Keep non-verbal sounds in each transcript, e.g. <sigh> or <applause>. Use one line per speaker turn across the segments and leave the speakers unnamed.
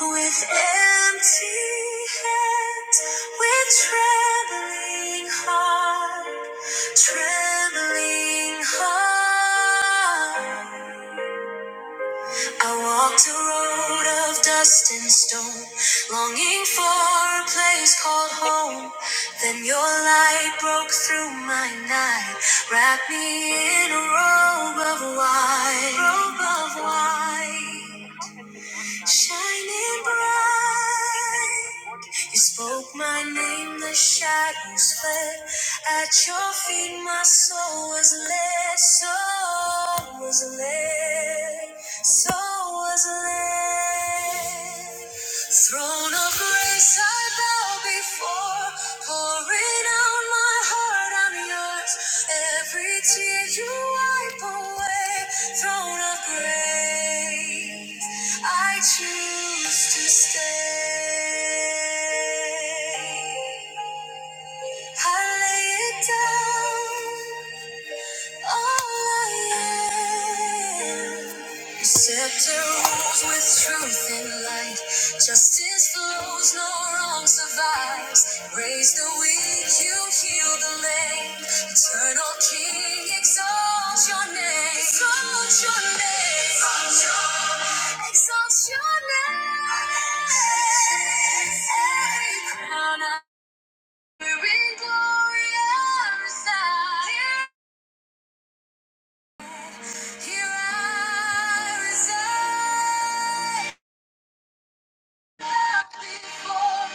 With empty hands, with trembling heart, trembling heart, I walked a road of dust and stone, longing for a place called home. Then your light broke through my night, wrapped me in a robe of white, robe of white. Shining bright, you spoke my name, the shadows fled. At your feet, my soul was led, soul was led, soul was led. Throne of grace, I bow before, pouring out my heart, I'm yours. Every tear you wipe away, throne of grace. I. Choose to stay. I lay it down. Scepter rules with truth and light. Justice flows, no wrong survives. Raise the weak, you heal the lame. Eternal King, exalt your name. Exalt your name. Exalt your name. Every crown, every glory, every side. Here I reside, not before,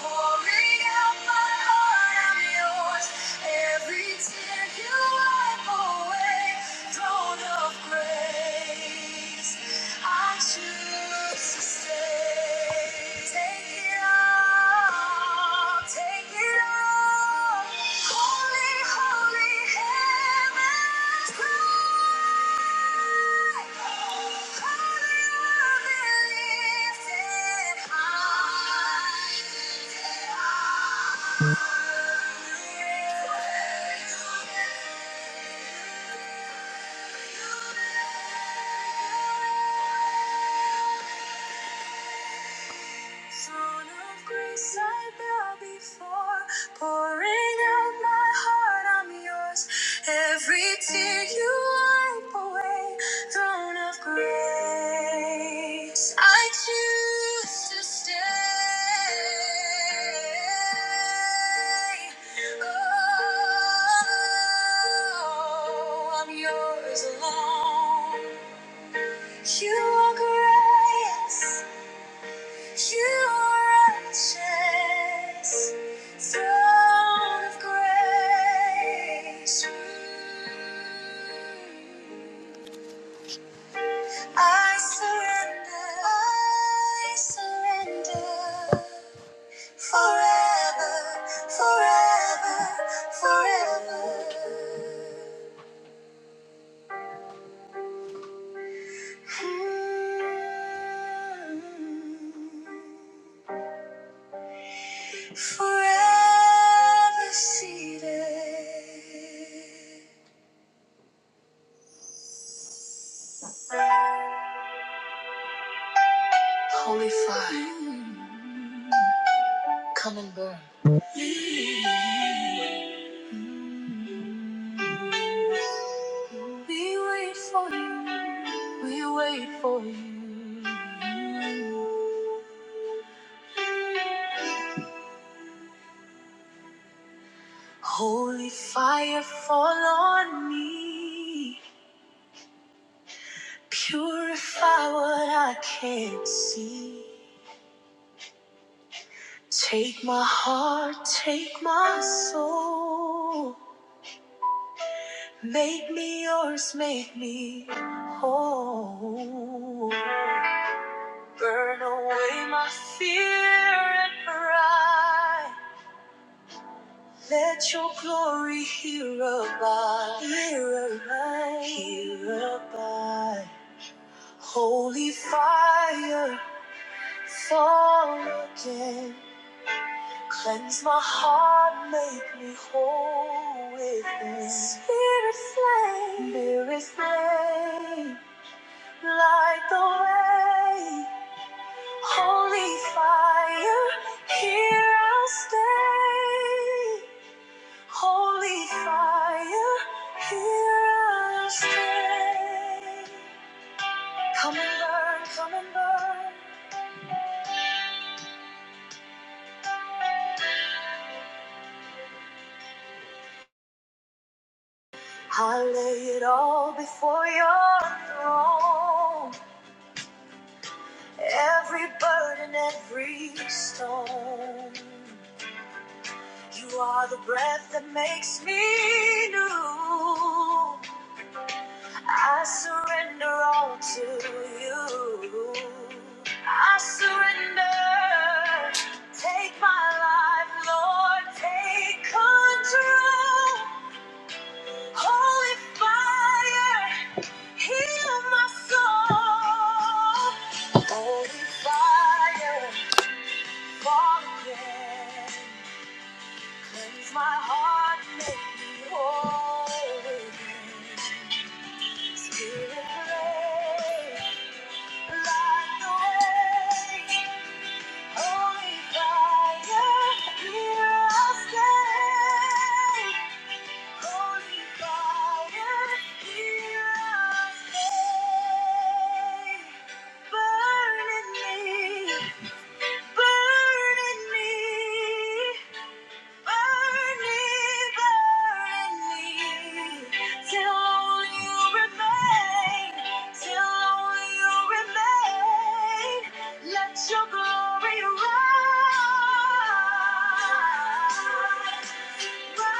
pouring out my heart, i yours. Every tear you wipe away, throne of grace, I choose to stay. Take it all. Throne of grace, I bow before, pouring out my heart, I'm yours. Every tear you wipe away, throne of grace, I choose to stay. Oh, I'm yours alone. You are grace. You righteous throne of grace. Mm. I surrender, I surrender forever, forever, forever. Mm. forever seated. Holy fire, we wait for you, we wait for you. Holy fire, fall on me, purify what I can't see. Take my heart, take my soul. Make me yours, make me whole. Burn away my fear and pride. Let your glory here abide, here abide, here abide. Holy fire, fall again. Cleanse my heart, make me whole within. Spirit flame, spirit flame, light the way. Holy fire, here I'll stay. Holy fire, here I'll stay. Come and burn, come and burn. I lay it all before your throne. Every burden, every stone. You are the breath that makes me new. I surrender all to you. I surrender. Take my life, Lord. Take control. Holy fire, heal my soul. Holy fire. Walk again. Cleanse my heart, make me whole again. Spirit, pray, light the way. Holy fire, here I stay. Holy fire, here I stay. Burn in me, burn in me. Burn me, burn me, till only you remain, till only you remain. Let your glory rise, rise, rise.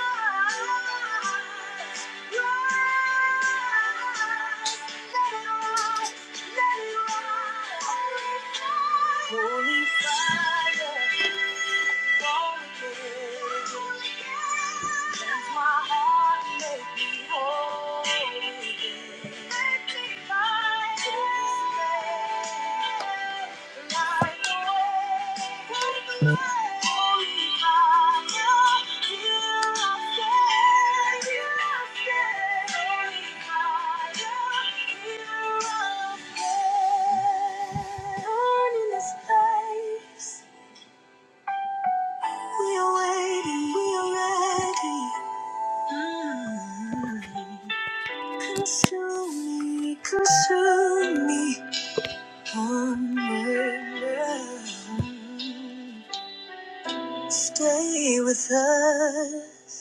Let it rise, let it rise. Holy fire, holy fire. Burn in this place. We are waiting, we are ready. Mm. Consume me, consume me, hunger. Stay with us.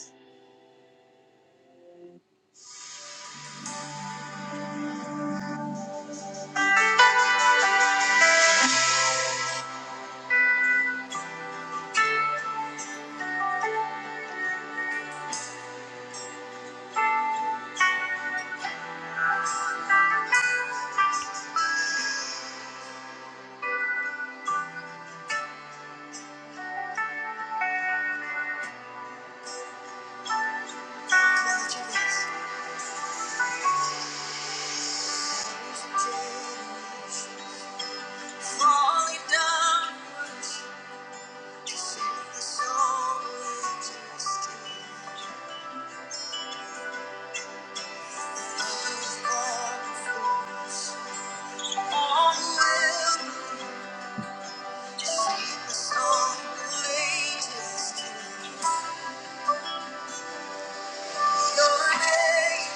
Falling downwards, descend the soul majesty. All will Sing the song related to your name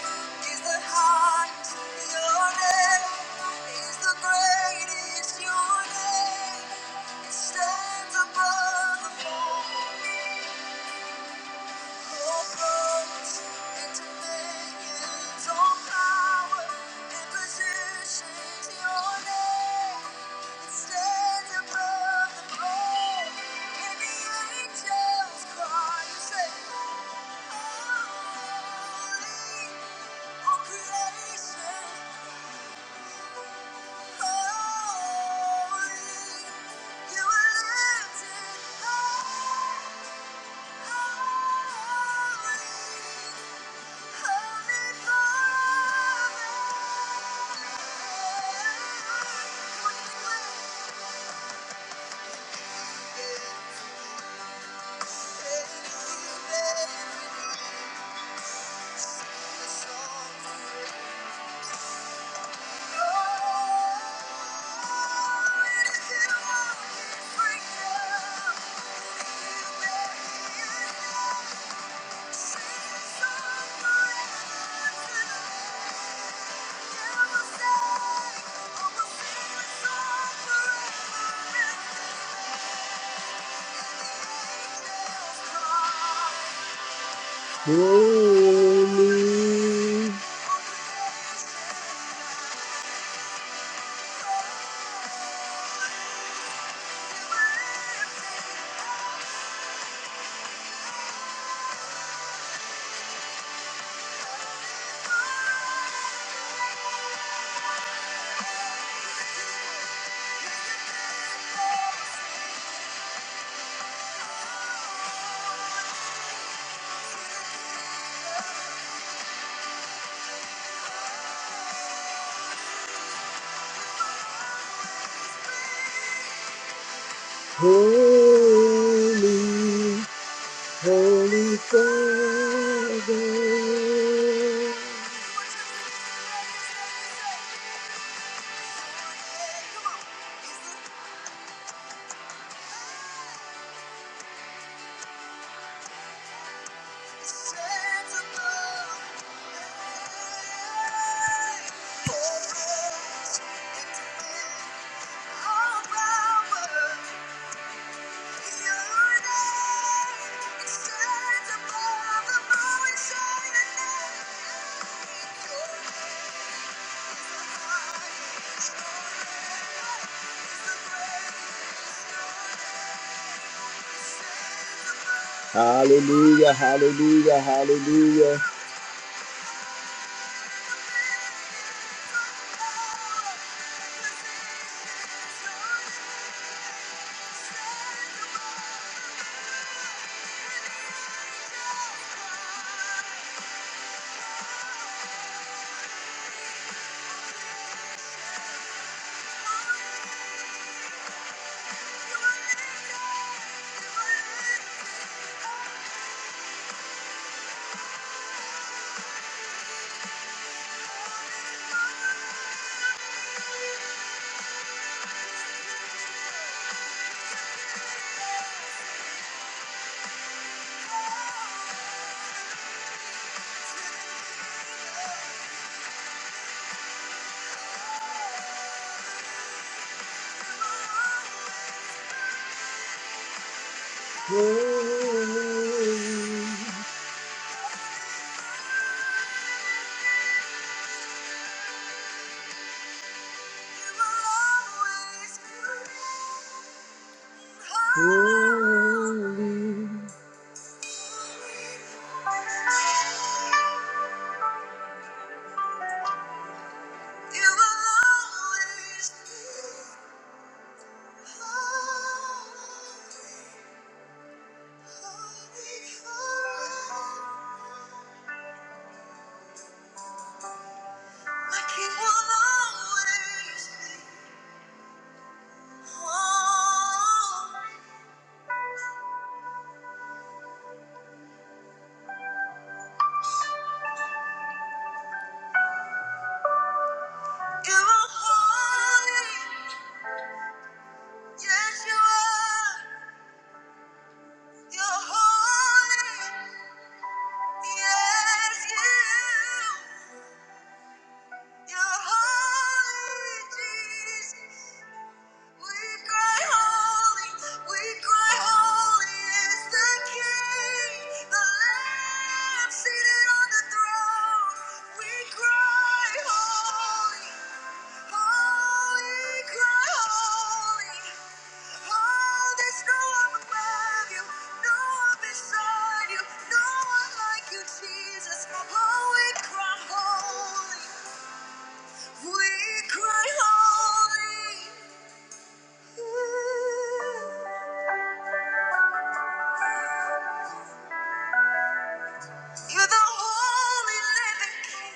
is the highest, your name is the greatest, your name stands above the whole. Holy, you are lifted high. Thank you. Holy, holy, holy Father. Hallelujah, hallelujah, hallelujah. Holy, holy. Yes, you. You're holy, Jesus. We cry holy, we cry holy is the King, the Lamb seated on the throne. We cry holy, holy, cry holy. Oh, there's no one above you, no one beside you, no one like you, Jesus. Oh, we cry holy, we cry holy. You're the only living king.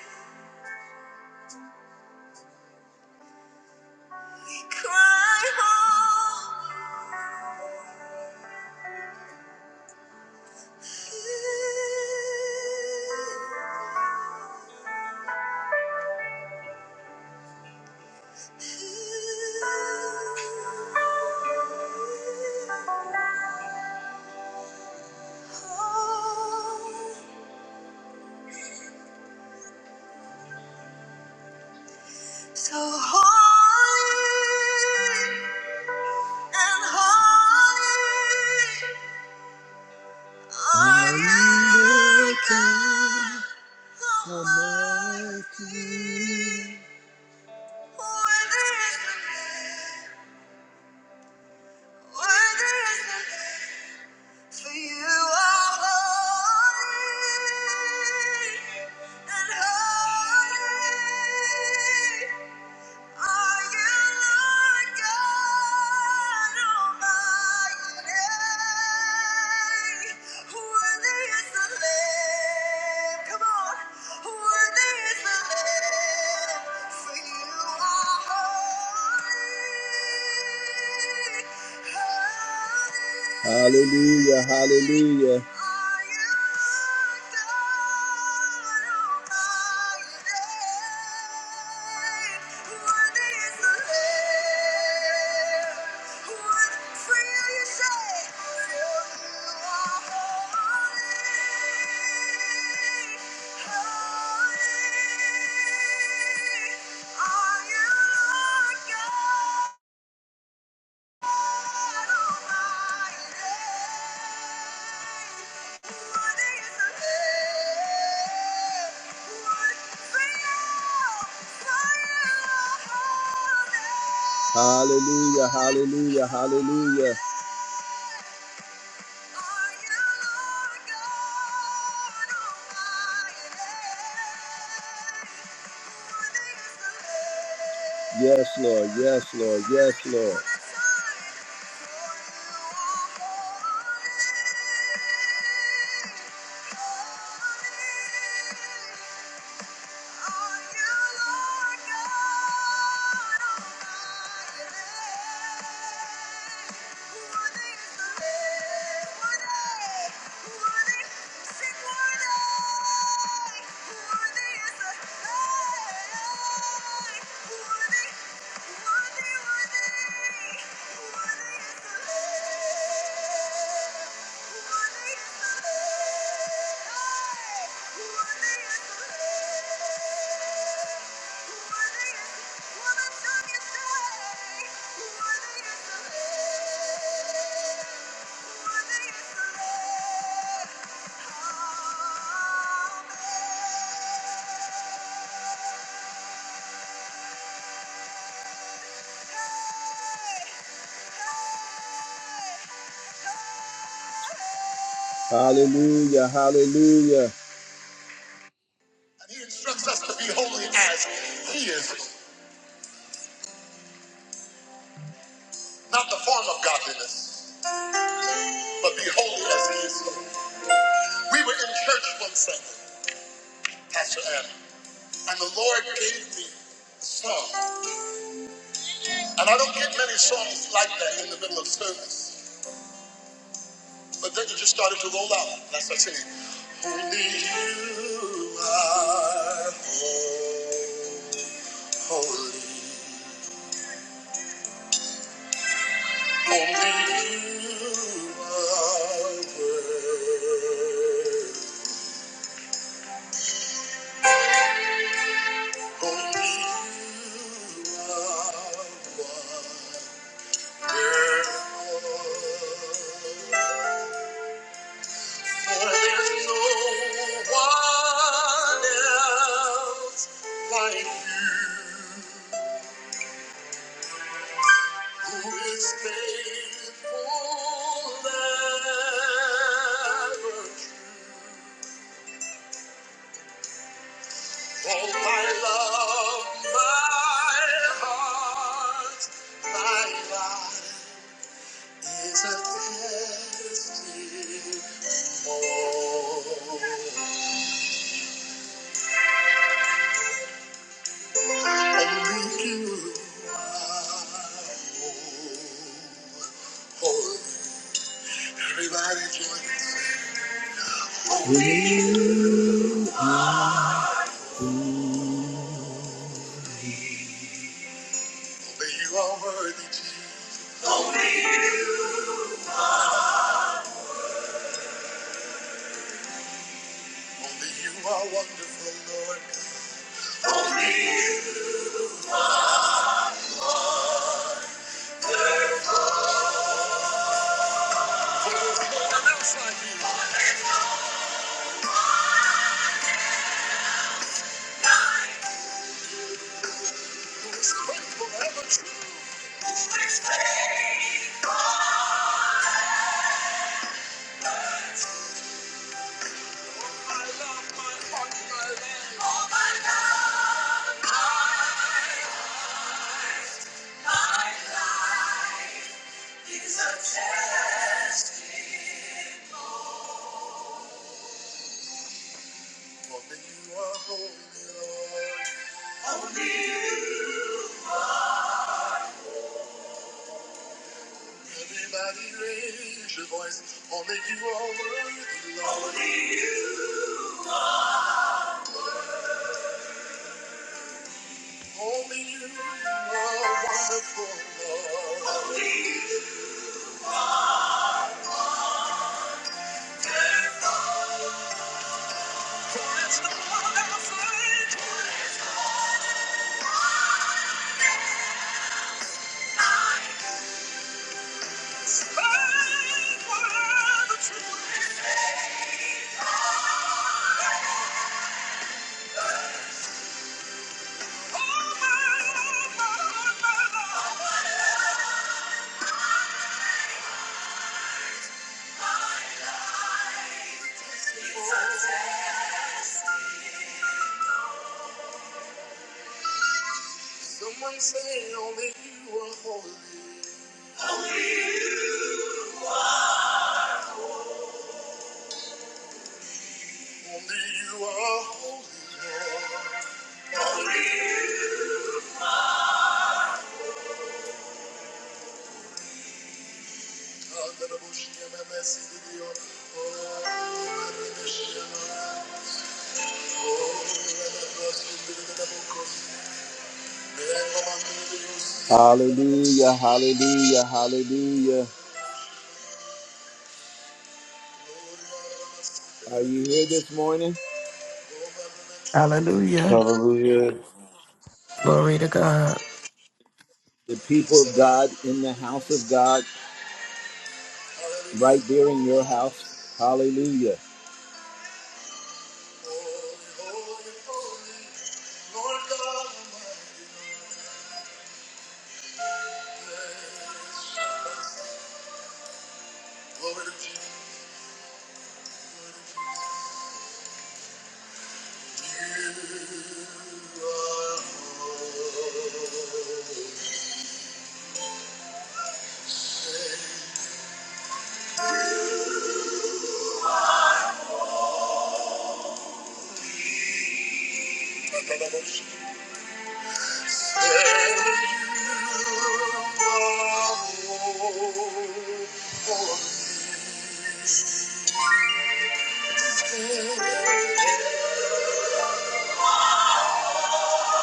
We cry home. So holy and holy. Wonder God Almighty. For you are holy and holy. Hallelujah, hallelujah. Holy, holy, are you Lord God? Hallelujah, hallelujah, hallelujah. Yes, Lord. Yes, Lord. Yes, Lord. Thank you. Hallelujah, hallelujah. He instructs us to be holy as He is, not the form of godliness, but be holy as He is. We were in church one Sunday, Pastor Adam, and the Lord gave me a song. And I don't get many songs like that in the middle of service, but then it just started to roll out. And I started singing, Only you are holy. Only you are worthy. Oh, my love, my heart, my life. Is a testimony. Only you are holy. Everybody join us. Only you are worthy, Jesus. Only you are wonderful, Lord. No one else like you. This faithful, ever true. This faithful. I love my heart, my life. All my love. Such as Only you are holy, Lord. Everybody raise your voice. Only you are worthy, Lord. Only you are wonderful, Lord. Only there's no one else like you. Thank you are the truth. Oh, my, oh, my, oh, my, Someone say only you are holy. Only you are holy, Lord. God, that I wish you my mercy to you. Oh, I wish you my Hallelujah, hallelujah, hallelujah. Are you here this morning?
Hallelujah.
Hallelujah.
Glory to God.
The people of God in the house of God, right there in your house. Hallelujah.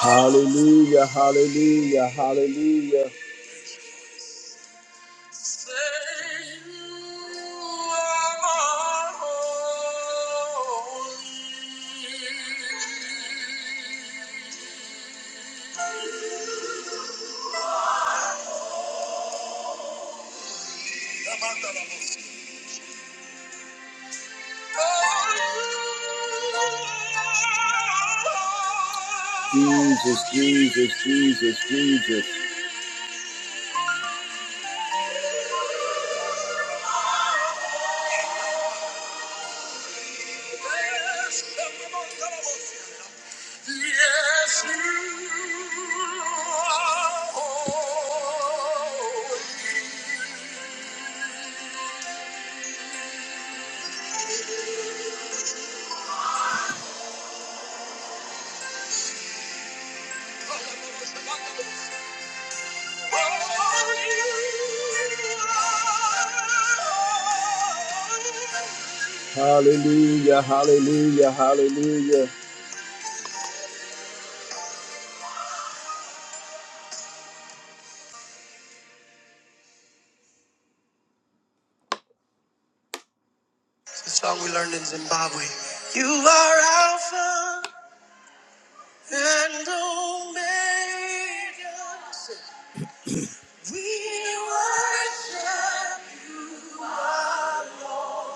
Hallelujah, hallelujah, hallelujah. Jesus, Jesus, Jesus, Jesus. Yes, you are. Hallelujah, hallelujah, hallelujah.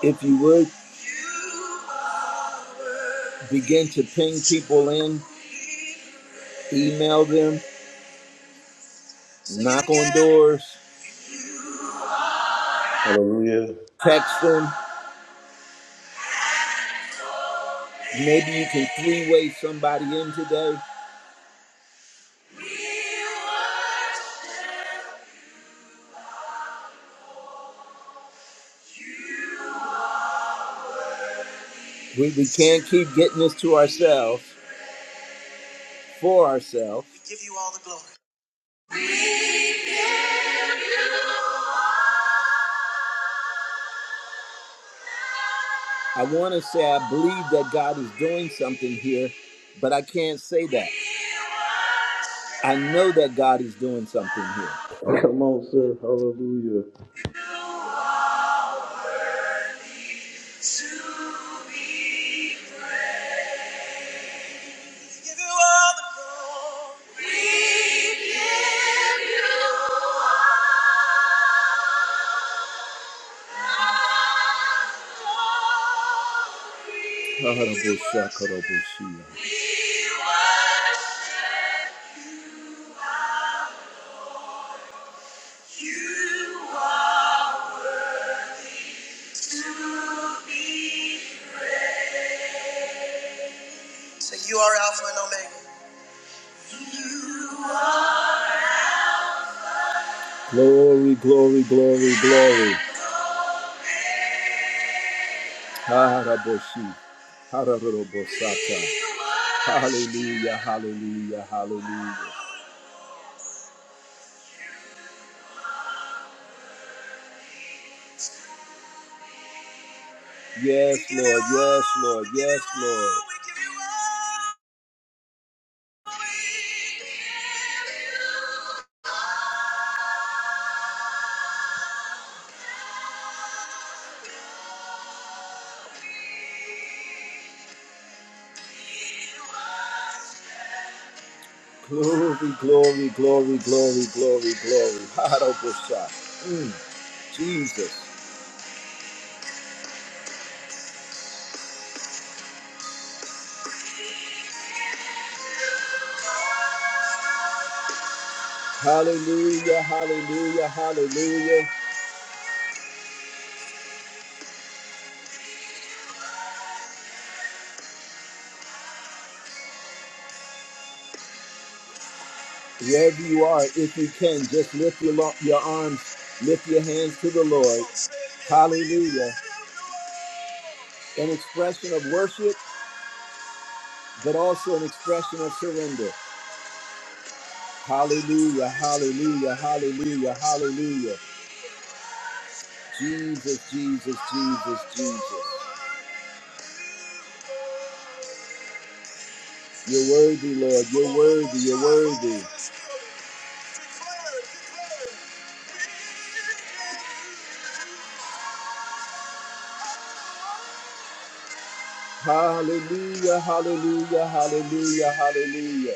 If you would begin to ping people in, email them, knock on doors,
Hallelujah.
text them. Maybe you can three way somebody in today. We, we can't keep getting this to ourselves, for ourselves. I want to say I believe that God is doing something here, but I can't say that. I know that God is doing something here.
Come on, sir. Hallelujah.
So you are Alpha and Omega. Glory, glory, glory, glory. Haraboshi. Hararobosata. Hallelujah, hallelujah, hallelujah. Yes, Lord, yes, Lord, yes, Lord. Glory, glory, glory, glory, glory, glory. Harabosha. Mm, Jesus. Hallelujah, hallelujah, hallelujah. Wherever you are, if you can, just lift your, lo- your arms, lift your hands to the Lord. Hallelujah. An expression of worship, but also an expression of surrender. Hallelujah, hallelujah, hallelujah, hallelujah. Jesus, Jesus, Jesus, Jesus. You're worthy, Lord. You're worthy, you're worthy. Hallelujah, hallelujah, hallelujah, hallelujah.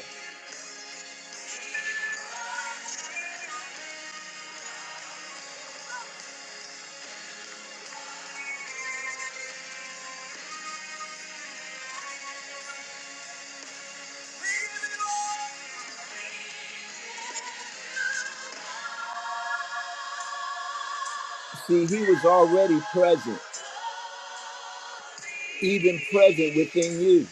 See, he was already present, even present within you.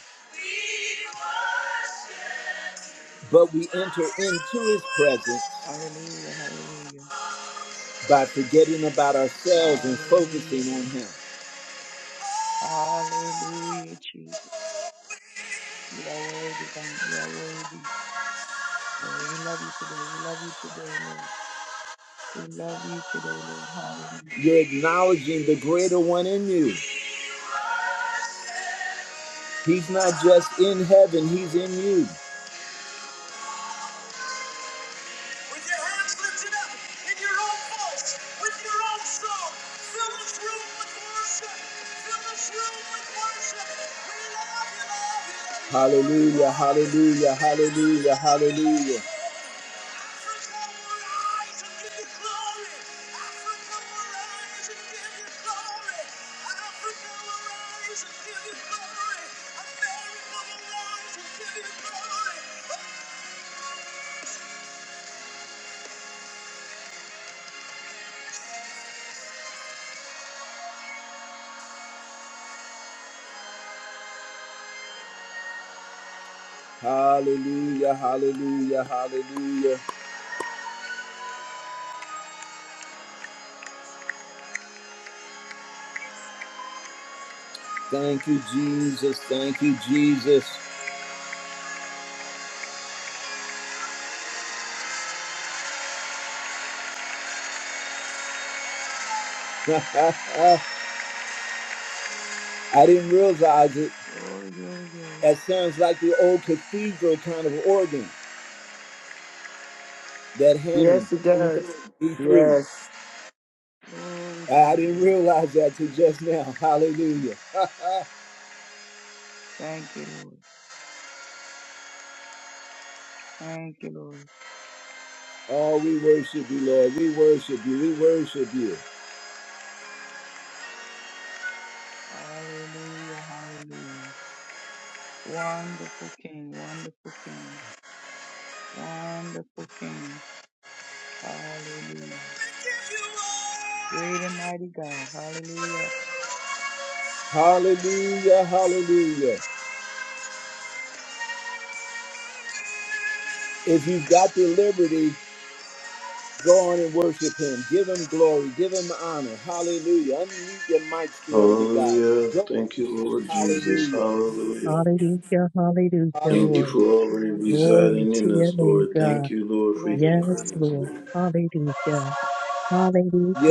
But we enter into his presence
Hallelujah, hallelujah.
by forgetting about ourselves and
Hallelujah,
focusing on
Lord.
him.
Hallelujah, Jesus. You are worthy, God. You are worthy. Oh, we love you today. We love you today, Lord. We love you today, Lord. Hallelujah.
You're acknowledging the greater one in you. He's not just in heaven, he's in you. With your hands lifted up, in your own voice, with your own song, fill this room with worship. Fill this room with worship. We love you, love you. Hallelujah, hallelujah, hallelujah, hallelujah. Hallelujah, hallelujah, hallelujah. Thank you, Jesus. Thank you, Jesus. <laughs> I didn't realize it.
Glory, glory, glory.
That sounds like the old cathedral kind of organ, that Hammond
Yes, it does.
E3.
Yes.
Glory,
I
glory,
didn't
glory.
realize that till just now. Hallelujah. <laughs>
Thank you, Lord. Thank you, Lord.
oh, we worship you, Lord. We worship you. We worship you.
Hallelujah, hallelujah. Wonderful King, wonderful King, wonderful King. Hallelujah. Great and mighty God. Hallelujah.
Hallelujah. Hallelujah. If you've got the liberty, go on and worship him. Give him glory. Give him honor. Hallelujah. Unmute your mics. Glory to God.
Hallelujah.
Go
Thank
on in.
you, Lord Jesus.
Hallelujah.
Hallelujah.
Hallelujah, hallelujah,
Thank you
Lord.
Bless
Hallelujah.
for
you,
already
wonderful name.
Glory
residing
to
in
your
us,
name,
Lord.
God.
Thank you, Lord, for
Bless
your
your
Yes,
presence,
wonderful
Lord.
Lord.
name.
Hallelujah.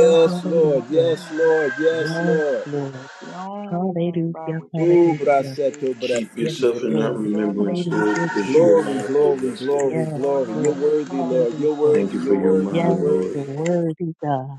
We bless your
Lord.
hallelujah.
wonderful
Yes,
name,
Lord. Yes,
Yes,
Lord.
Lord.
the only name by
Hallelujah,
which
Ooh,
man can be
hallelujah.
braceto,
saved.
Keep
Yes,
braceto,
yourself in that
Lord.
braceto.
That
remembrance,
name is
Lord,
Hallelujah,
because you
Jesus.
are
Glory,
Jesus.
mindful of
glory,
us, Lord.
glory,
Yes,
That
glory. You're
Lord.
name is
worthy, Lord. You're
Master,
Hallelujah.
Thank
worthy.
you
King,
for
You're
your
Lord.
worthy.
Yes,
You're
mind, Lord.
the
worthy.
Hallelujah.
worthy God.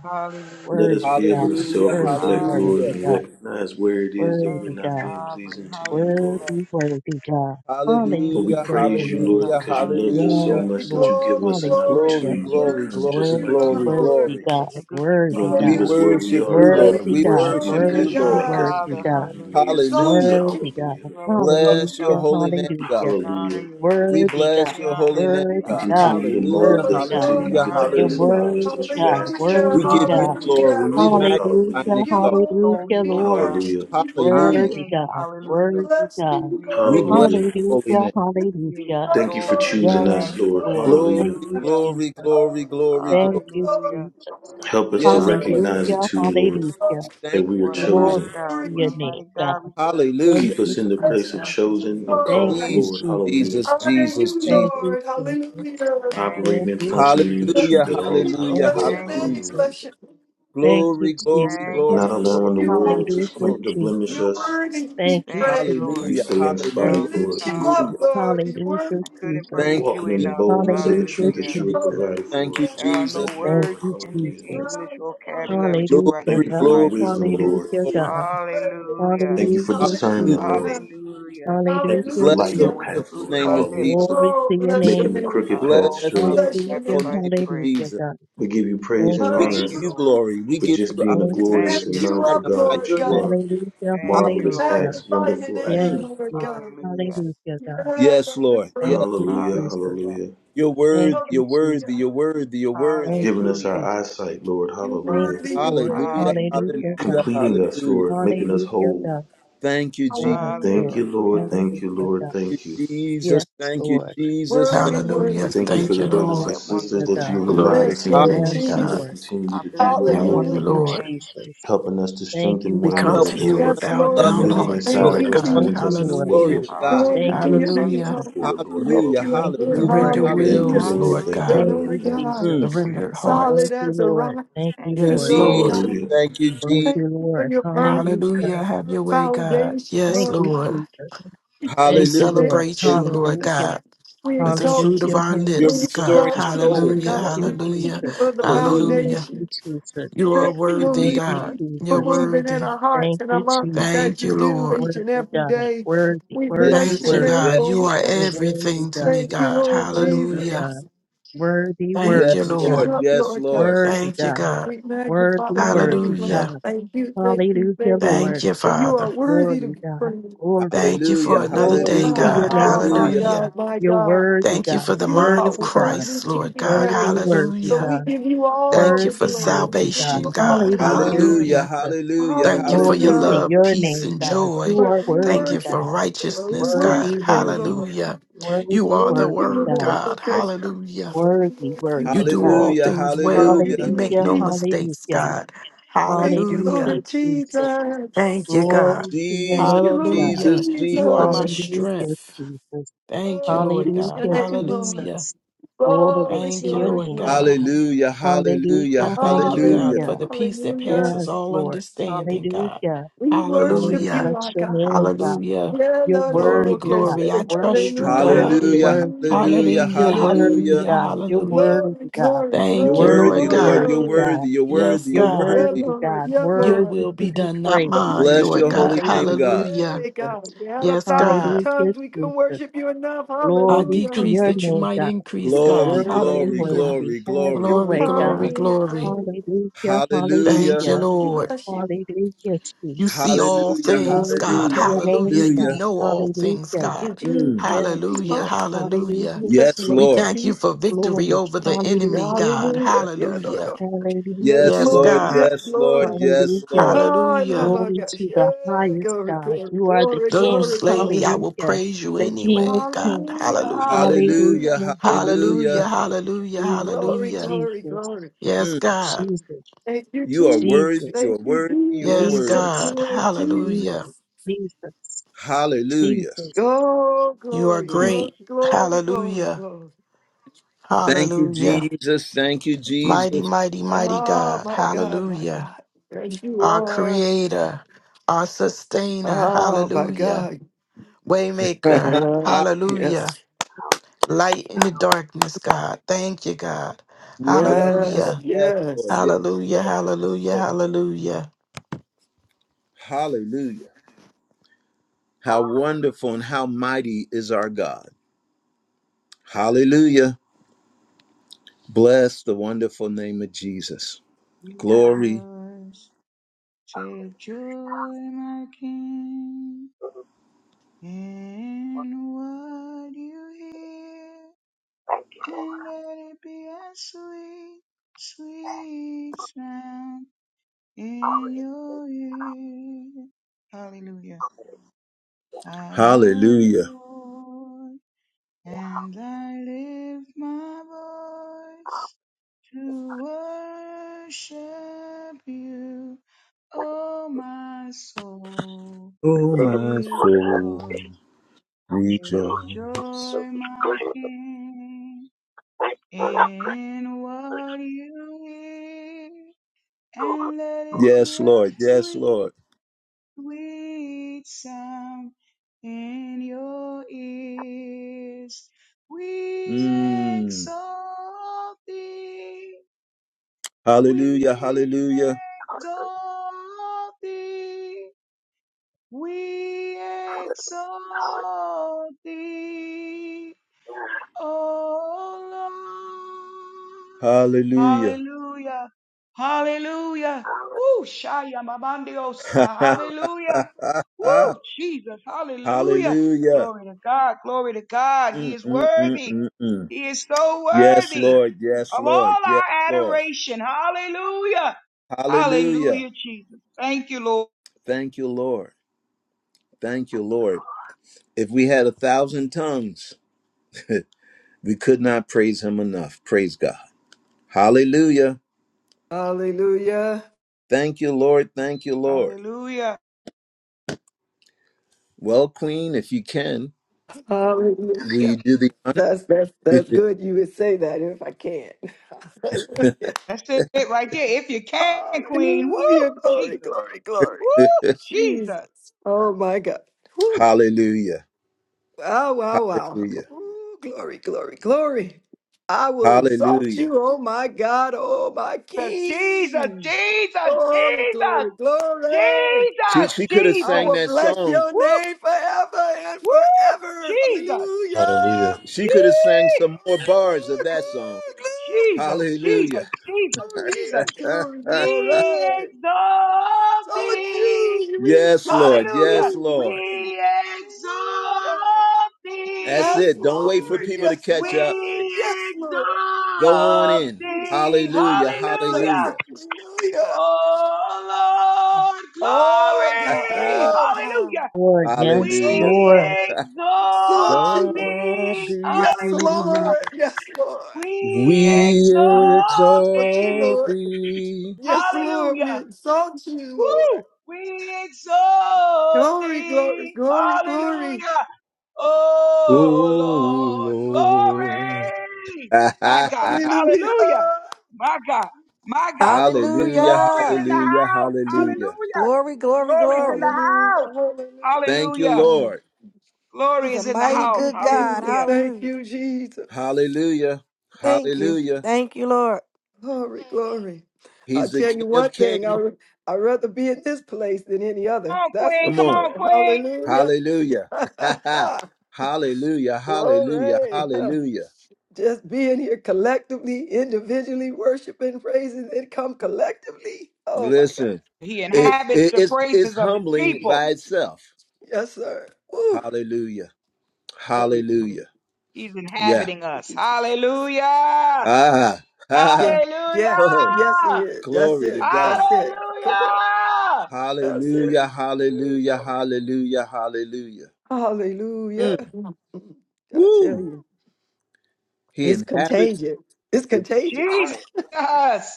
Let
Hallelujah.
Worthy
us be able
God.
to
Hallelujah.
self
Worthy,
reflect,
worthy
Lord,
Hallelujah.
and
Hallelujah.
God.
recognize where it
Your
is that
name
we're
Worthy
is
not
God.
being
sovereign.
pleasing to you, Lord.
Hallelujah.
Worthy, worthy God.
Your name
But
is
we
Hallelujah.
Hallelujah,
praise you,
majestic,
Lord.
Lord,
God.
Hallelujah.
because you loved us so
Yes,
Hallelujah.
Hallelujah.
Glory,
much that
Lord.
you give
glory,
us an
glory.
Thank
Hallelujah.
We
Glory,
you,
opportunity to
glory,
Jesus.
become
worship
glory,
just
Worthy,
you,
like
our
you,
glory,
Lord.
worthy
Lord.
glory.
You're
God.
such a good, good
You
Worthy
don't
We
leave
Father.
God.
us
Worthy
where
to
we
be
worship
are,
you,
Lord.
Lord.
Worthy
We
We
praised.
God.
worship you
You're a
worship
Glory to
you,
good,
because you
Worthy,
good
Lord.
make
God.
us to
worthy
be
Father.
who
God.
you
Hallelujah.
made us to be.
Exalt
Hallelujah.
you, King.
Worthy God.
Hallelujah.
You are a good, good
Bless your
Hallelujah.
Father.
holy name,
Hallelujah.
God.
Hallelujah.
We honor
Hallelujah.
you.
We
Worthy God.
bless
We
your
honor
holy name,
you. We
You
Worthy
God.
honor
God.
Hallelujah.
you.
continue to
Hallelujah.
mold
Worthy
Glory,
us
God.
until
We
you
glory,
Hallelujah.
get the
honor
You're
glory.
you.
vessel
Hallelujah.
out of us
worthy
that
Hallelujah.
you
God.
asked that you
We
Hallelujah.
We
wanted
Worthy
give
honor
you
you.
God.
wanted to be
We
Hallelujah.
glory.
for
We
us,
exalt
Lord.
magnify
you.
Hallelujah.
and
Hallelujah.
Thank you,
We
exalt.
Lord.
extol
Hallelujah,
you,
We
O
Lord.
God,
worship
Hallelujah.
you,
our
Hallelujah.
King.
Worthy
King.
God.
We
Hallelujah.
Worthy
bless
God.
you,
We
We
Lord
exalt
God.
bless
Hallelujah.
you.
your holy
Hallelujah.
name.
We lift
We
you
Hallelujah.
Thank
up,
you for
extol you,
Lord
your
choosing
God.
us,
Yes,
Lord.
majesty.
Lord.
Glory,
Thank
Hallelujah.
you,
Hallelujah.
Hallelujah.
glory,
Jesus.
glory, glory,
Hallelujah.
Thank
glory.
you,
Glory,
Hallelujah.
glory,
Jesus.
glory.
Help us to
Yes, Lord. Thank
recognize it
Hallelujah,
Hallelujah.
you.
too, Lord,
hallelujah.
Jesus.
that
Thank
we
you,
Glory,
are
What a
Jesus.
Glory
mighty
chosen.
God.
to
What
your
a
glory.
name,
mighty
God.
God we serve.
Thank
Hallelujah.
Keep
We
you,
us in the place
bless
of
Jesus.
Thank you,
you,
chosen and
Jesus.
Thank
called,
Lord.
you,
Jesus,
Lord.
Jesus.
Hallelujah.
Jesus,
Honor
Thank you,
Jesus,
you,
Thank
Jesus.
Jesus.
you,
Lord.
Jesus.
Hallelujah.
Thank
Thank
Operating
you,
and
you,
Jesus.
functioning in the
Jesus.
Bless
Hallelujah,
truth
the
at all
name.
times,
hallelujah,
Thank
Bless
Lord.
you,
your
Thank you,
hallelujah.
name.
Hallelujah.
Jesus.
Bless
Jesus.
you.
Thank you,
Glory, glory,
Jesus.
Thank you,
glory,
Not
worship
glory,
allowing the
Jesus.
you, our
Thank
world to,
you,
King.
Jesus.
Hallelujah,
glory.
splint, to blemish
Jesus.
You're
us.
worthy to be
Thank you,
Thank
praised.
you,
Jesus.
Lord.
We
If
Hallelujah,
I
stay
had a
Thank
hallelujah,
We
unspotted,
you,
thousand
Lord.
lift you
tongues,
Jesus.
up,
hallelujah.
Lord. You're worthy.
Hallelujah,
I couldn't
Jesus.
praise
Thank
you
Walking in
you,
the
enough.
boldness
Jesus.
of the
Hallelujah.
Hallelujah,
truth
Thank you,
Hallelujah.
that you have
Jesus.
Jesus.
provided
Thank
for
you,
us,
Hallelujah.
There
Lord.
are no
Jesus.
Thank you,
Thank
words
Lord.
you,
in the
Hallelujah.
Lord,
Jesus.
English
You're
vocabulary to rightly
Hallelujah,
Thank
Glory,
you for
God.
your
describe
glory,
you.
wisdom,
glory,
Lord.
Hallelujah,
glory.
worthy to be
God.
Hallelujah.
Thank
praised.
you
Hallelujah,
for
Hallelujah.
discernment, Lord.
Jesus.
Hallelujah.
Hallelujah.
Thank you for
Hallelujah,
Bless
lighting
So
the
the
with
Hallelujah.
the
Jesus.
wonderful
path,
fruit of
Lord.
name
my
of
lips,
Hallelujah.
Jesus.
Glory to
Oh,
your
bless
name,
your
Making the
God.
name.
I
crooked
Bless
path
offer
the
up
straight.
a
Bless your name.
Hallelujah,
wonderful
sacrifice
name
of
of
praise.
hallelujah,
Jesus.
God.
We give you praise
Thank
and
you,
We
Thank
give
Hallelujah.
honor
you,
you
Jesus.
Lord.
glory. We
for
give you
just
our
being a
Thank
We
you,
Thank
glorious
lift
and
praise
you,
Jesus.
you
and
mindful
Lord.
up,
God
magnify
Lord
that
your
you
name.
God.
are.
Hallelujah,
Thank you,
We
marvelous
Lord.
hallelujah.
acts,
magnify your
wonderful acts.
Yes,
name,
Hallelujah.
Lord
Lord.
God.
Hallelujah.
Hallelujah,
Yeah,
God.
Yes, Lord.
Lord
Thank
Yes,
you,
Hallelujah,
Jesus.
Jesus.
Hallelujah.
hallelujah.
you're
Thank
worthy.
you,
You're
Jesus.
Hallelujah.
worthy. You're worthy. You're worthy.
Thank
Giving
you,
us our
Hallelujah.
Jesus.
eyesight, Lord,
You're
Thank
hallelujah.
you,
worthy, you're
Lord.
worthy,
Hallelujah.
you're
Hallelujah,
worthy.
Hallelujah.
Hallelujah.
God.
Completing us,
Hallelujah.
Lord, making us
Hallelujah,
whole.
God.
Thank you, Jesus.
Yes,
Hallelujah.
Thank
Lord.
you,
Hallelujah.
Lord, thank you,
Hallelujah,
Lord,
God.
Thank you,
thank you.
Jesus.
Yes,
Thank you,
Lord.
Jesus. Thank
Worthy,
Thank
worthy.
Hallelujah.
you,
Thank you
you.
for
Thank you,
the
Jesus.
Bless
brothers
Lord.
and
that
sisters
Hallelujah,
wonderful
that you
God.
have
name.
allowed
Glory
Yes,
us
to
to
your
be
Lord
able
Yes,
to
name,
see
Hallelujah.
God.
that
Lord.
Jesus.
I
continue to do
bless
your
that
Thank
will,
Thank
you,
wonderful
you,
Hallelujah.
Lord.
name.
Jesus.
helping us to
Thank
strengthen
you,
We
one
I
come
another,
So
to
bless
Jesus.
you
Lord.
that
with
Yes,
bowed
Lord
You
love
wonderful
us
down
Yes,
God.
living
name.
hearts,
Thank
Love
inside
us
Lord.
of
Lord
you,
us
so much.
God.
Thank
turns
you,
us into
Jesus.
Lord.
what we
Glory
are
Hallelujah.
to
supposed to
God.
be,
Glory
Thank
to
you,
Lord,
your
Hallelujah,
and we
name,
thank
Jesus.
you
Hallelujah.
Lord
hallelujah.
for it,
God. We
Lord.
lift
Hallelujah.
you up,
Hallelujah.
Thank you,
Lord.
Hallelujah.
Lord.
Surrender
Thank
<clears throat>
you,
Hallelujah.
wills,
Hallelujah.
Lord.
Lord
hallelujah,
Thank
The
you,
God.
Thank
Lord.
you,
Lord
hallelujah.
Thank you.
Jesus.
God,
Mm.
Surrendered hearts.
Thank
solid
you,
as a
Lord.
rock.
Thank you,
Thank
Thank
Thank you,
you,
you,
Yes,
Lord.
Lord
Jesus.
Lord.
Jesus.
God.
Hallelujah.
Thank you,
Thank
Jesus.
Thank
you,
you for
Lord.
your
Thank
birth
you,
Hallelujah.
Jesus.
Hallelujah. Have your way, God.
foundation,
Yes,
Thank
Lord
you,
Lord.
God.
Jesus.
We
Thank
Hallelujah.
you,
Your
Lord.
name,
celebrate you, Lord
Hallelujah.
Jesus.
God,
We
with the
Hallelujah.
fruit
exalt
of
you.
our
You're
We
lips,
Hallelujah.
God.
restoring
exalt you,
souls.
Lord
Hallelujah.
Hallelujah,
God. We thank
Hallelujah.
you
Jesus.
for the
Hallelujah.
Hallelujah.
Thank you,
foundation.
Jesus.
We
You are
Thank
Thank you,
you,
worthy,
Thank
Lord,
Jesus.
you,
God.
for
You're
Jesus.
Jesus.
moving in
worthy.
our hearts
Thank
and our
you, Jesus.
minds as
Thank
you
you,
do
Lord.
each and
Worthy
every
God,
day.
worthy,
We
Yes,
worthy,
bless
Thank
your
you,
Lord.
name,
worthy.
God.
Yes,
You
Lord
Lord.
are
God.
You're worthy
everything to
God,
me,
Thank you,
God.
Lord
worthy
Hallelujah.
Jesus.
God, worthy,
We
Thank you,
worthy
Yes,
lift
Lord.
you
Lord.
God,
up,
Yes,
Lord God.
Lord.
worthy
Thank you,
God,
God.
We magnify
worthy,
your name,
worthy
Lord.
God.
Hallelujah.
Thank you, thank you,
Hallelujah,
thank you.
Thank
Lord.
you,
For you are
Father.
worthy to
Glory
be
God,
praised.
glory,
Thank you for
You
Hallelujah.
another
glory
day,
to
magnify,
Hallelujah.
your
God.
oh
name,
my
God.
Hallelujah.
Hallelujah.
God, my
You're
God.
worthy
Thank you
God,
for the
You
mind
are
of
worthy God,
worthy
Christ,
to
Lord
be
God.
worthy,
praised.
worthy
So
Hallelujah.
we
God.
give you all
Thank you
the
for
Worthy,
glory. We
worthy,
give
God.
salvation,
you all
God.
the
Hallelujah,
honor.
Hallelujah.
Hallelujah.
Jesus.
Hallelujah.
Thank you for your
Glory to
Hallelujah.
Hallelujah.
love,
your
peace,
name,
and
Yeah,
God.
joy.
You
Lord,
are
we
Thank
worthy,
you
God.
for
worship you, Lord. We
righteousness, God.
Worthy,
worship you,
worthy,
Lord.
Hallelujah.
worthy,
You are the
Thank
worthy
you,
word,
God,
Lord.
God.
Okay,
Hallelujah.
worthy,
You
worthy
do
God.
all
Hallelujah.
things
Thank
well.
you,
You
Hallelujah.
Lord
make
Hallelujah,
no
Jesus.
mistakes,
hallelujah,
God.
Thank you,
hallelujah,
Hallelujah.
Lord
Jesus.
Thank you,
Jesus.
God.
Glory to your
Thank
Jesus,
you,
name, God.
Lord
Hallelujah.
Jesus,
Jesus.
You are my
Jesus.
Hallelujah,
strength.
Jesus.
Thank you,
Oh,
Lord
bless
God.
your
Hallelujah,
name, Lord.
Hallelujah.
Jesus. Glory
Glory,
to
Thank you,
your
glory,
Lord
name,
glory.
God.
God.
Hallelujah.
I
Hallelujah,
Hallelujah.
thank you,
Hallelujah.
God,
hallelujah.
for
Hallelujah,
the peace that
hallelujah.
passes
Yes,
all
Lord.
understanding, God.
Hallelujah.
We worship
Oh,
Hallelujah.
you,
bless
our
your
God.
name, God.
Hallelujah.
Yeah,
You're
no, no, no,
Glory,
worthy,
okay,
God.
say,
glory. I
Worthy,
trust you,
Hallelujah,
God.
worthy,
Hallelujah.
hallelujah,
worthy.
Hallelujah.
You're
Hallelujah,
hallelujah.
worthy,
Hallelujah.
hallelujah,
God. You're
hallelujah.
Glory,
worthy, God.
glory,
You're
Thank you,
glory,
worthy,
Lord
Worthy,
glory,
Lord.
God.
You're
worthy,
glory.
God.
worthy. You're
Yes,
worthy. You're
You're
God.
Yeah,
worthy.
worthy,
Lord,
God.
yeah,
Your
Worthy
Lord.
will
to
be
be
done, not
praised.
mine,
Bless
Lord
your
Hallelujah.
God.
holy name,
Hallelujah,
God.
Hallelujah.
Hey,
Jesus.
God, we had a
Yes,
thousand
God.
Hallelujah,
tongues. We couldn't
Jesus.
worship you enough.
I
Glory
Hallelujah,
to
decrease
your
hallelujah.
that you
name,
might
God.
increase,
We
God.
Glory,
bless your
Worthy,
name,
glory,
Jesus.
Hallelujah.
worthy.
glory,
Have your
glory.
Glory,
way,
glory,
God.
Hallelujah,
glory.
glory.
Hallelujah,
Thank
Hallelujah.
you,
hallelujah.
We
Lord.
bless you.
Hallelujah,
You see
Jesus.
all
Hallelujah.
we.
things,
Glory to
God.
Hallelujah.
your
Hallelujah.
name,
You
God.
Hallelujah.
know all things,
Hallelujah.
Thank you,
God.
Mm.
Yes,
Jesus.
Hallelujah.
Lord. Hallelujah,
Hallelujah.
Yes,
Yes,
Jesus.
Lord.
We
Lord.
thank you
Jesus.
for victory
Glory.
over the
Hallelujah,
enemy, God.
Jesus.
Hallelujah. Yeah, no,
Hallelujah.
no. Yes,
Hallelujah,
Yes,
Yes,
Lord.
Lord.
God.
Jesus.
Yes,
Yes, Lord.
Lord.
Yes,
Hallelujah.
Lord.
Oh, oh
Hallelujah.
my
Glory
gosh.
to the
Yeah.
highest
Glory,
God.
glory,
You are the
glory,
Though you
King.
glory,
slay me,
glory.
I will
Hallelujah.
praise you
The King of
anyway, God.
Kings.
Hallelujah.
Hallelujah.
Hallelujah.
Hallelujah.
Hallelujah.
Hallelujah.
Hallelujah.
Hallelujah.
Hallelujah.
Jesus,
Glory,
Hallelujah.
glory,
Jesus,
glory.
Yes,
Mm.
God.
Jesus,
Thank you,
You are
Jesus.
Jesus,
worthy. You
Thank
are
you,
worthy. You are
Jesus.
Yes,
worthy.
Thank you,
Jesus,
God.
Lord Jesus.
Hallelujah.
Jesus, Jesus,
Hallelujah.
Jesus.
Oh,
You are
glory,
Mm.
glory,
great.
glory, glory,
Hallelujah.
glory.
Thank you,
Hallelujah.
Jesus. Thank you,
Mighty,
Jesus.
mighty, mighty
Oh,
God.
my God, my
Hallelujah.
God. Thank you,
Our
Lord.
creator, our sustainer.
Oh, my
Hallelujah.
God.
<laughs> yes,
Waymaker.
Lord.
Yeah,
Hallelujah.
Yes.
Light in the darkness, God. Thank you, God.
Yes,
Yes.
Lord.
Hallelujah.
Yes, Lord.
Yes.
Yes,
Hallelujah. Hallelujah.
Lord.
Hallelujah.
Hallelujah. How wonderful and how mighty is our God. Hallelujah. Bless the wonderful name of Jesus. Glory.
Rejoice, take joy, my King, in what you hear, and let it be a sweet, sweet sound in your ear. Hallelujah. I love you,
Hallelujah.
Lord, and I lift my voice to worship you. Oh, my soul,
Oh, my soul,
rejoice, take
rejoice.
joy, my King, in what you hear, and let it be
Yes,
a
Lord. Yes,
sweet
Lord.
sweet sound in your ears. We
Mm.
exalt thee,
Hallelujah.
we
Hallelujah.
exalt thee, we exalt thee. Oh Lord.
Hallelujah.
Hallelujah. Hallelujah. Woo, Shaya Mabandios.
<laughs>
Hallelujah. Woo, Jesus. Hallelujah.
hallelujah.
Glory to God. Glory to God. He
Mm,
is
mm, mm,
worthy.
mm, mm.
He is so
Yes,
worthy
Lord. Yes,
of
Lord.
all
Yes,
our
Lord.
adoration. Hallelujah.
Hallelujah.
Hallelujah, Jesus. Thank you, Lord.
Thank you, Lord. Thank you, Lord. If we had a thousand tongues, <laughs> we could not praise him enough. Praise God. Hallelujah.
Hallelujah.
Thank you, Lord. Thank you, Lord.
Hallelujah.
Well, Queen, if you can, will
Hallelujah.
you do the honor?
That's that's that's good you would say that if I can. <laughs> Hallelujah.
That's it right there. If you can, Queen. Woo,
Hallelujah. Glory,
Jesus.
glory, glory.
Woo, Jesus.
Jesus. Oh my God.
<laughs>
Whew.
Hallelujah.
Wow, wow, wow.
Hallelujah.
Ooh, glory, glory, glory. I will exalt
Hallelujah.
you, oh my God, oh my
Jesus, Jesus, Jesus,
King. Glory,
Jesus,
glory, glory.
She
Jesus,
she could have
I
sang
will
that
bless
song.
your
Woo,
name forever and
woo,
forever.
Jesus,
Hallelujah.
Hallelujah.
She could have sang
Jesus,
some more bars of
Oh,
that song.
Jesus,
Hallelujah.
Jesus, Jesus,
glory,
Jesus.
<laughs>
glory, glory.
We
glory.
exalt
Exalt
thee.
you. We
yes,
exalt
Lord.
Hallelujah.
Yes,
you.
Lord.
We
Hallelujah.
exalt
That's
thee.
Yes,
it. Don't wait for
Lord.
people to
Yes,
catch up.
We
Lord. Yes, Lord.
Go on
exalt
in.
Yes,
thee.
Lord
Hallelujah.
Jesus.
Hallelujah.
Hallelujah.
Hallelujah.
Oh Lord,
Oh, God.
glory.
<laughs>
Oh, God.
Hallelujah.
Lord, yes,
hallelujah.
Oh,
Lord.
Lord.
We
So
exalt
Chilo.
Exalt
thee.
Yes,
Hallelujah.
thee.
Lord. Yes, Lord.
We
We
Yes,
exalt
Lord.
thee.
exalt
Lord.
thee.
Yes, Lord. We
Hallelujah.
exalt you, Lord.
Woo! We exalt
Glory, glory,
thee.
glory, glory.
Hallelujah.
O
Oh Lord,
Lord.
glory. My God.
Hallelujah.
Hallelujah. My God. My
<laughs>
God.
Glory,
The
glory.
hallelujah.
glory in
Hallelujah.
the
Hallelujah.
house.
Jesus.
Hallelujah.
Hallelujah.
Glory,
The
glory,
glory's in
glory.
the
Hallelujah.
house.
Thank you,
Hallelujah.
Hallelujah.
Lord.
Glory
He's a
is in the
mighty
Thank
house.
you,
good God.
Jesus.
Hallelujah.
Thank
Hallelujah.
you, Jesus.
Hallelujah.
Thank you.
Hallelujah.
Thank you, Lord.
Glory, glory. I'll
He's the
tell you
King
one
of
thing, I
Kings.
would, I'd rather be in this place than any
Come
other.
on,
That's for
Queen.
Come
Come
on.
sure.
on, Queen.
Hallelujah.
Hallelujah. <laughs>
<laughs>
Hallelujah, hallelujah,
glory.
hallelujah.
Just being here collectively, individually, worshiping, praising, then come collectively. Oh my God.
Listen,
He
it,
inhabits
it
the
it's it's
praises of his
humbling
people.
by itself.
Yes, sir. Woo.
Hallelujah.
Glory.
Hallelujah.
He's
Yeah.
inhabiting
Thank
us.
you, Jesus.
Hallelujah.
Ah. <laughs>
Yeah.
Ah.
Yeah.
Oh,
Yes, it
Hallelujah.
is. That's
glory to
it.
God.
That's it. Come on.
Hallelujah.
That's it.
Hallelujah.
Woo.
Hallelujah.
Glory.
Hallelujah. Hallelujah.
Hallelujah.
Mm.
<laughs> I tell you.
Woo. He
It's
inhabits
contagious. It's
the
contagious.
Jesus.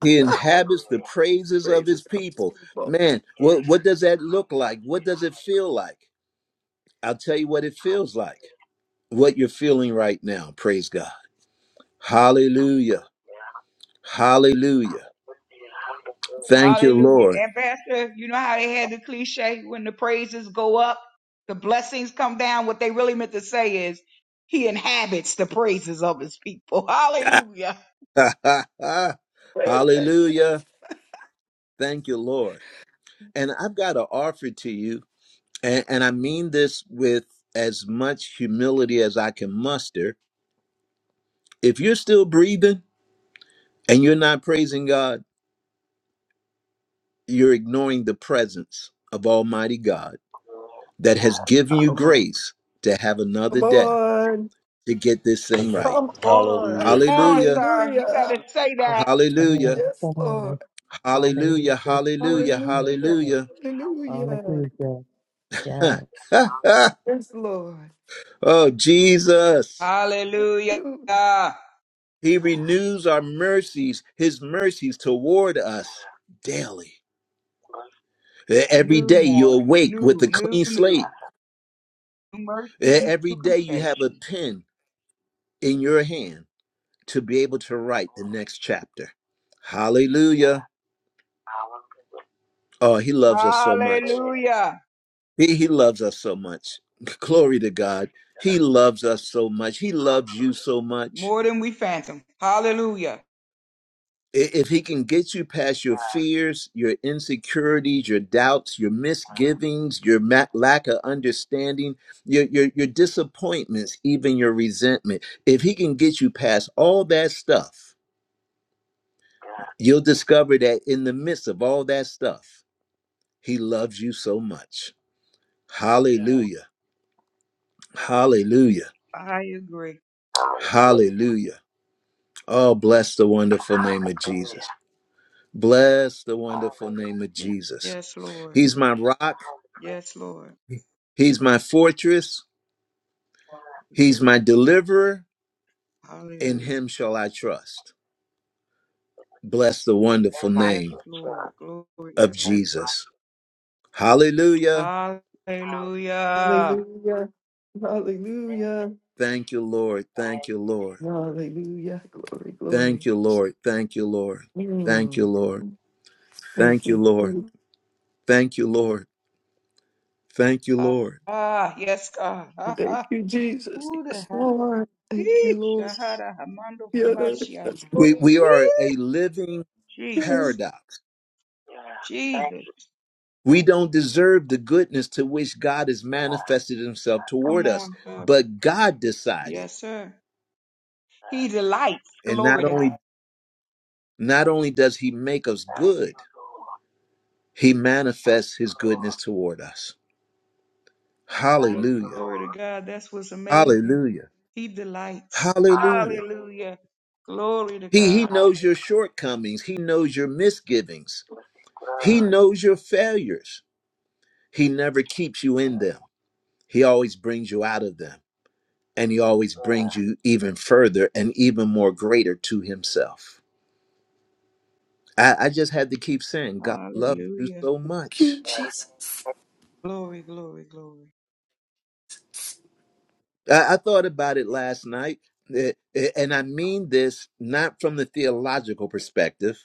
he inhabits the praises of
Praise
his
Contagious.
people. Man, what what does that look like? What does it feel like? I'll tell you what it feels like. What you're feeling right now. Praise God. Hallelujah. Hallelujah. Thank you,
Hallelujah.
Lord.
Ambassador, you know how they had the cliche when the praises go up, the blessings come down. What they really meant to say is, he inhabits the praises of his people. <laughs> Hallelujah.
<laughs> Hallelujah. Thank you, Lord. And I've got to offer to you, and, and I mean this with as much humility as I can muster. If you're still breathing and you're not praising God, you're ignoring the presence of Almighty God that has given you
Come on.
grace to have another
Come
day
on.
to get this thing right.
Come on.
Hallelujah.
Come on,
Hallelujah.
sir. You better
Hallelujah.
say
Oh,
that.
Hallelujah.
God,
Yes, Lord.
God.
Hallelujah.
Hallelujah.
Hallelujah.
Hallelujah.
Hallelujah.
Hallelujah.
Hallelujah. Yeah.
<laughs>
Yes, Lord.
oh, Jesus.
Thank
Hallelujah.
you.
He renews our mercies, his mercies toward us daily. E, Every
New
day you
morning.
awake with
New,
a
new,
clean slate.
new. New mercies,
E, Every
new
day you have a
compassion.
pen in your hand to be able to write the next chapter. Hallelujah. Oh, he loves us so much.
Hallelujah.
He, he loves us so much. <laughs> Glory to God. He loves us so much. He loves you so much.
More than we phantom. Hallelujah.
I- If he can get you past your fears, your insecurities, your doubts, your misgivings, your ma- lack of understanding, your, your your disappointments, even your resentment, if he can get you past all that stuff, you'll discover that in the midst of all that stuff, he loves you so much. Hallelujah. Hallelujah.
I agree.
Hallelujah. Oh, bless the wonderful name of Jesus. Bless the wonderful name of Jesus.
Yes, Lord.
He's my rock.
Yes, Lord.
He's my fortress, he's
Hallelujah.
my deliverer, in
Hallelujah.
him shall I trust. Bless the wonderful
Yes,
name
Lord. Glory
of
to
Jesus. Hallelujah.
God. Hallelujah.
Hallelujah. Hallelujah.
Thank you, Lord. Thank you, Lord.
Hallelujah. Glory,
Thank
glory.
you, Lord. Thank you, Lord. Thank you,
Mm.
Lord.
Thank
Thank you,
you.
Lord.
Jesus.
Thank you, Lord. Thank you,
Ah,
Lord.
ah, yes, God. <laughs> Ah,
Thank
ah.
you, Jesus.
Ooh, the-
Yes,
ah.
Lord. Thank you,
Eesh.
Lord.
Shahada Hamando
Yeah, Lord.
Kubashia.
Yes,
We
Lord.
we are a
Eesh.
living
Jesus.
paradox.
Jesus.
We don't deserve the goodness to which God has manifested himself
Come
toward us,
on, sir.
but God decided.
Yes, sir. He delights.
And
Glory
not
to
only Not only does he make us good, he manifests his goodness toward us.
God.
Hallelujah.
Glory to God. That's what's amazing.
Hallelujah.
He delights.
Hallelujah.
Hallelujah. Glory to
He, he
God.
knows your shortcomings. He knows your misgivings. He knows your failures. He never keeps you in them. He always brings you out of them. And he always brings you even further and even more greater to himself. I, I just had to keep saying, God loves you
Hallelujah.
so much.
you, Jesus.
Glory, glory, glory.
I, I thought about it last night, eh, eh, and I mean this not from the theological perspective.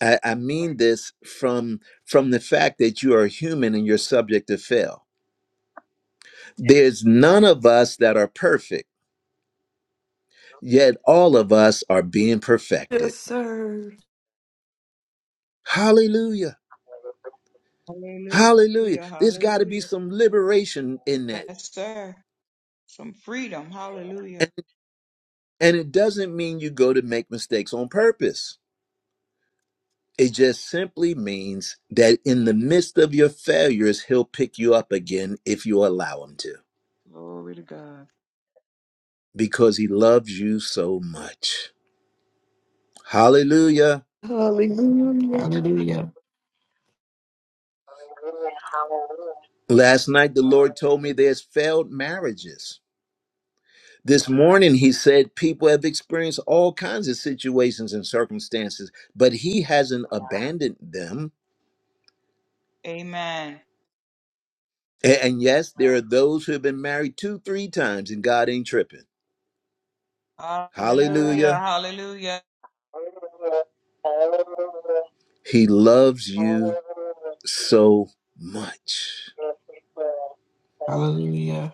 I, I mean this from from the fact that you are human and you're subject to fail. There's none of us that are perfect, yet all of us are being perfected.
Yes, sir.
Hallelujah. Hallelujah.
Hallelujah.
There's got to be
Hallelujah.
some liberation in that.
Yes, sir. Some freedom.
And,
Hallelujah.
and it doesn't mean you go to make mistakes on purpose. It just simply means that in the midst of your failures, he'll pick you up again if you allow him to
Glory to God.
because he loves you so much. Hallelujah.
Hallelujah.
Hallelujah.
Last night, the Lord told me there's failed marriages. This morning, he said people have experienced all kinds of situations and circumstances, but he hasn't abandoned them.
Amen.
A- And yes, there are those who have been married two, three times, and God ain't tripping.
Hallelujah.
Hallelujah.
Hallelujah.
He loves you so much.
Hallelujah.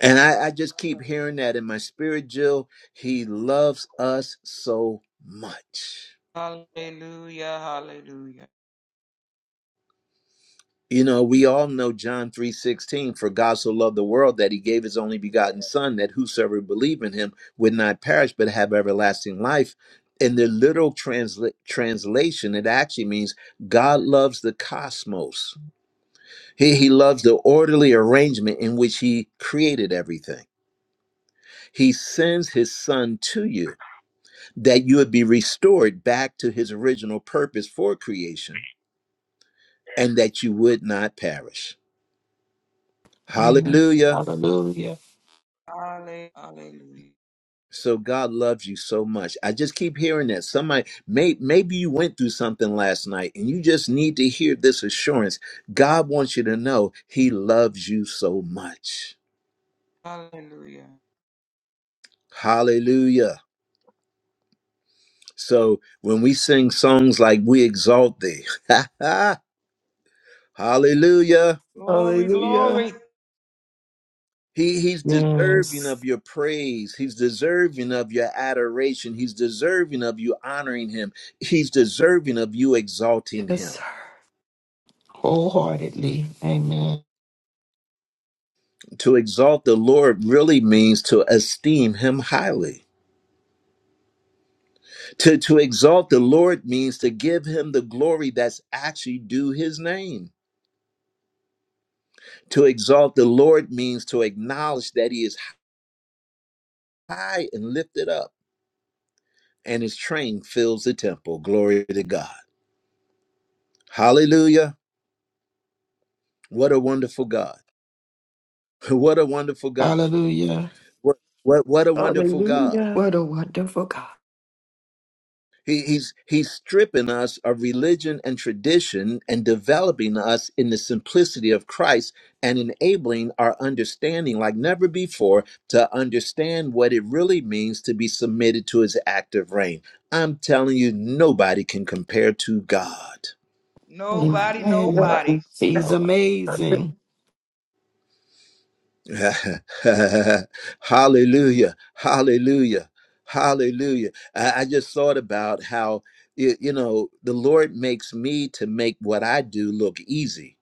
And I, I just keep hearing that in my spirit, Jill. He loves us so much.
Hallelujah. Hallelujah.
You know, we all know John 3:16, for God so loved the world that he gave his only begotten son that whosoever believe in him would not perish but have everlasting life. In the literal transla- translation, it actually means God loves the cosmos. He, he loves the orderly arrangement in which he created everything. He sends his son to you that you would be restored back to his original purpose for creation and that you would not perish.
Amen.
Hallelujah.
Hallelujah.
Halle- Hallelujah.
So God loves you so much. I just keep hearing that. Somebody may maybe you went through something last night and you just need to hear this assurance. God wants you to know he loves you so much.
Hallelujah.
Hallelujah. So when we sing songs like we exalt thee. <laughs> Hallelujah
Glory, glory.
Hallelujah.
He he's deserving
Yes.
of your praise. He's deserving of your adoration. He's deserving of you honoring him. He's deserving of you exalting
Yes, sir.
him.
Wholeheartedly. Amen.
To exalt the Lord really means to esteem him highly. To to exalt the Lord means to give him the glory that's actually due his name. To exalt the Lord means to acknowledge that he is high and lifted up and his train fills the temple. Glory to God. Hallelujah. What a wonderful God. <laughs> What a wonderful God.
Hallelujah.
What what what a wonderful God.
Hallelujah. What a wonderful God.
He, he's he's stripping us of religion and tradition and developing us in the simplicity of Christ and enabling our understanding like never before to understand what it really means to be submitted to his active reign. I'm telling you, nobody can compare to God.
Nobody,
Amen.
nobody.
He's amazing.
<laughs> hallelujah hallelujah hallelujah I, I just thought about how y- you know the lord makes me to make what i do look easy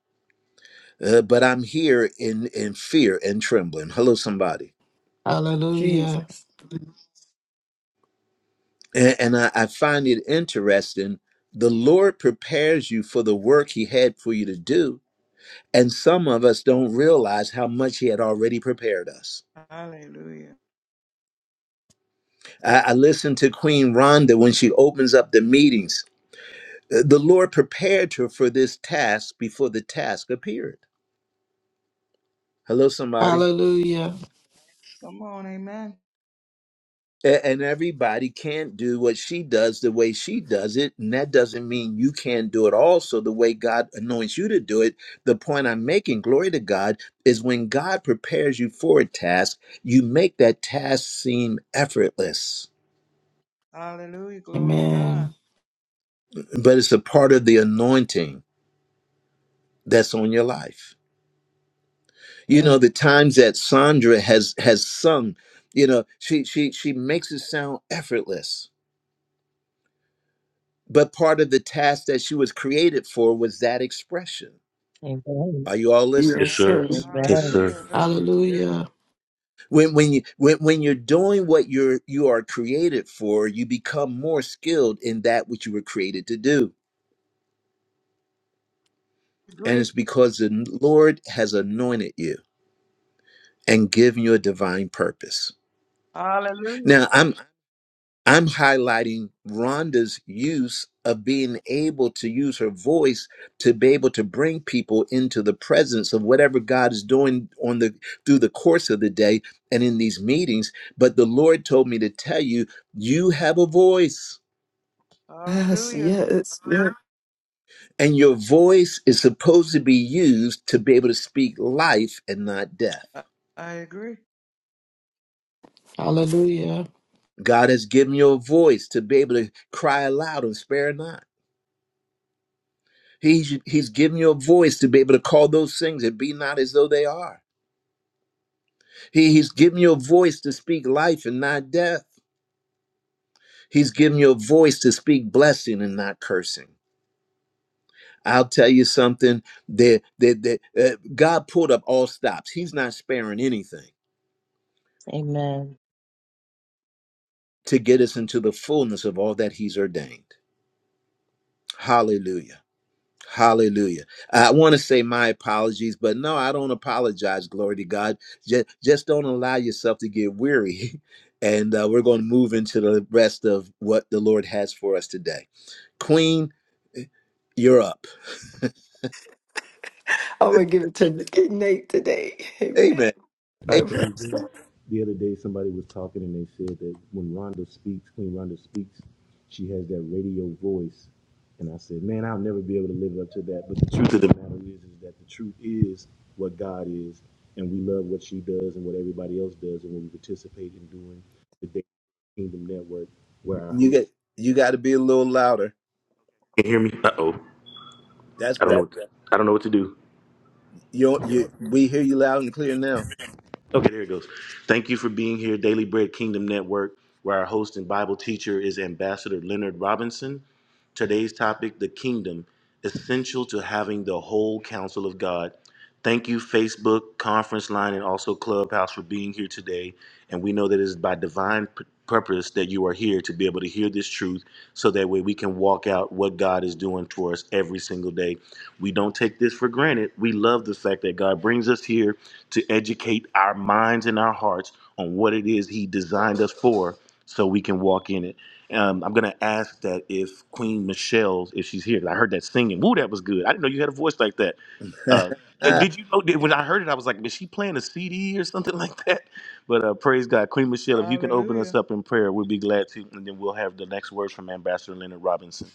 uh, but i'm here in in fear and trembling hello somebody
Hallelujah.
and, and I, I find it interesting the lord prepares you for the work he had for you to do and some of us don't realize how much he had already prepared us
Hallelujah.
i, I listened to queen rhonda when she opens up the meetings Uh, The Lord prepared her for this task before the task appeared. Hello, somebody.
Hallelujah.
Come on, amen.
A- And everybody can't do what she does the way she does it. And that doesn't mean you can't do it also the way God anoints you to do it. The point I'm making, glory to God, is when God prepares you for a task, you make that task seem effortless.
Hallelujah. Glory to God.
Amen.
But it's a part of the anointing that's on your life. you
Amen.
know the times that sandra has has sung you know she she she makes it sound effortless but part of the task that she was created for was that expression are you all listening
Yes, sir.
thanks
Yes,
Amen.
sir.
Hallelujah. Yes,
Hallelujah.
when when you when, when you're doing what you're you are created for you become more skilled in that which you were created to do
I
and
agree.
it's because the lord has anointed you and given you a divine purpose
Hallelujah.
now I'm. I'm highlighting Rhonda's use of being able to use her voice to be able to bring people into the presence of whatever God is doing on the through the course of the day and in these meetings. But the Lord told me to tell you, you have a voice.
Yes,
Hallelujah.
yes. yes.
And your voice is supposed to be used to be able to speak life and not death.
I I agree.
Hallelujah.
God has given you a voice to be able to cry aloud and spare not. He's he's giving you a voice to be able to call those things that be not as though they are. He, he's given you a voice to speak life and not death. He's given you a voice to speak blessing and not cursing. I'll tell you something that that, that uh, God pulled up all stops. He's not sparing anything
Amen.
to get us into the fullness of all that He's ordained. Hallelujah. Hallelujah. I want to say my apologies, but no, I don't apologize. Glory to God. Just, just don't allow yourself to get weary. <laughs> And uh, we're going to move into the rest of what the Lord has for us today. Queen, eh, you're up.
I'm going to give it to Nate today.
Amen.
Amen. I
Hey,
praise God.
The other day, somebody was talking and they said that when Rhonda speaks, Queen Rhonda speaks, she has that radio voice. And I said, man, I'll never be able to live up to that. But the truth of the matter is, is that the truth is what God is, and we love what she does and what everybody else does, and when we participate in doing the Day Kingdom Network, where our
you
host
get you got to be a little louder.
can you hear me. Uh oh,
That's
I don't know.
better.
What to, I don't know what to
You you
do.
we hear you loud and clear now.
Okay, there it goes. Thank you for being here, Daily Bread Kingdom Network, where our host and Bible teacher is Ambassador Leonard Robinson. Today's topic, the kingdom, essential to having the whole counsel of God. Thank you, Facebook, Conference Line, and also Clubhouse for being here today. And we know that it is by divine p- purpose that you are here to be able to hear this truth so that way we can walk out what God is doing for us every single day. We don't take this for granted. We love the fact that God brings us here to educate our minds and our hearts on what it is He designed us for so we can walk in it. Um, I'm gonna ask that if Queen Michelle, if she's here, 'cause I heard that singing. Woo, that was good. I didn't know you had a voice like that. Uh, eh, did you know? Did, when I heard it, I was like, "Is she playing a CD or something <laughs> like that?" But uh, praise God, Queen Michelle, if you can open
Hallelujah.
us up in prayer, we'll be glad to, and then we'll have the next words from Ambassador Leonard Robinson.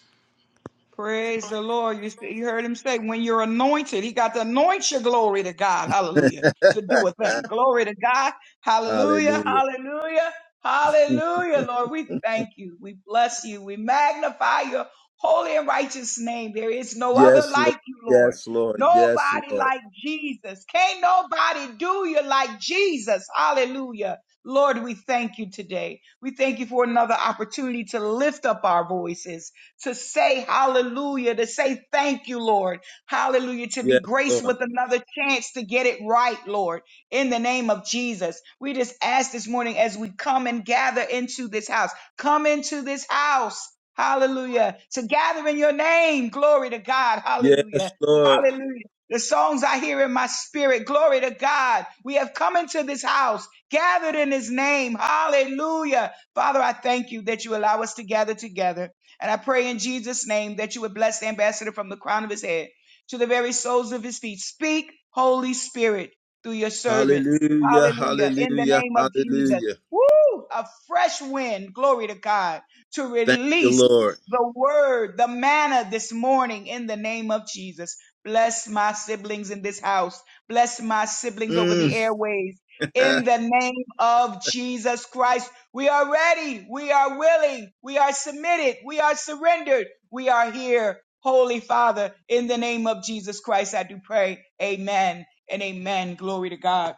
Praise the Lord. You, s- you heard him say, when you're anointed, he got to anoint your glory to God. Hallelujah. To do a
<laughs>
thing. Glory to God. Hallelujah.
Hallelujah.
Hallelujah. Hallelujah. Lord, we thank you. We bless you. We magnify your holy and righteous name. There is no other
Yes, Lord.
like you, Lord.
Yes, Lord. Yes,
Nobody
Lord.
like Jesus. Can't nobody do you like Jesus. Hallelujah. Lord, we thank you today. We thank you for another opportunity to lift up our voices to say hallelujah, to say thank you, Lord. Hallelujah, to be
Yes,
graced
Lord.
with another chance to get it right, Lord, in the name of Jesus. We just ask this morning as we come and gather into this house, come into this house. Hallelujah. To gather in your name. Glory to God.
Yes,
Hallelujah.
Lord.
Hallelujah. The songs I hear in my spirit. Glory to God. We have come into this house, gathered in his name. Hallelujah. Father, I thank you that you allow us to gather together. And I pray in Jesus' name that you would bless the ambassador from the crown of his head to the very soles of his feet. Speak, Holy Spirit, through your servant.
Hallelujah,
Hallelujah. In the
hallelujah,
name of Jesus.
hallelujah.
Woo! A fresh wind, glory to God, to
Thank you,
release
Lord.
the word, the manna this morning in the name of Jesus. Bless my siblings in this house. Bless my siblings over the
Mm.
airways
<laughs>
in the name of Jesus Christ. We are ready. We are willing. We are submitted. We are surrendered. We are here. Holy Father, in the name of Jesus Christ, I do pray. Amen and amen. Glory to God.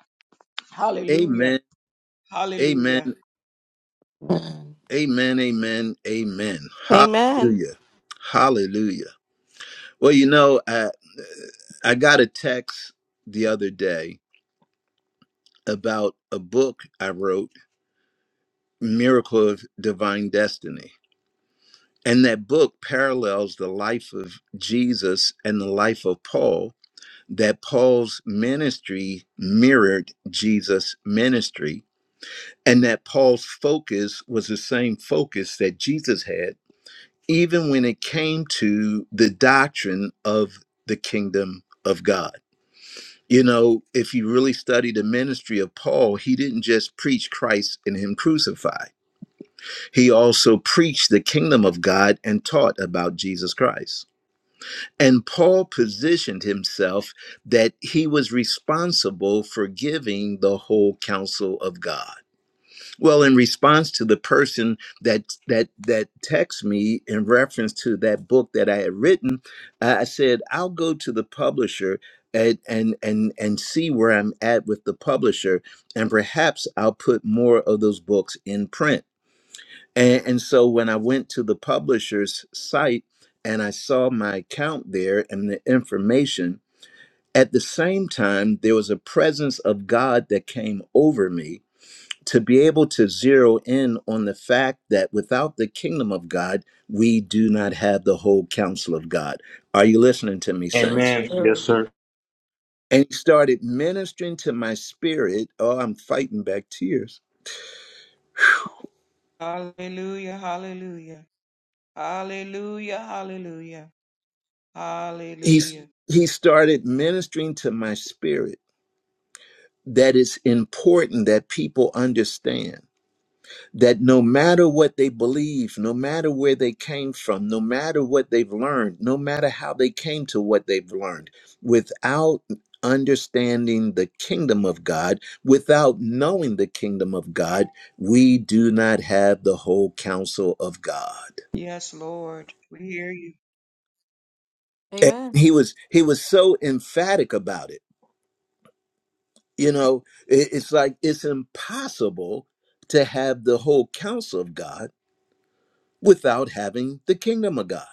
Hallelujah.
amen, amen,
Hallelujah.
Amen.
amen, amen, amen.
Amen.
Hallelujah, hallelujah. Well, you know, I, I got a text the other day about a book I wrote, Miracle of Divine Destiny. And that book parallels the life of Jesus and the life of Paul that Paul's ministry mirrored Jesus' ministry and that Paul's focus was the same focus that Jesus had, even when it came to the doctrine of the kingdom of God. You know, if you really study the ministry of Paul, he didn't just preach Christ and him crucified. He also preached the kingdom of God and taught about Jesus Christ And Paul positioned himself that he was responsible for giving the whole counsel of God. Well, in response to the person that that that texted me in reference to that book that I had written, I I said, I'll go to the publisher and and and and see where I'm at with the publisher, and perhaps I'll put more of those books in print. And, and so when I went to the publisher's site and I saw my account there and the information, at the same time, there was a presence of God that came over me to be able to zero in on the fact that without the kingdom of God, we do not have the whole counsel of God. Are you listening to me,
Yes,
saints?
Amen. Yes,
sir.
sir.
And he started ministering to my spirit. Oh, I'm fighting back tears.
Hallelujah. Hallelujah. Hallelujah. Hallelujah.
He's
Hallelujah.
he started ministering to my spirit that it's important that people understand that no matter what they believe, no matter where they came from, no matter what they've learned, no matter how they came to what they've learned, without understanding the kingdom of God, without knowing the kingdom of God, we do not have the whole counsel of God.
Yes, Lord. We hear you.
And
Amen.
he was he was so emphatic about it. You know, it- it's like it's impossible to have the whole counsel of God without having the kingdom of God.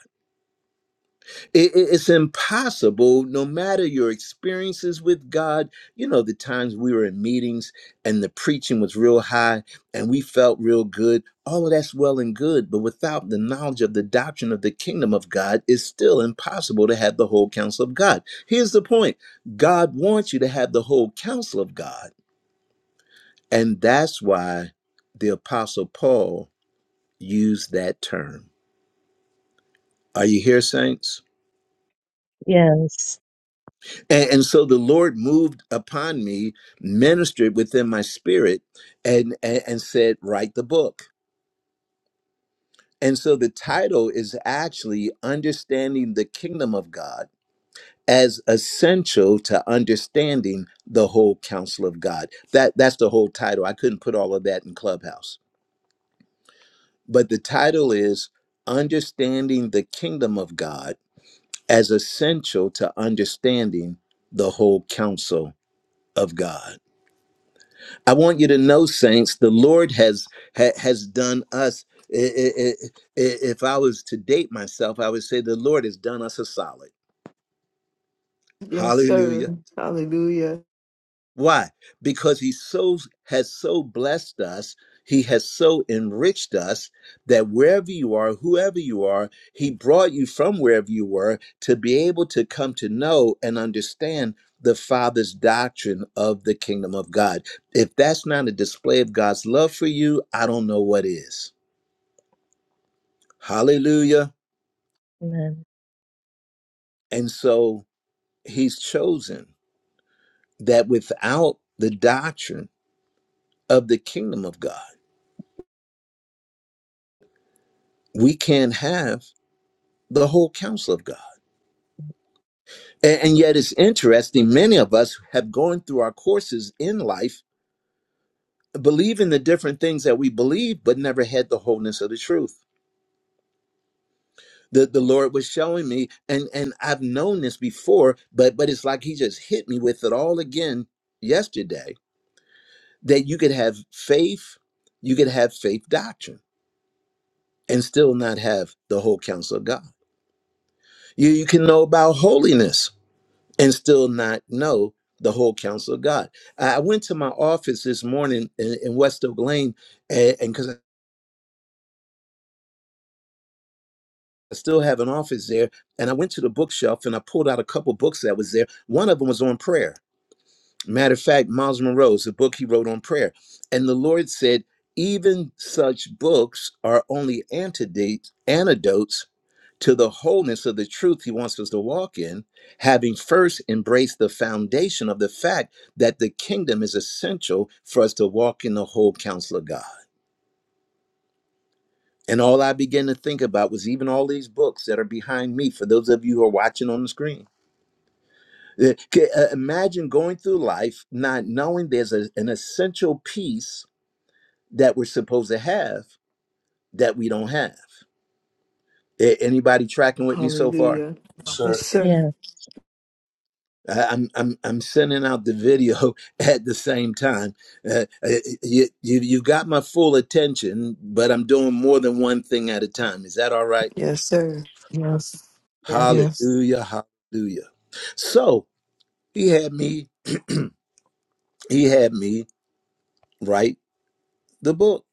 It- it- it's impossible, no matter your experiences with God. You know, the times we were in meetings and the preaching was real high and we felt real good. All of that's well and good, but without the knowledge of the doctrine of the kingdom of God, it's still impossible to have the whole counsel of God. Here's the point God wants you to have the whole counsel of God. And that's why the Apostle Paul used that term. Are you here, saints?
Yes.
And, and so the Lord moved upon me, ministered within my spirit, and, and and said, "Write the book." And so the title is actually understanding the kingdom of God as essential to understanding the whole counsel of God. That that's the whole title. I couldn't put all of that in Clubhouse, but the title is understanding the kingdom of God as essential to understanding the whole counsel of God. I want you to know, saints, the Lord has ha, has done us. i- i- i- i- If I was to date myself, I would say the Lord has done us a solid.
Yes,
Hallelujah.
sir. Hallelujah.
Why? Because he so has so blessed us, he has so enriched us that wherever you are, whoever you are, he brought you from wherever you were to be able to come to know and understand the Father's doctrine of the kingdom of God. If that's not a display of God's love for you, I don't know what is. Hallelujah.
Amen.
And so he's chosen that without the doctrine of the kingdom of God, we can't have the whole counsel of God. A- And yet it's interesting, many of us have gone through our courses in life believing the different things that we believe, but never had the wholeness of the truth. The, the Lord was showing me, and, and I've known this before, but but it's like He just hit me with it all again yesterday, that you could have faith, you could have faith doctrine and still not have the whole counsel of God. You you can know about holiness and still not know the whole counsel of God. I went to my office this morning in, in West Oak Lane, and because I still have an office there, and I went to the bookshelf and I pulled out a couple books that was there. One of them was on prayer. Matter of fact, Miles Monroe's a book he wrote on prayer, and the Lord said, even such books are only antidotes, antidotes to the wholeness of the truth he wants us to walk in, having first embraced the foundation of the fact that the kingdom is essential for us to walk in the whole counsel of God. And all I began to think about was even all these books that are behind me, for those of you who are watching on the screen. Uh, ca- uh, Imagine going through life not knowing there's a- an essential piece that we're supposed to have that we don't have. A- Anybody tracking with me so far?
Hallelujah. Yes, sir.
Yeah.
I- I'm I'm I'm sending out the video <laughs> at the same time. Uh, uh, you you you got my full attention, but I'm doing more than one thing at a time. Is that all right?
Yes, sir.
Yes.
Yeah.
Yes.
Hallelujah, hallelujah. So he had me he had me write the book,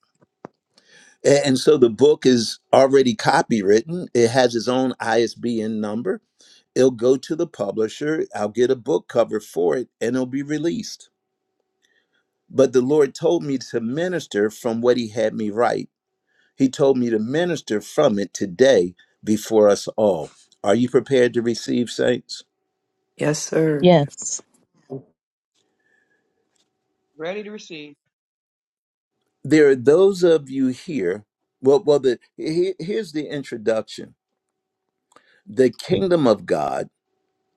A- and so the book is already copywritten. It has its own ISBN number. It'll go to the publisher. I'll get a book cover for it, and it'll be released. But the Lord told me to minister from what He had me write. He told me to minister from it today before us all. Are you prepared to receive, saints?
Yes.
Ready to receive.
There are those of you here. Well, well, the he- here's the introduction. The kingdom of God,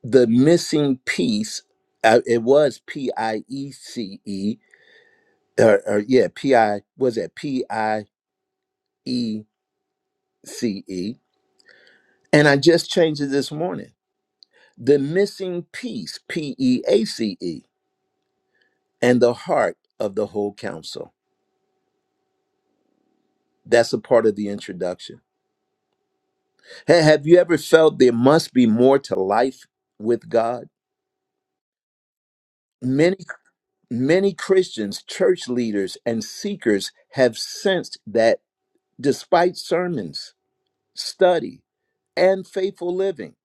the missing piece. Uh, it was P I E C E, or, or yeah, P I was that P I E C E, and I just changed it this morning the missing piece, P E A C E, and the heart of the whole counsel. That's a part of the introduction. Ha- have you ever felt there must be more to life with God? Many, many Christians, church leaders, and seekers have sensed that despite sermons, study, and faithful living,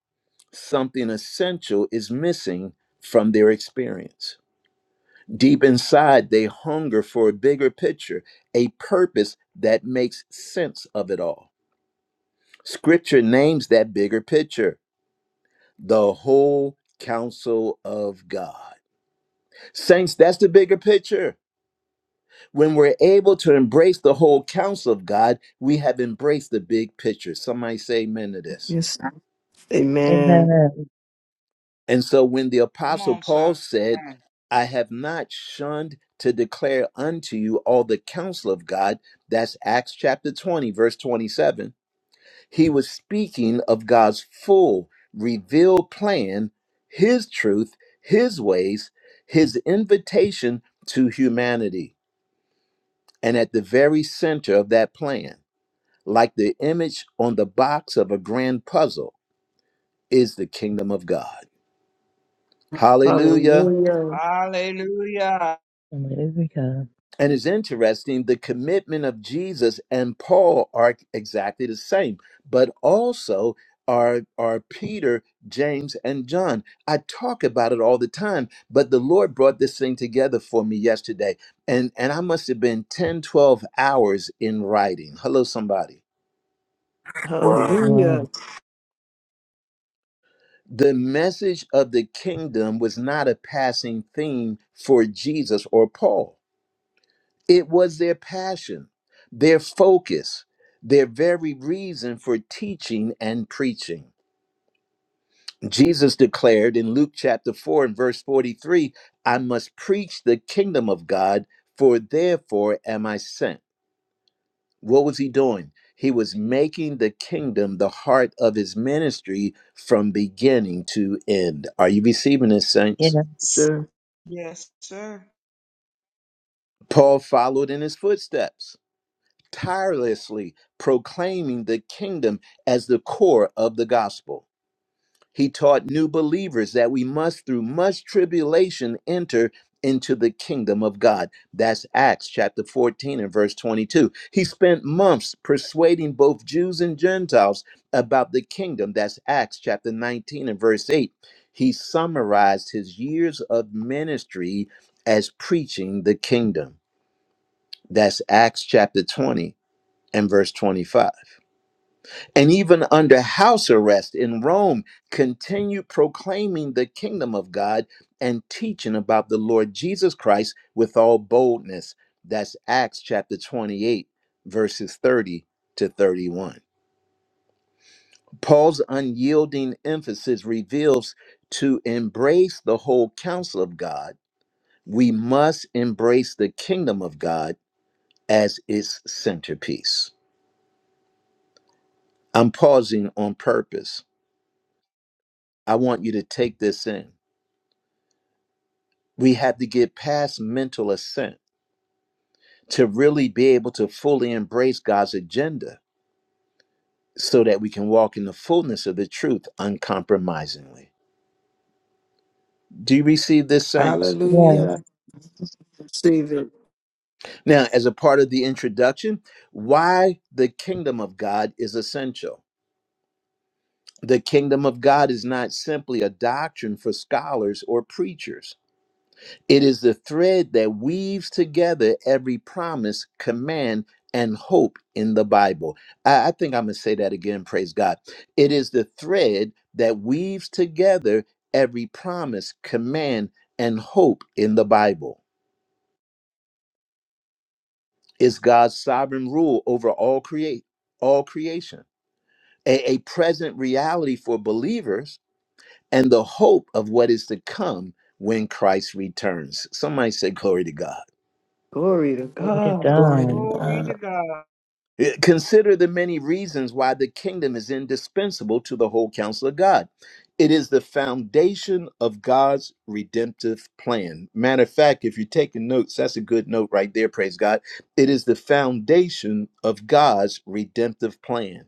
something essential is missing from their experience. Deep inside, they hunger for a bigger picture, a purpose that makes sense of it all. Scripture names that bigger picture the whole counsel of God. Saints, that's the bigger picture. When we're able to embrace the whole counsel of God, we have embraced the big picture. Somebody say amen to this.
Amen.
Amen.
And so when the
Come
apostle
on,
Paul
sir.
said, I have not shunned to declare unto you all the counsel of God, that's Acts chapter 20, verse 27. He was speaking of God's full revealed plan, his truth, his ways, his invitation to humanity. And at the very center of that plan, like the image on the box of a grand puzzle, is the kingdom of God. Hallelujah.
Hallelujah.
Hallelujah.
Hallelujah.
And it's interesting, the commitment of Jesus and Paul are exactly the same, but also are, are Peter, James, and John. I talk about it all the time, but the Lord brought this thing together for me yesterday. And, and I must have been 10, 12 hours in writing. Hello, somebody.
Wow.
Wow.
The message of the kingdom was not a passing theme for Jesus or Paul It was their passion, their focus, their very reason for teaching and preaching. Jesus declared in Luke chapter 4 and verse 43 I must preach the kingdom of God, for therefore am I sent. What was he doing? He was making the kingdom the heart of his ministry from beginning to end. Are you receiving this, saints?
Yes,
Yes.
Sir,
Yes, sir.
Paul followed in his footsteps. tirelessly proclaiming the kingdom as the core of the gospel. He taught new believers that we must, through much tribulation, enter into the kingdom of God. That's Acts chapter 14 and verse 22. He spent months persuading both Jews and Gentiles about the kingdom. That's Acts chapter 19 and verse 8. He summarized his years of ministry as preaching the kingdom. That's Acts chapter 20 and verse 25. And even under house arrest in Rome, continued proclaiming the kingdom of God and teaching about the Lord Jesus Christ with all boldness. That's Acts chapter 28, verses 30 to 31. Paul's unyielding emphasis reveals to embrace the whole counsel of God, we must embrace the kingdom of God as its centerpiece. I'm pausing on purpose I want you to take this in. We have to get past mental assent to really be able to fully embrace God's agenda so that we can walk in the fullness of the truth uncompromisingly. Do you receive this, saints?
Yes.
Hallelujah.
say
Now, as a part of the introduction, why the kingdom of God is essential. The kingdom of God is not simply a doctrine for scholars or preachers. It is the thread that weaves together every promise, command, and hope in the Bible. I, I think I'm going to say that again, praise God. It is the thread that weaves together every promise, command, and hope in the Bible. It's God's sovereign rule over all create all creation, a a present reality for believers, and the hope of what is to come when Christ returns. Somebody say, Glory to God.
glory to
Glory to
God.
Glory to
God.
Glory to
God.
God.
Eh, Consider the many reasons why the kingdom is indispensable to the whole counsel of God. It is the foundation of God's redemptive plan. Matter of fact, if you're taking notes, that's a good note right there, praise God. It is the foundation of God's redemptive plan.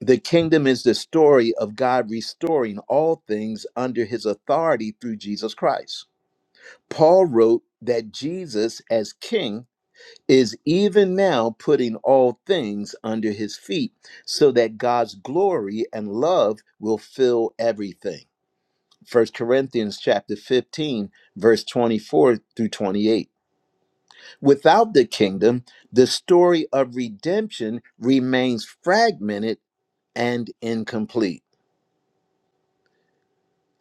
The kingdom is the story of God restoring all things under his authority through Jesus Christ. Paul wrote that Jesus, as king, is even now putting all things under his feet so that God's glory and love will fill everything. First Corinthians chapter 15 verse 24 through 28. Without the kingdom, the story of redemption remains fragmented and incomplete.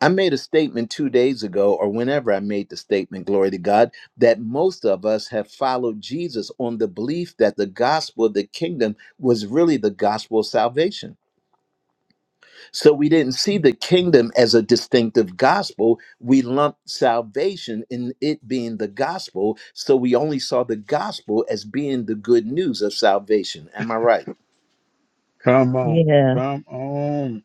I made a statement two days ago, or whenever I made the statement, glory to God, that most of us have followed Jesus on the belief that the gospel of the kingdom was really the gospel of salvation. So we didn't see the kingdom as a distinctive gospel. We lumped salvation in it being the gospel. So we only saw the gospel as being the good news of salvation. Am I right?
Come on.
Yeah.
Come on.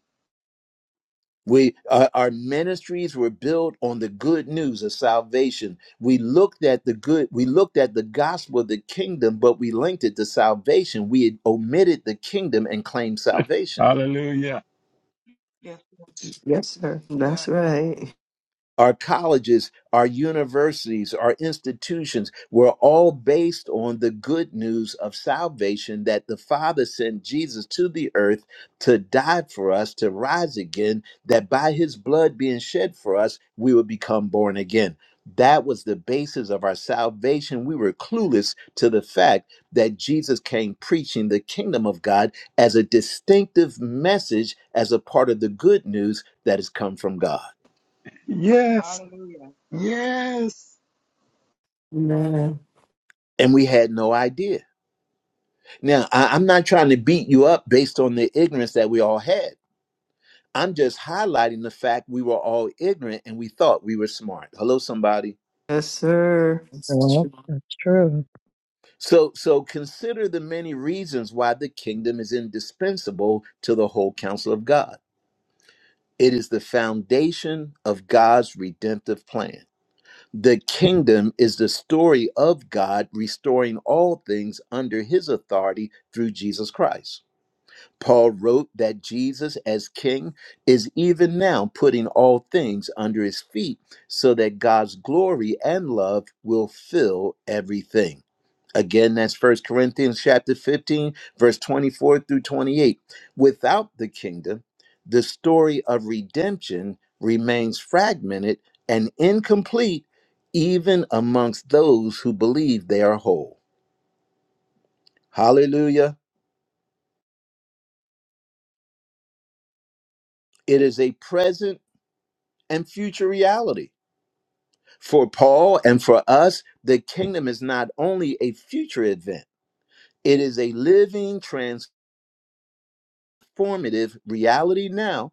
We our, our ministries were built on the good news of salvation. We looked at the good, we looked at the gospel of the kingdom, but we linked it to salvation. We had omitted the kingdom and claimed
<laughs>
salvation.
Hallelujah.
Yes,
Yes, sir. That's
sir.
right.
Our colleges, our universities, our institutions were all based on the good news of salvation that the Father sent Jesus to the earth to die for us, to rise again, that by his blood being shed for us, we would become born again. That was the basis of our salvation. We were clueless to the fact that Jesus came preaching the kingdom of God as a distinctive message, as a part of the good news that has come from God.
Yes.
Hallelujah.
Yes.
Amen.
and we had no idea. Now, I, I'm not trying to beat you up based on the ignorance that we all had. I'm just highlighting the fact we were all ignorant and we thought we were smart. Hello, somebody.
Yes,
Well, that's true.
So, so consider the many reasons why the kingdom is indispensable to the whole counsel of God. It is the foundation of God's redemptive plan. The kingdom is the story of God restoring all things under his authority through Jesus Christ. Paul wrote that Jesus, as king, is even now putting all things under his feet so that God's glory and love will fill everything. Again, that's First Corinthians chapter 15, verse 24 through 28. Without the kingdom, the story of redemption remains fragmented and incomplete, even amongst those who believe they are whole. Hallelujah. It is a present and future reality For Paul and for us, the kingdom is not only a future event, it is a living, transformative reality now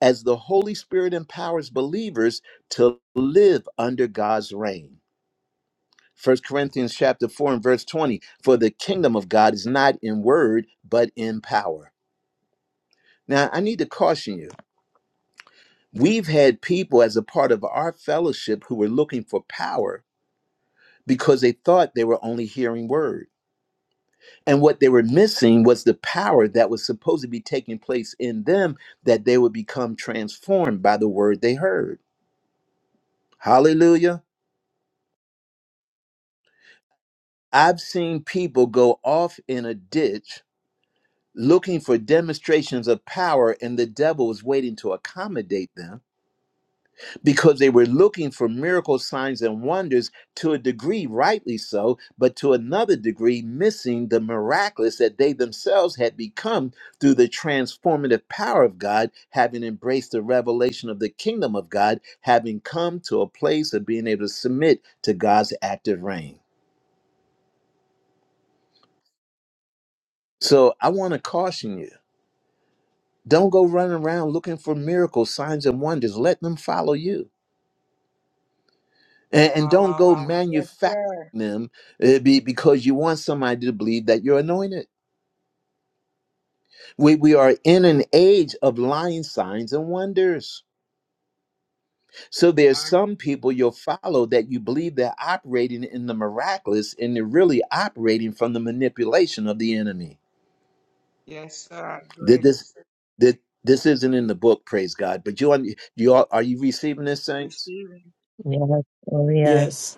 as the Holy Spirit empowers believers to live under God's reign. First Corinthians chapter 4 and verse 20, for the kingdom of God is not in word, but in power. Now, I need to caution you. We've had people as a part of our fellowship who were looking for power because they thought they were only hearing word. And what they were missing was the power that was supposed to be taking place in them that they would become transformed by the word they heard. Hallelujah. I've seen people go off in a ditch looking for demonstrations of power, and the devil was waiting to accommodate them because they were looking for miracle signs and wonders to a degree rightly so but to another degree missing the miraculous that they themselves had become through the transformative power of god having embraced the revelation of the kingdom of god having come to a place of being able to submit to god's active reign so i want to caution you don't go running around looking for miracles signs and wonders let them follow you and, and
Wow,
don't
wow,
go
wow, wow. Yes,
manufacturing
sir.
them uh, be, because you want somebody to believe that you're anointed. We, we are in an age of lying signs and wonders. So there's
I-
some people you'll follow that you believe they're operating in the miraculous and they're really operating from the manipulation of the enemy.
Yes, sir. I
Did
agree.
this did this isn't in the book, praise God. But you un- you are, are you receiving this, saints?
Receiving.
Yes. Oh,
Yes.
yes.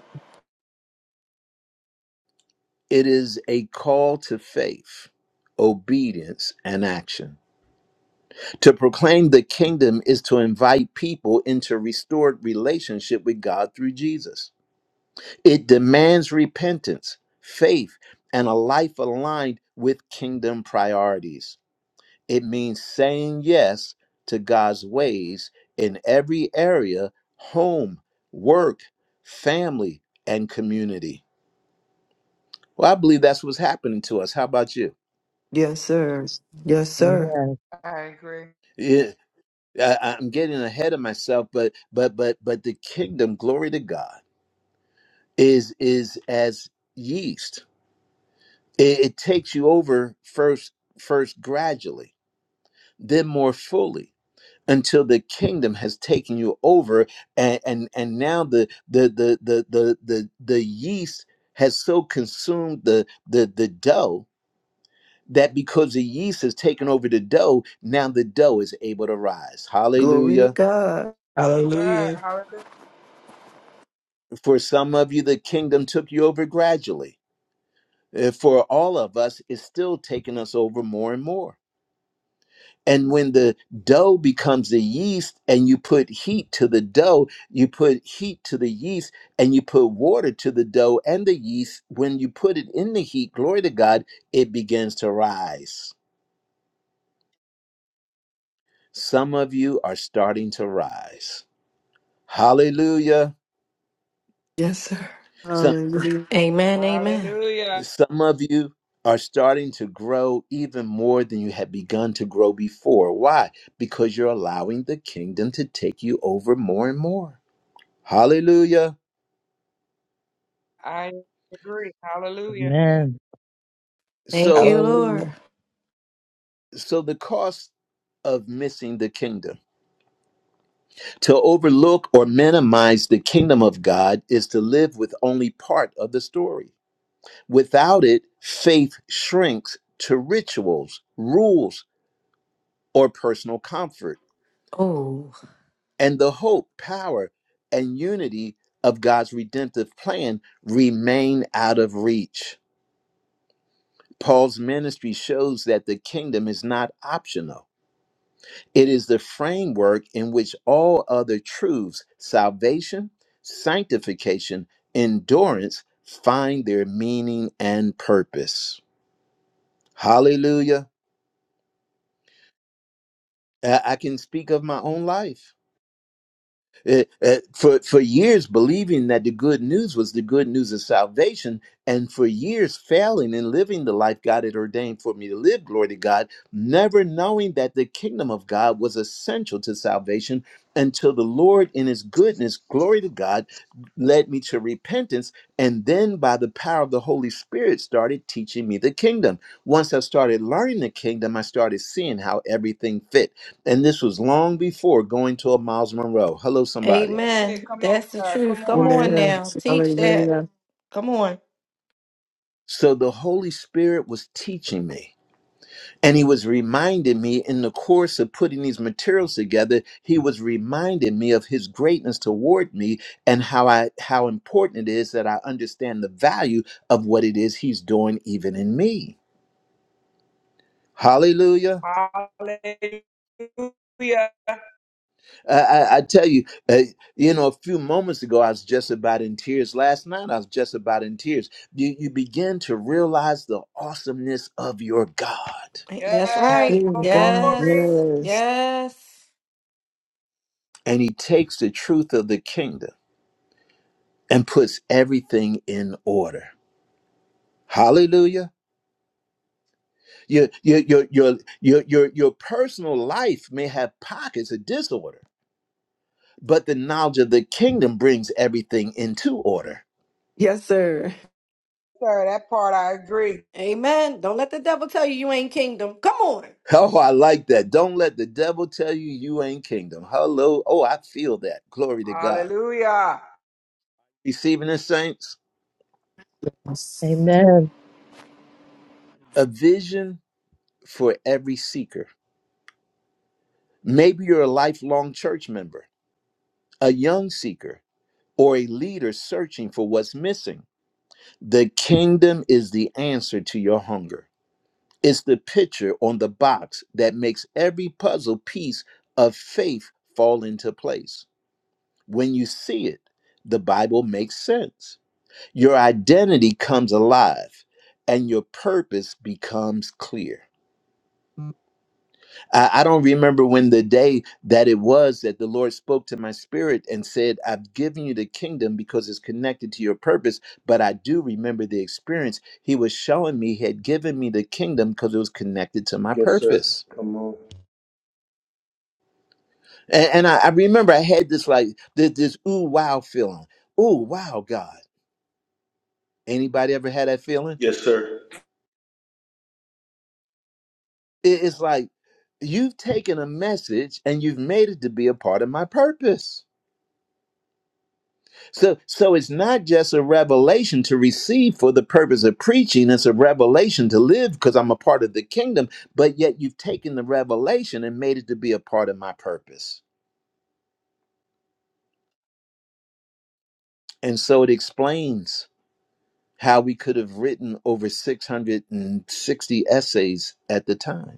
It is a call to faith, obedience, and action. To proclaim the kingdom is to invite people into restored relationship with God through Jesus. It demands repentance, faith, and a life aligned with kingdom priorities. It means saying yes to God's ways in every area home, work, family, and community. Well, I believe that's what's happening to us. How about you?
yes, sir. Yes,
Oh,
sir.
yes.
I agree.
Yeah, I, I'm getting ahead of myself, but but but but the kingdom, glory to God is is as yeast. It, it takes you over first first gradually, then more fully until the kingdom has taken you over and and, and now the the, the the the the the yeast has so consumed the the the dough that because the yeast has taken over the dough, now the dough is able to rise.
Glory to
Hallelujah.
God.
Yes, sir.
Hallelujah.
Hallelujah.
For some of you the kingdom took you over gradually. Uh, For all of us it's still taking us over more and more. And when the dough becomes the yeast and you put heat to the dough, you put heat to the yeast and you put water to the dough and the yeast, when you put it in the heat, glory to God, it begins to rise. Some of you are starting to rise. Hallelujah.
Yes.
Some,
Hallelujah.
Amen. Amen.
Hallelujah.
some of you are starting to grow even more than you had begun to grow before. Why? Because you're allowing the kingdom to take you over more and more. Hallelujah.
I agree. Hallelujah.
Amen.
Thank
So,
you, Lord.
Hallelujah.
So the cost of missing the kingdom. To overlook or minimize the kingdom of God is to live with only part of the story. Without it, faith shrinks to rituals, rules, or personal comfort.
Oh,
And the hope, power, and unity of God's redemptive plan remain out of reach. Paul's ministry shows that the kingdom is not optional It is the framework in which all other truths, salvation, sanctification, endurance, find their meaning and purpose. Hallelujah. I I can speak of my own life. eh, eh, for for years believing that the good news was the good news of salvation and for years failing in living the life God had ordained for me to live glory to God never knowing that the kingdom of God was essential to salvation until the Lord in his goodness glory to God led me to repentance and then by the power of the Holy Spirit started teaching me the kingdom once I started learning the kingdom I started seeing how everything fit and this was long before going to a Miles Monroe. Hello, somebody.
That's it.
amen.
Come on,
That's the
sir.
truth.
Come
Come on
Amen.
now. Teach that. Come on.
So the Holy Spirit was teaching me. And he was reminding me in the course of putting these materials together, he was reminding me of his greatness toward me and how I how important it is that I understand the value of what it is he's doing even in me. Hallelujah.
on. Hallelujah.
I, I I tell you, uh, you know, a few moments ago, I was just about in tears. Last night, I was just about in tears. You, you begin to realize the awesomeness of your God.
That's
Yes.
right.
Hallelujah.
Glory.
Yes.
Yes,
Yes.
And He takes the truth of the kingdom and puts everything in order. Hallelujah. Your, your, your, your, your, your, your personal life may have pockets of disorder, but the knowledge of the kingdom brings everything into order.
Yes, sir.
Sir, that part I agree.
Amen. Don't let the devil tell you you ain't kingdom. Come on.
<laughs> Oh, I like that. Don't let the devil tell you you ain't kingdom. Hello. Oh, I feel that. Glory to God.
Hallelujah.
Receiving the saints,
Yes.
Amen.
a vision for every seeker. Maybe you're a lifelong church member, a young seeker, or a leader searching for what's missing. The kingdom is the answer to your hunger. It's the picture on the box that makes every puzzle piece of faith fall into place. When you see it, the Bible makes sense your identity comes alive and your purpose becomes clear. I, I don't remember when the day that it was that the Lord spoke to my spirit and said, I've given you the kingdom because it's connected to your purpose. But I do remember the experience. He was showing me, He had given me the kingdom because it was connected to my
Yes, sir.
purpose.
Come on.
And, and I, I remember I had this like this, this ooh wow feeling. Ooh wow, God. Anybody ever had that feeling?
Yes, sir.
It- It's like you've taken a message and you've made it to be a part of my purpose. So, so it's not just a revelation to receive for the purpose of preaching. It's a revelation to live because I'm a part of the kingdom. But yet you've taken the revelation and made it to be a part of my purpose. And so it explains how we could have written over 660 essays at the time.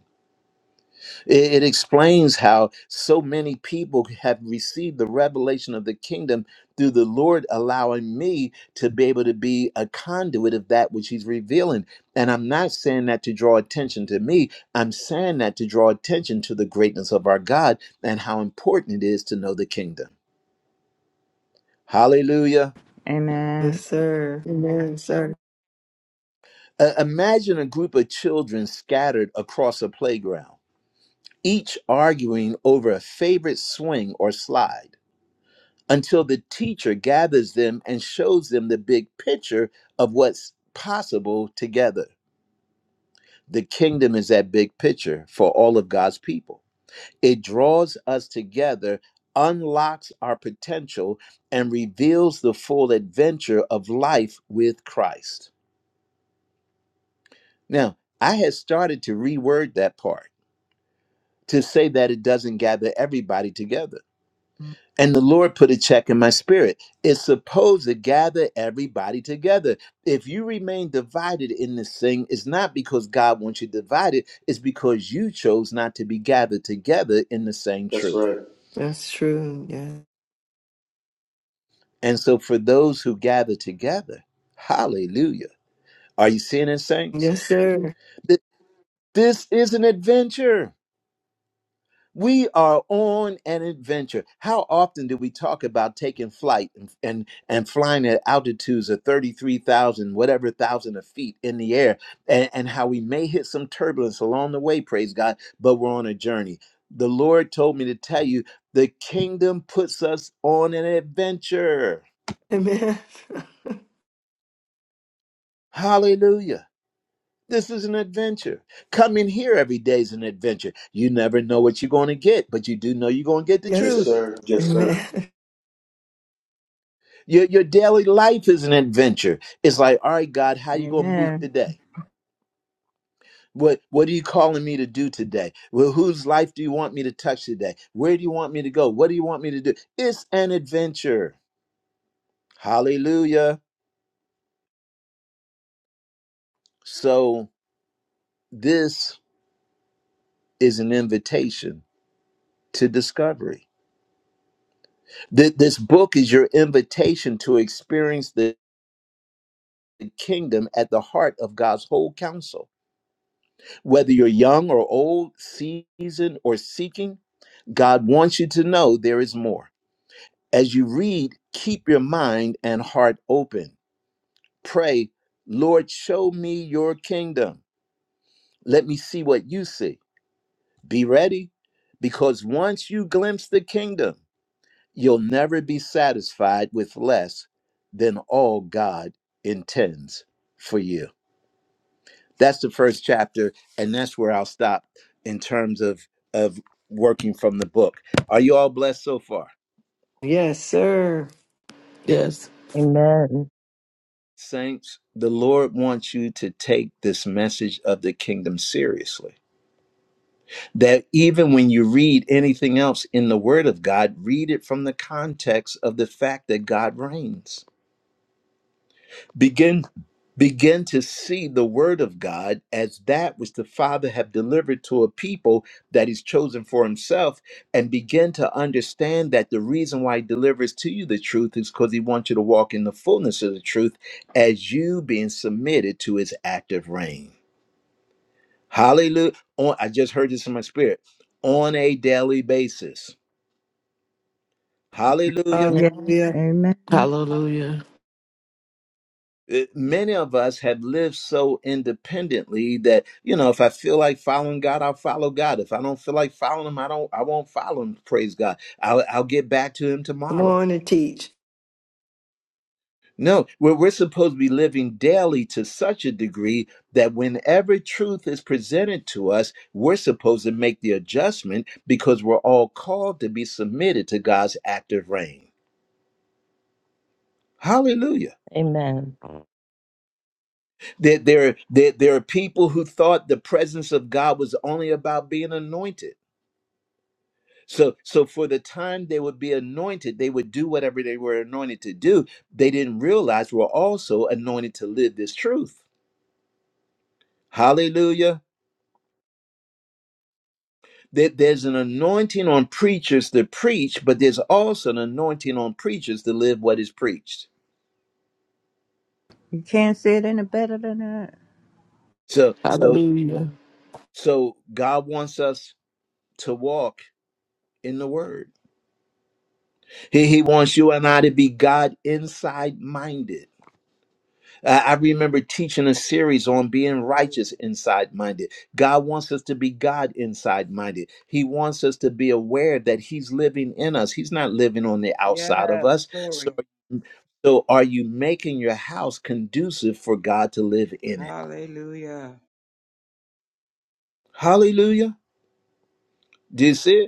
It, it explains how so many people have received the revelation of the kingdom through the Lord allowing me to be able to be a conduit of that which He's revealing. And I'm not saying that to draw attention to me, I'm saying that to draw attention to the greatness of our God and how important it is to know the kingdom. Hallelujah.
Yes,
Amen.
sir. Amen, sir.
Uh, imagine a group of children scattered across a playground, each arguing over a favorite swing or slide. until the teacher gathers them and shows them the big picture of what's possible together. The kingdom is that big picture for all of God's people. It draws us together, unlocks our potential, and reveals the full adventure of life with Christ. Now, I had started to reword that part to say that it doesn't gather everybody together And the Lord put a check in my spirit. It's supposed to gather everybody together. If you remain divided in this thing, it's not because God wants you divided, it's because you chose not to be gathered together in the same
That's
truth.
right.
That's true. Yes.
And so, for those who gather together, hallelujah. Are you seeing it, saints?
Yes, sir.
Th- This is an adventure. We are on an adventure. How often do we talk about taking flight and, and, and flying at altitudes of 33,000, whatever thousand of feet in the air, and, and how we may hit some turbulence along the way, praise God, but we're on a journey. The Lord told me to tell you the kingdom puts us on an adventure. Hallelujah. This is an adventure. Coming here every day is an adventure. You never know what you're going to get, but you do know you're going to get the
Yes,
Yes,
truth.
sir.
sir. Yes,
Amen.
sir.
Your your daily life is an adventure. It's like, all right, God, how you gonna move
Amen.
today? What what are you calling me to do today? Well, whose life do you want me to touch today? Where do you want me to go? What do you want me to do? It's an adventure. Hallelujah. So this is an invitation to discovery. Th- This book is your invitation to experience the kingdom at the heart of God's whole counsel. Whether you're young or old, seasoned or seeking, God wants you to know there is more. As you read, keep your mind and heart open. Pray, Lord, show me your kingdom. Let me see what you see. Be ready, because once you glimpse the kingdom, you'll never be satisfied with less than all God intends for you. That's the first chapter, and that's where I'll stop in terms of, of working from the book. Are you all blessed so far?
Yes, sir.
Yes.
Amen.
Saints, the Lord wants you to take this message of the kingdom seriously. That even when you read anything else in the Word of God, read it from the context of the fact that God reigns begin begin to see the word of god as that which the father have delivered to a people that he's chosen for himself and begin to understand that the reason why he delivers to you the truth is because he wants you to walk in the fullness of the truth as you being submitted to his active reign hallelujah on i just heard this in my spirit on a daily basis
Uh,
hallelujah
Yeah. Amen.
Hallelujah.
it- many of us have lived so independently that you know if i feel like following god i'll follow god if i don't feel like following him i don't i won't follow him praise god i'll, I'll get back to him
come
tomorrow
on and teach.
no we're, we're supposed to be living daily to such a degree that whenever truth is presented to us we're supposed to make the adjustment because we're all called to be submitted to god's active reign hallelujah
Amen.
There, there, there, there are people who thought the presence of God was only about being anointed. So, so for the time they would be anointed, they would do whatever they were anointed to do. They didn't realize we're also anointed to live this truth. Hallelujah. That there's an anointing on preachers to preach, but there's also an anointing on preachers to live what is preached.
You can't say it any better than that.
So, so,
Hallelujah.
so God wants us to walk in the word. He, he wants you and I to be God inside minded. Uh, I remember teaching a series on being
Hallelujah.
righteous inside minded. God wants us to be God inside minded. He wants us to be aware that He's living in us, He's not living on the
Yes,
outside of us. So,
glory.
so are you making your house conducive for God to live in it?
Hallelujah.
Hallelujah. Do you see it?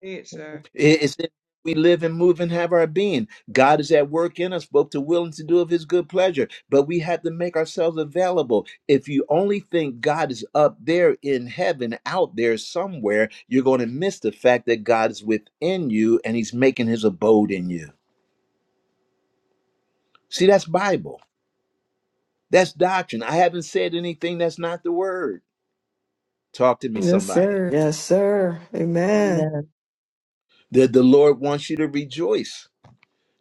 It, sir.
It- It's that we live and move and have our being. God is at work in us, both to will and to do of his good pleasure. But we have to make ourselves available. If you only think God is up there in heaven, out there somewhere, you're going to miss the fact that God is within you and he's making his abode in you. See, that's Bible. That's doctrine. I haven't said anything that's not the word. Talk to me,
Yes,
somebody.
sir. Yes, sir. Amen.
Amen.
The, the Lord wants you to rejoice.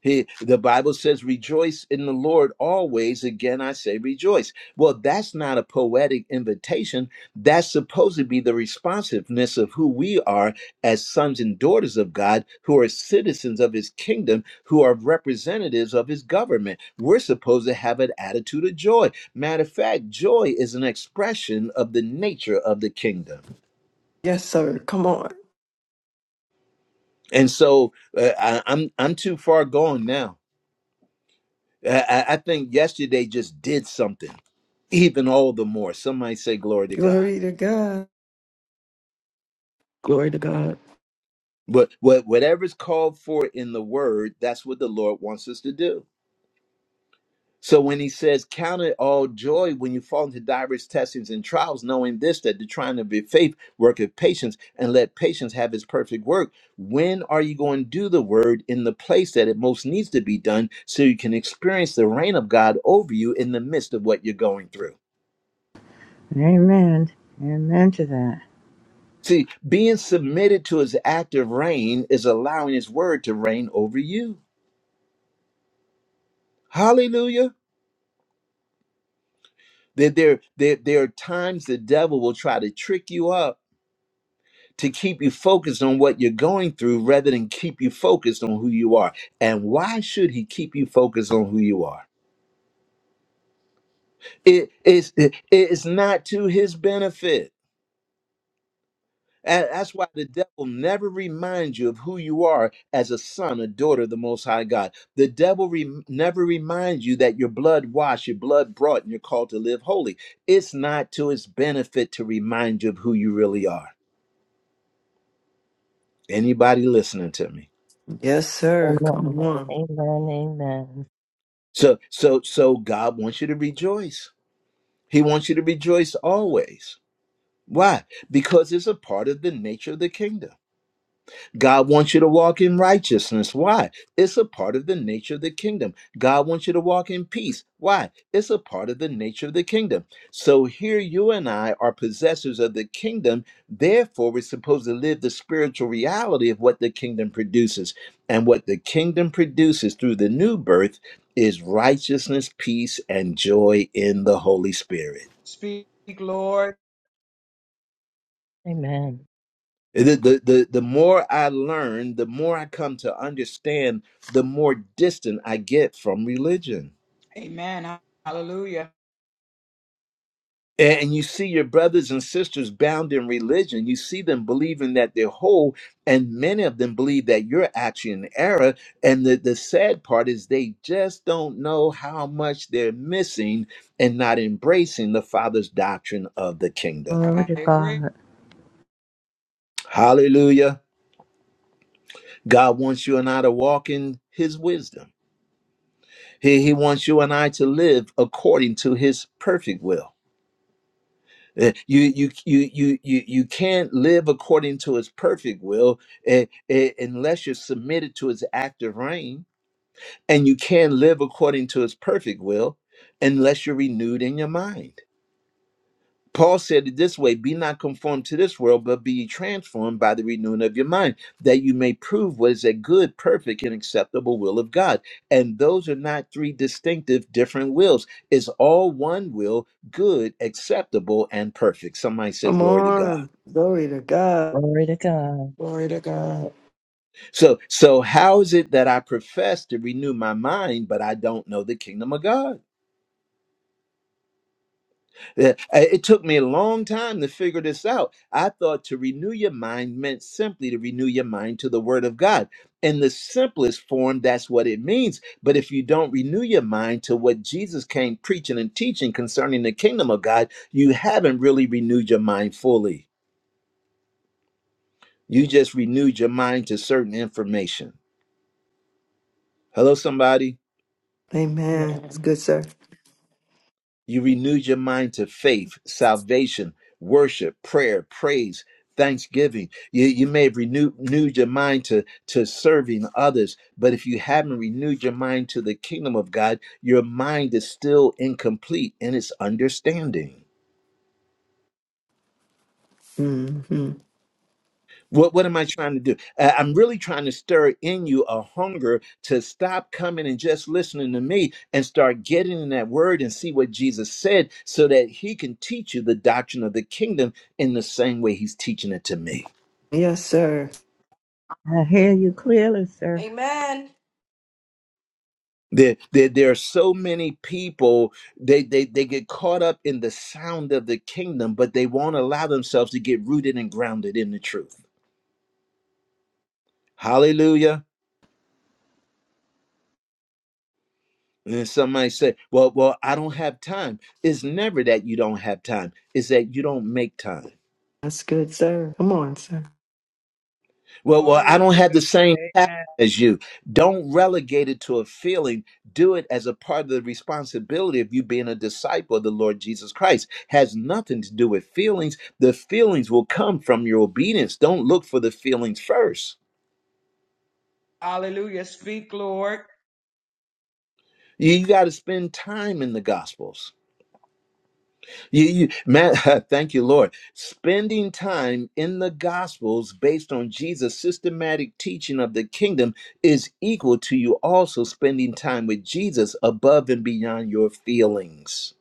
He, the Bible says, rejoice in the Lord always. Again, I say rejoice. Well, that's not a poetic invitation. That's supposed to be the responsiveness of who we are as sons and daughters of God, who are citizens of his kingdom, who are representatives of his government. We're supposed to have an attitude of joy. Matter of fact, joy is an expression of the nature of the kingdom.
Yes, sir. Come on.
And so uh, I, I'm, I'm too far gone now I, I I think yesterday just did something, even all the more. Somebody say glory to God.
Glory to God.
Glory to God.
But what whatever's called for in the word, that's what the Lord wants us to do. So when he says, Count it all joy when you fall into diverse testings and trials, knowing this, that the trying of your faith worketh patience, and let patience have its perfect work. When are you going to do the word in the place that it most needs to be done so you can experience the reign of God over you in the midst of what you're going through?
Amen. Amen to that.
See, being submitted to his active reign is allowing his word to reign over you. Hallelujah. There, there, there, there are times the devil will try to trick you up to keep you focused on what you're going through rather than keep you focused on who you are. And why should he keep you focused on who you are? It is it is not to his benefit. And that's why the devil never reminds you of who you are as a son, a daughter of the Most High God. The devil rem never reminds you that your blood washed, your blood brought, and you're called to live holy. It's not to his benefit to remind you of who you really are. Anybody listening to me?
Yes, sir.
Amen.
Come,
Amen. Amen.
So, so, so God wants you to rejoice. He wants you to rejoice always. Why? Because it's a part of the nature of the kingdom. God wants you to walk in righteousness. Why? It's a part of the nature of the kingdom. God wants you to walk in peace. Why? It's a part of the nature of the kingdom. So here you and I are possessors of the kingdom. Therefore, we're supposed to live the spiritual reality of what the kingdom produces. And what the kingdom produces through the new birth is righteousness, peace, and joy in the Holy Spirit.
Speak, Lord.
Amen.
The, the, the, the more I learn, the more I come to understand, the more distant I get from religion.
Amen. Hallelujah.
And you see your brothers and sisters bound in religion. You see them believing that they're whole, and many of them believe that you're actually in error. And the, the sad part is they just don't know how much they're missing and not embracing the Father's doctrine of the kingdom.
Glory
I
to
agree.
God.
Hallelujah. God wants you and I to walk in his wisdom. He, he wants you and I to live according to his perfect will. Uh, You you you you you you can't live according to his perfect will eh, eh, unless you're submitted to his active reign, and you can not live according to his perfect will unless you're renewed in your mind. Paul said it this way Be not conformed to this world, but be ye transformed by the renewing of your mind, that you may prove what is a good, perfect, and acceptable will of God. And those are not three distinctive, different wills. It's all one will, good, acceptable, and perfect. Somebody say,
come
Glory to God.
on. Glory to God.
Glory to God.
Glory to God.
So, so how is it that I profess to renew my mind, but I don't know the kingdom of God? Yeah, uh, It took me a long time to figure this out. I thought to renew your mind meant simply to renew your mind to the Word of God. In the simplest form, that's what it means. But if you don't renew your mind to what Jesus came preaching and teaching concerning the kingdom of God, you haven't really renewed your mind fully. You just renewed your mind to certain information. Hello, somebody.
Amen. It's
Amen.
good, sir.
You renewed your mind to faith, salvation, worship, prayer, praise, thanksgiving. You, you may have renewed, renewed your mind to, to serving others, but if you haven't renewed your mind to the kingdom of God, your mind is still incomplete in its understanding.
hmm
What what am I trying to do? Uh, I'm really trying to stir in you a hunger to stop coming and just listening to me and start getting in that word and see what Jesus said so that he can teach you the doctrine of the kingdom in the same way he's teaching it to me.
Yes, sir.
I hear you clearly, sir.
Amen.
There, there, there are so many people they, they they get caught up in the sound of the kingdom, but they won't allow themselves to get rooted and grounded in the truth. Hallelujah. And then somebody said, "Well, well, I don't have time." It's never that you don't have time; it's that you don't make time.
That's good, sir. Come on, sir.
Well, well, I
Glory
don't
to
have
God.
the same passion
Amen.
as you. Don't relegate it to a feeling. Do it as a part of the responsibility of you being a disciple of the Lord Jesus Christ. Has nothing to do with feelings. The feelings will come from your obedience. Don't look for the feelings first.
Hallelujah. Speak, Lord.
You got to spend time in the Gospels. You, you, man, <laughs> thank you, Lord. Spending time in the Gospels based on Jesus' systematic teaching of the kingdom is equal to you also spending time with Jesus above and beyond your feelings.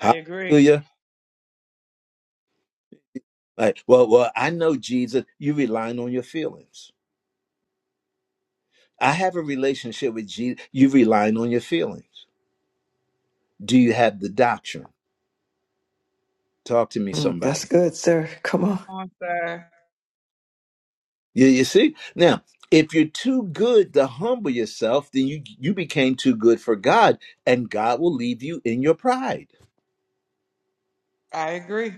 I agree.
Like, well, well, I know Jesus. You relying on your feelings. I have a relationship with Jesus. You relying on your feelings. Do you have the doctrine? Talk to me,
Mm, that's
somebody.
good, sir. Come on.
Come on, sir.
You, you see? Now, if you're too good to humble yourself, then you, you became too good for God, and God will leave you in your pride.
I agree.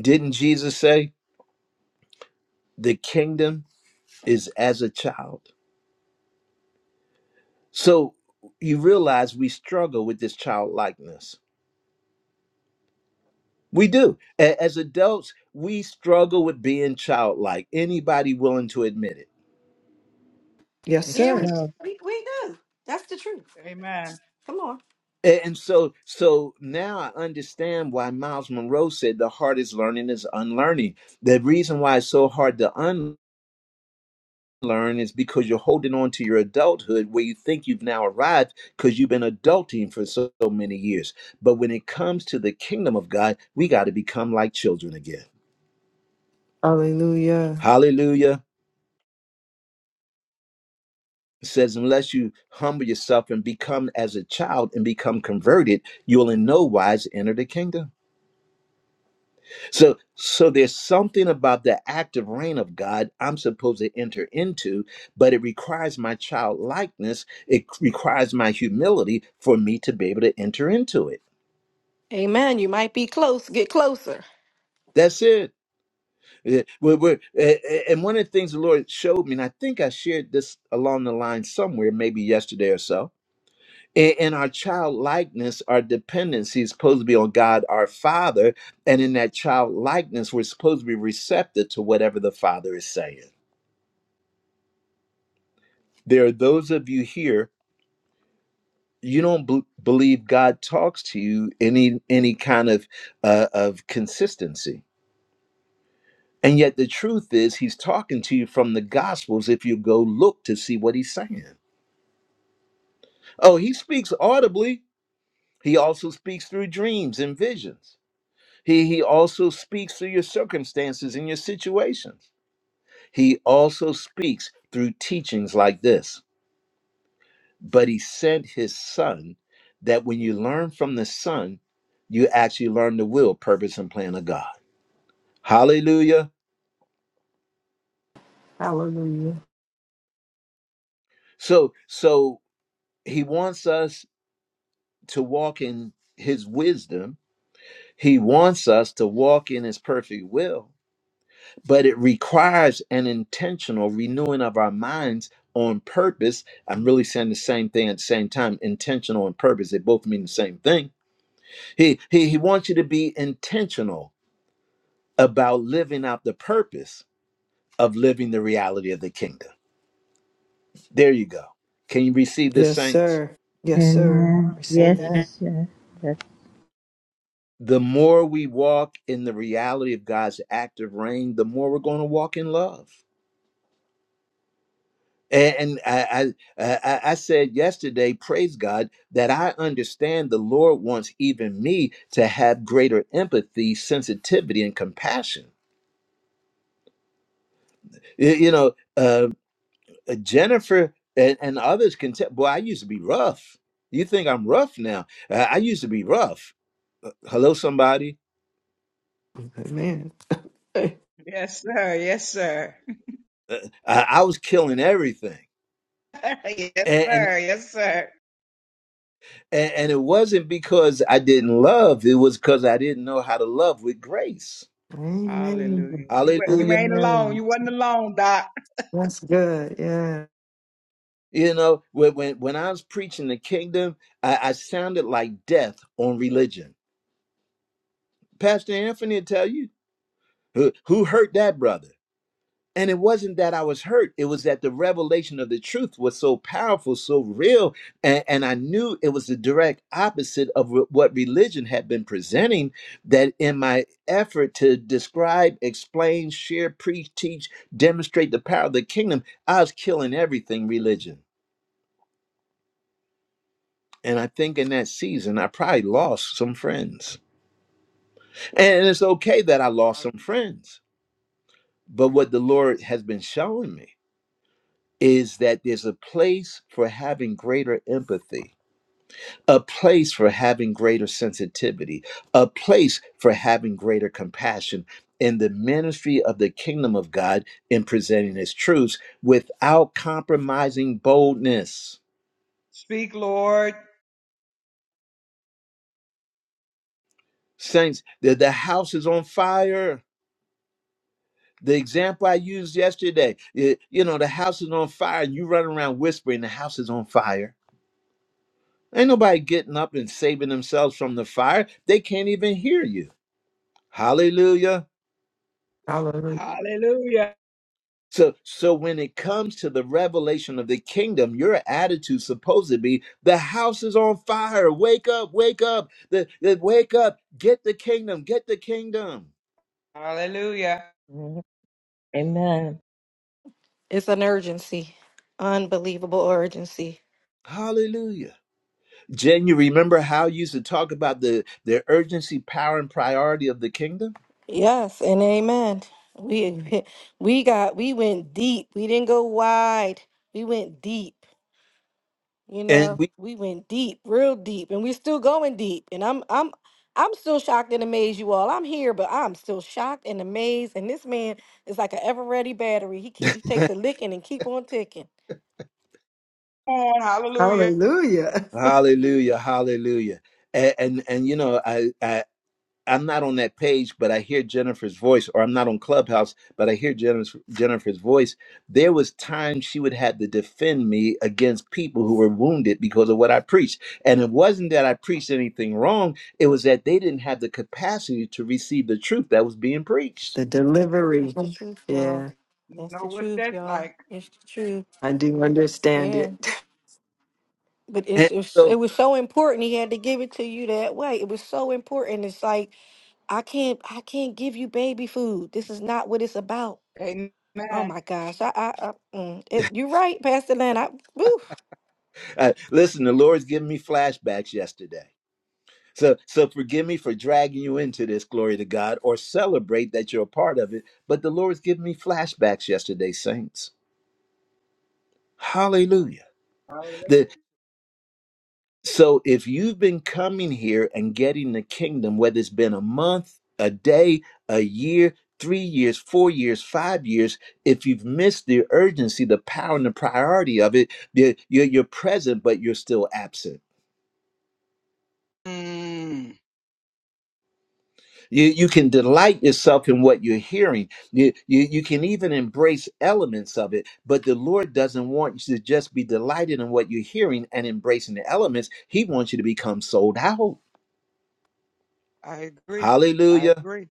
Didn't Jesus say the kingdom is as a child? So you realize we struggle with this childlikeness. We do. A- As adults, we struggle with being childlike. Anybody willing to admit it?
Yes,
That's
Yeah,
sir.
we,
true.
we, we do. That's the truth.
Amen.
Come on.
A- And so, so now I understand why Miles Monroe said the hardest learning is unlearning. The reason why it's so hard to unlearn is because you're holding on to your adulthood where you think you've now arrived because you've been adulting for so, so many years. But when it comes to the kingdom of God, we got to become like children again.
Hallelujah.
Hallelujah. It says, unless you humble yourself and become as a child and become converted, you'll in no wise enter the kingdom. So so there's something about the active reign of God I'm supposed to enter into, but it requires my childlikeness, it requires my humility for me to be able to enter into it.
Amen. You might be close. Get closer.
That's it. Eh, we're- we're- eh, eh, and one of the things the Lord showed me, and I think I shared this along the line somewhere, maybe yesterday or so. In in our childlikeness, our dependency is supposed to be on God, our Father, and in that childlikeness, we're supposed to be receptive to whatever the Father is saying. there are those of you here you don't b- believe god talks to you any any kind of uh, of consistency and yet the truth is he's talking to you from the gospels if you go look to see what he's saying oh he speaks audibly he also speaks through dreams and visions he he also speaks through your circumstances and your situations he also speaks through teachings like this but he sent his son that when you learn from the son you actually learn the will purpose and plan of god hallelujah
Hallelujah.
so so he wants us to walk in his wisdom he wants us to walk in his perfect will but it requires an intentional renewing of our minds on purpose i'm really saying the same thing at the same time intentional and purpose they both mean the same thing he he, he wants you to be intentional about living out the purpose of living the reality of the kingdom. There you go. Can you receive this,
Yes,
saints?
sir. Yes, sir.
Amen.
Receive
Amen.
it.
Yes, yes. yes.
The more we walk in the reality of God's active reign, the more we're going to walk in love. And, I, I, I I said yesterday, praise God, that I understand the Lord wants even me to have greater empathy, sensitivity, and compassion. Y- You know, uh, uh, Jennifer and, and others can tell. Boy, I used to be rough. You think I'm rough now? Uh, I used to be rough. Hello, somebody.
Amen.
Yes, sir. Yes, sir.
Uh, I, I was killing everything,
<laughs> yes,
and, and
sir. Yes, sir.
and and it wasn't because I didn't love. It was because I didn't know how to love with grace.
Amen.
Hallelujah. You wa- you
Hallelujah.
ain't alone.
Amen.
You wasn't alone, Doc.
That's good. Yeah.
You know, when when, when I was preaching the kingdom, I, I sounded like death on religion. Pastor Anthony will tell you who, who hurt that brother. And it wasn't that I was hurt. It was that the revelation of the truth was so powerful, so real. And, and I knew it was the direct opposite of wh- what religion had been presenting. That in my effort to describe, explain, share, preach, teach, demonstrate the power of the kingdom, I was killing everything religion. And I think in that season, I probably lost some friends. And it's okay that I lost some friends. But what the Lord has been showing me is that there's a place for having greater empathy, a place for having greater sensitivity, a place for having greater compassion in the ministry of the kingdom of God in presenting its truths without compromising boldness.
Speak, Lord.
Saints, the, the house is on fire. The example I used yesterday, y- you know, the house is on fire, and you run around whispering, the house is on fire. Ain't nobody getting up and saving themselves from the fire. They can't even hear you Hallelujah.
Hallelujah.
Hallelujah.
So, so when it comes to the revelation of the kingdom, your attitude supposed to be the house is on fire. Wake up, wake up, the, the- wake up, get the kingdom, get the kingdom.
Hallelujah.
Amen.
It's an urgency, unbelievable urgency.
Hallelujah. Jen, you remember how you used to talk about the, the urgency, power, and priority of the kingdom?
Yes, and amen. We <laughs> we got we went deep. We didn't go wide. We went deep. You
And
know,
we
we went deep, real deep, and we're still going deep. And I'm I'm I'm still shocked and amazed, you all. I'm here, but I'm still shocked and amazed. And this man is like an ever ready battery. He keep he takes a licking and keep on ticking.
Come on, hallelujah.
Hallelujah. <laughs>
hallelujah, hallelujah. And and, and you know, I, I I'm not on that page, but I hear Jennifer's voice, or I'm not on Clubhouse, but I hear Jennifer's, Jennifer's voice. There was time she would have to defend me against people who were wounded because of what I preached. And it wasn't that I preached anything wrong, it was that they didn't have the capacity to receive the truth that was being preached.
The
That's
delivery.
the truth, y'all.
Yeah.
You
That's
know
the
what
truth,
that's
y'all.
like.
It's the truth.
I do understand
Yeah,
it. <laughs>
but it's,
And
it's it
so,
was so important. He had to give it to you that way. It was so important. It's like I can't I can't give you baby food. This is not what it's about.
Amen.
Oh my gosh, I I, I mm, it, you're right, Pastor Lynn. I woo.
uh, listen, the Lord's giving me flashbacks yesterday. So, so forgive me for dragging you into this, glory to God, or celebrate that you're a part of it. But the Lord's giving me flashbacks yesterday, saints Hallelujah.
Hallelujah.
The, so if you've been coming here and getting the kingdom, whether it's been a month, a day, a year, three years, four years, five years, if you've missed the urgency, the power, and the priority of it, you're, you're, you're present, but you're still absent.
Mm,
You, you can delight yourself in what you're hearing. You, you, you can even embrace elements of it, but the Lord doesn't want you to just be delighted in what you're hearing and embracing the elements. He wants you to become sold out.
I agree. I
Hallelujah.
agree.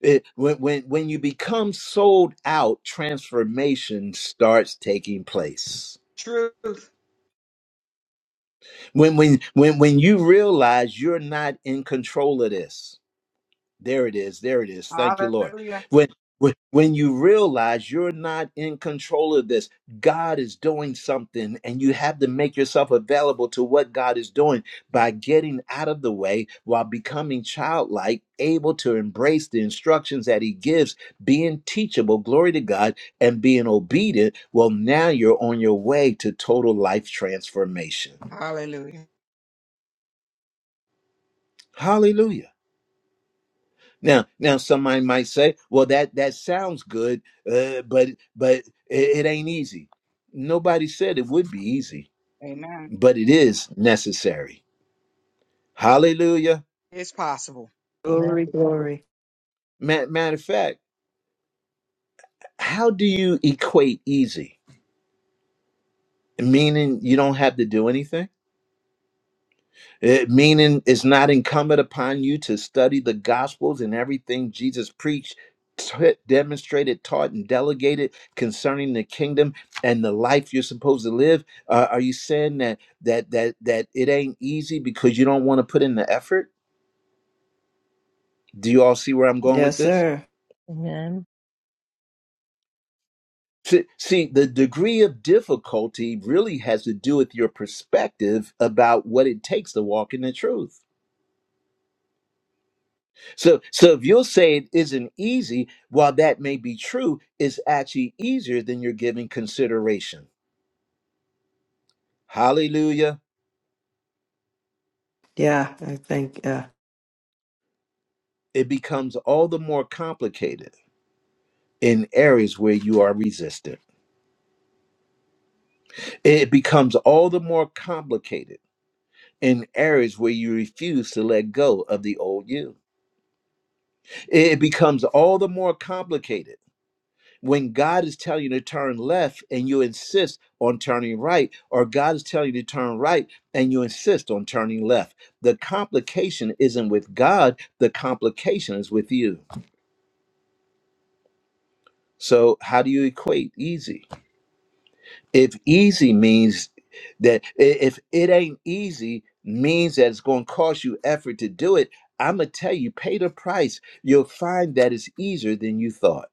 It- when, when, when you become sold out, transformation starts taking place.
Truth.
When, when, when, when you realize you're not in control of this, There it is. There it is. Thank you, Lord.
Hallelujah.
When when when you realize you're not in control of this, God is doing something, and you have to make yourself available to what God is doing by getting out of the way while becoming childlike, able to embrace the instructions that He gives, being teachable, glory to God, and being obedient. Well, now you're on your way to total life transformation.
Hallelujah.
Hallelujah. Now, now somebody might say, "Well, that that sounds good, uh, but but it, it ain't easy." Nobody said it would be easy,
Amen.
but it is necessary. Hallelujah.
It's possible.
Amen.
Glory, glory.
Ma- Matter of fact, how do you equate easy? Meaning you don't have to do anything. It, meaning it's not incumbent upon you to study the gospels and everything Jesus preached, t- demonstrated, taught, and delegated concerning the kingdom and the life you're supposed to live. Uh, are you saying that that that that it ain't easy because you don't want to put in the effort? Do you all see where I'm going with
Yes,
this?
sir.
Amen.
See, see, the degree of difficulty really has to do with your perspective about what it takes to walk in the truth. So, so if you'll say it isn't easy, while that may be true, it's actually easier than you're giving consideration. Hallelujah.
Yeah. I think. Yeah.
It becomes all the more complicated in areas where you are resistant. It becomes all the more complicated in areas where you refuse to let go of the old you. It becomes all the more complicated when God is telling you to turn left and you insist on turning right, or God is telling you to turn right and you insist on turning left. The complication isn't with God, the complication is with you. So, how do you equate easy? If easy means that i- if it ain't easy, means that it's going to cost you effort to do it, I'm going to tell you, pay the price. You'll find that it's easier than you thought.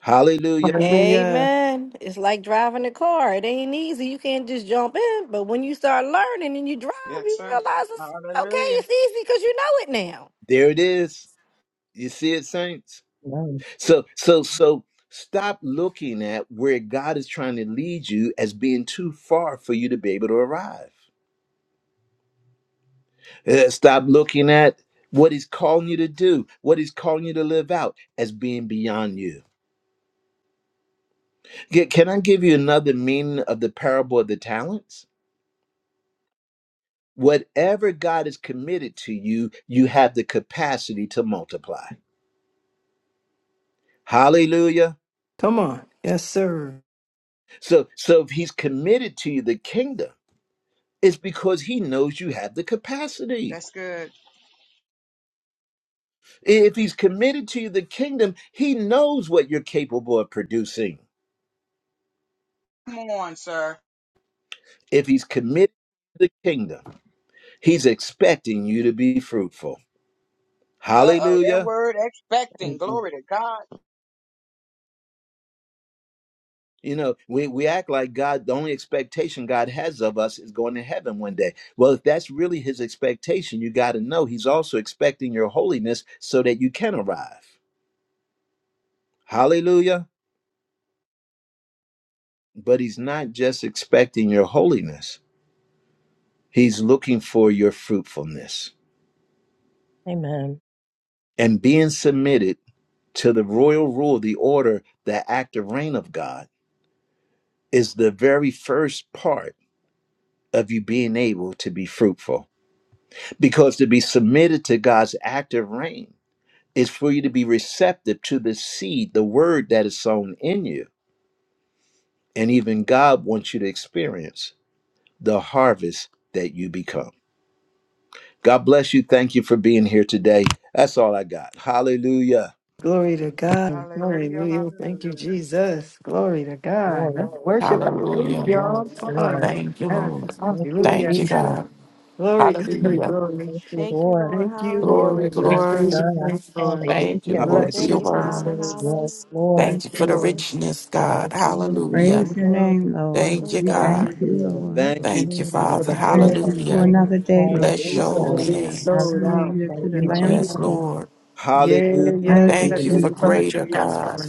Hallelujah.
hallelujah.
Amen. It's like driving a car. It ain't easy. You can't just jump in. But when you start learning and you drive,
Yes,
you
sir.
realize it's okay.
Hallelujah.
It's easy because you know it now.
There it is. You see it, saints?
Amen.
So so so stop looking at where God is trying to lead you as being too far for you to be able to arrive. Uh, stop looking at what he's calling you to do, what he's calling you to live out as being beyond you. Ca- Can I give you another meaning of the parable of the talents? Whatever God has committed to you, you have the capacity to multiply. Hallelujah.
Come on. Yes, sir.
So so if he's committed to you the kingdom, it's because he knows you have the capacity.
That's good.
If he's committed to the kingdom, he knows what you're capable of producing.
Come on, sir.
If he's committed to the kingdom, he's expecting you to be fruitful.
Uh oh, that
Hallelujah.
word expecting.
Amen.
Glory to God.
You know, we, we act like God, the only expectation God has of us is going to heaven one day. Well, if that's really his expectation, you got to know he's also expecting your holiness so that you can arrive. Hallelujah. But he's not just expecting your holiness, he's looking for your fruitfulness
Amen.
and being submitted to the royal rule, the order, the active reign of God is the very first part of you being able to be fruitful. Because to be submitted to God's active reign is for you to be receptive to the seed, the word that is sown in you. And even God wants you to experience the harvest that you become. God bless you. Thank you for being here today. That's all I got. Hallelujah.
Glory to God.
Hallelujah.
Hallelujah. Thank you,
Hallelujah.
Jesus. Glory to God.
Lord.
Let's worship our King,
Hallelujah.
Yes,
y'all. Come
Lord.
on.
Thank you,
Yeah.
Lord.
Thank you,
Hallelujah.
Thank you,
Jesus.
God.
Glory. God.
Hallelujah.
Thank you,
Thank you,
Lord.
Lord.
Thank
Hallelujah.
you,
Glory,
Lord. We
Bless
praise
glory.
your
God.
name, Lord.
Hallelujah.
Thank
We
you, Lord, for
bless
Thank
your
Hallelujah.
you,
you, Father.
words.
Jesus.
Yes,
Hallelujah. Thank
Lord.
Thank
Thank you
you,
for
you,
the
Lord.
Lord.
richness, God.
Thank you,
Thank
Jesus.
you
Hallelujah.
for
Praise
the
your
glory.
name, Lord.
Glory
Thank
to
you,
We
Thank
Thank
you.
God.
God.
you,
thank you,
Lord.
Lord.
Thank you,
Thank you,
Thank you for
Yes,
Father.
the
Jesus.
Thank
glory.
you,
Thank
Lord.
you
Lord.
for
Hallelujah.
Thank you,
another
Lord.
day,
Thank
Lord.
you,
Bless your
Thank
Lord.
Jesus.
you for
holy
Hallelujah.
being
name.
sold
Thank
out.
you,
Hallelujah to
Thank
Lord.
the
Thank
you,
you,
Lamb of
Yes,
Jesus.
God.
Lord.
Lord.
Yeah, yeah,
Hallelujah.
Yes,
yeah.
Thank you,
Thank you
Lord.
Thank
for
Hallelujah.
you for
Jesus.
the
Thank
greater,
you,
God.
Jesus.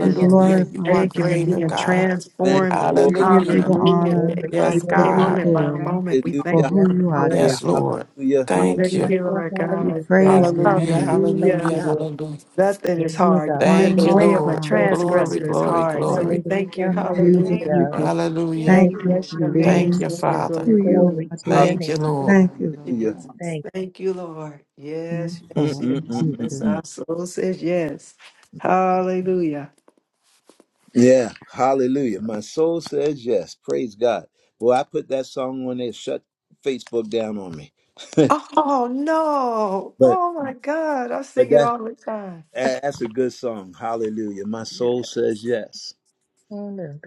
We
You
glorify
are
your
Thank you for
greater,
name.
being
Thank
God.
you,
Thank
transformed.
you,
Jesus.
Lord.
We give
Thank
you
Hallelujah.
the
you,
Hallelujah.
Glory
honor.
Day
to
by
Yes,
We
your
give
day,
name.
you the
God.
moment
God.
by
glory
Thank
moment. We
you,
Lord.
Jesus.
for
thank you
Yes,
who
for the
you are, dear
Lord.
Yes,
minds and
Lord.
Hallelujah.
we
Thank
thank
you.
you,
Hallelujah.
Lord
We
God.
praise
Hallelujah.
your
Hallelujah.
name.
Thank
Hallelujah.
you,
Hallelujah.
Lord.
Hallelujah.
Nothing
Yes,
is
You are the
hard. You
God.
one
said
and
Thank
the
you,
way
only
of a
Lord.
Thank
God.
you,
Glory,
transgressor is
Jesus.
glory,
hard. So
Thank
we
glory.
you,
thank
Lord
you.
Hallelujah.
Oh,
God.
Jesus,
Thank
Hallelujah.
you,
we
Hallelujah.
Lord
just
God. Thank
Hallelujah.
We
thank
Thank
you,
you,
you
Lord
bless
for
your
God.
Thank
name.
Jesus.
you,
being
Glory,
Father.
glory,
who you
glory.
Glory
are,
to
dear
Hallelujah.
your
Thank you,
name.
God.
Lord.
Thank
God.
Thank
you,
you,
Hallelujah.
Lord.
Jesus.
Thank
Thank you, Lord.
And
Yes, yes,
so,
yes. That's
Jesus,
Mm-mm-mm-mm-mm.
our soul says yes. Hallelujah.
Yeah. Hallelujah. My soul says yes. Praise God. Boy, I put that song on there, shut Facebook down on me. <laughs>
Oh no.
but
Oh my God. I
but
sing it
that
all the time.
a- that's a good song. Hallelujah. My
Yeah.
soul says yes.
you. Lord.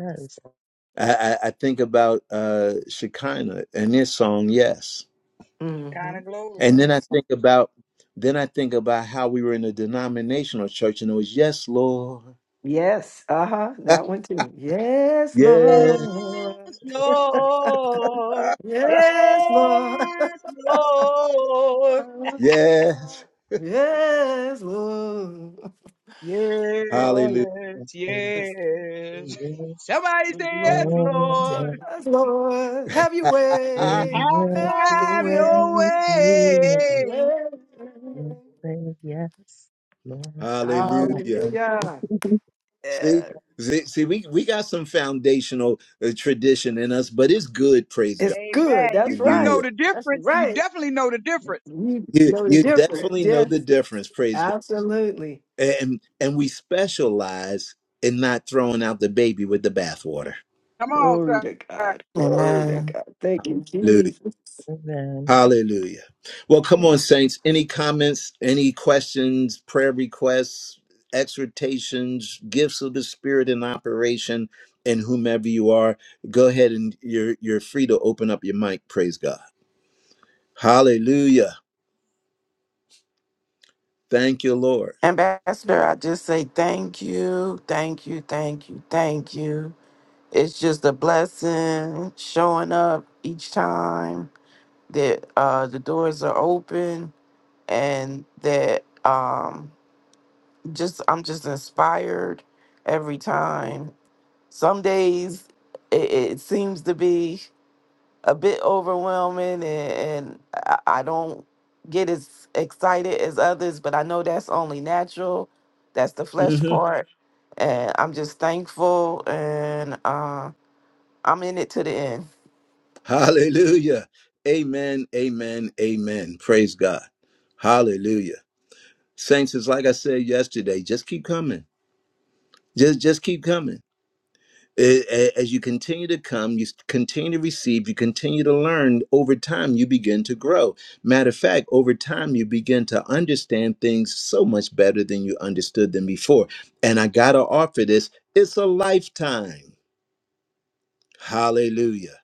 I, I, I think about uh Shekinah and this song, yes.
Kind
Mm-hmm.
of glory.
And then I
Yes.
think about then I think about how we were in a denominational church and it was yes, Lord.
Yes. Uh-huh.
<laughs>
That one too. Yes,
Yeah.
Lord.
Yes, Lord.
Yes, Lord.
Yes, Lord.
<laughs>
Yes.
Yes, Lord.
Yes,
awesome.
Oh,
Hallelujah.
Yes, God.
yes.
yes.
Glory,
Somebody say yes,
Lord.
glory,
Lord.
Yes, Lord, have your
<laughs>
way,
glory,
have your
Have
way.
your
to
way.
your
Amen.
name. Say Yes, Lord. That's
Hallelujah.
awesome.
Hallelujah.
<laughs>
See,
Yeah,
see, see, we, we got some foundational uh, tradition in us, but it's good. Praise
it's
God.
good.
You
That's
you know
right.
Hallelujah.
the
That's
difference. You
right.
definitely know the difference.
You
You,
know the
you
difference.
definitely know the
Yes,
difference. Praise God.
absolutely.
And, and we specialize in not throwing out the baby with the bathwater.
Come on,
Glory
sir.
to God. Glory to
Amen.
God. Thank you, Jesus.
Amen.
Hallelujah. Well, come on,
Hey,
saints. Any comments, any questions, prayer requests, exhortations, gifts of the Spirit in operation, and whomever you are, go ahead and you're you're free to open up your mic. Praise God. Hallelujah. Thank you, Lord.
Ambassador, I just say thank you, thank you, thank you, thank you. It's just a blessing showing up each time that uh, the doors are open and that um, just I'm just inspired every time. Some days it, it seems to be. a bit overwhelming and, and I, I don't get as excited as others, but I know that's only natural. That's the flesh
hmm
part. And I'm just thankful and uh, I'm in it to the end.
Hallelujah. Amen. Amen. Amen. Praise God. Hallelujah. Saints, it's like I said yesterday. Just keep coming. Just just keep coming A- a- As you continue to come, you s- continue to receive, you continue to learn, over time you begin to grow. Matter of fact, over time you begin to understand things so much better than you understood them before. And I got to offer this it's a lifetime. Hallelujah.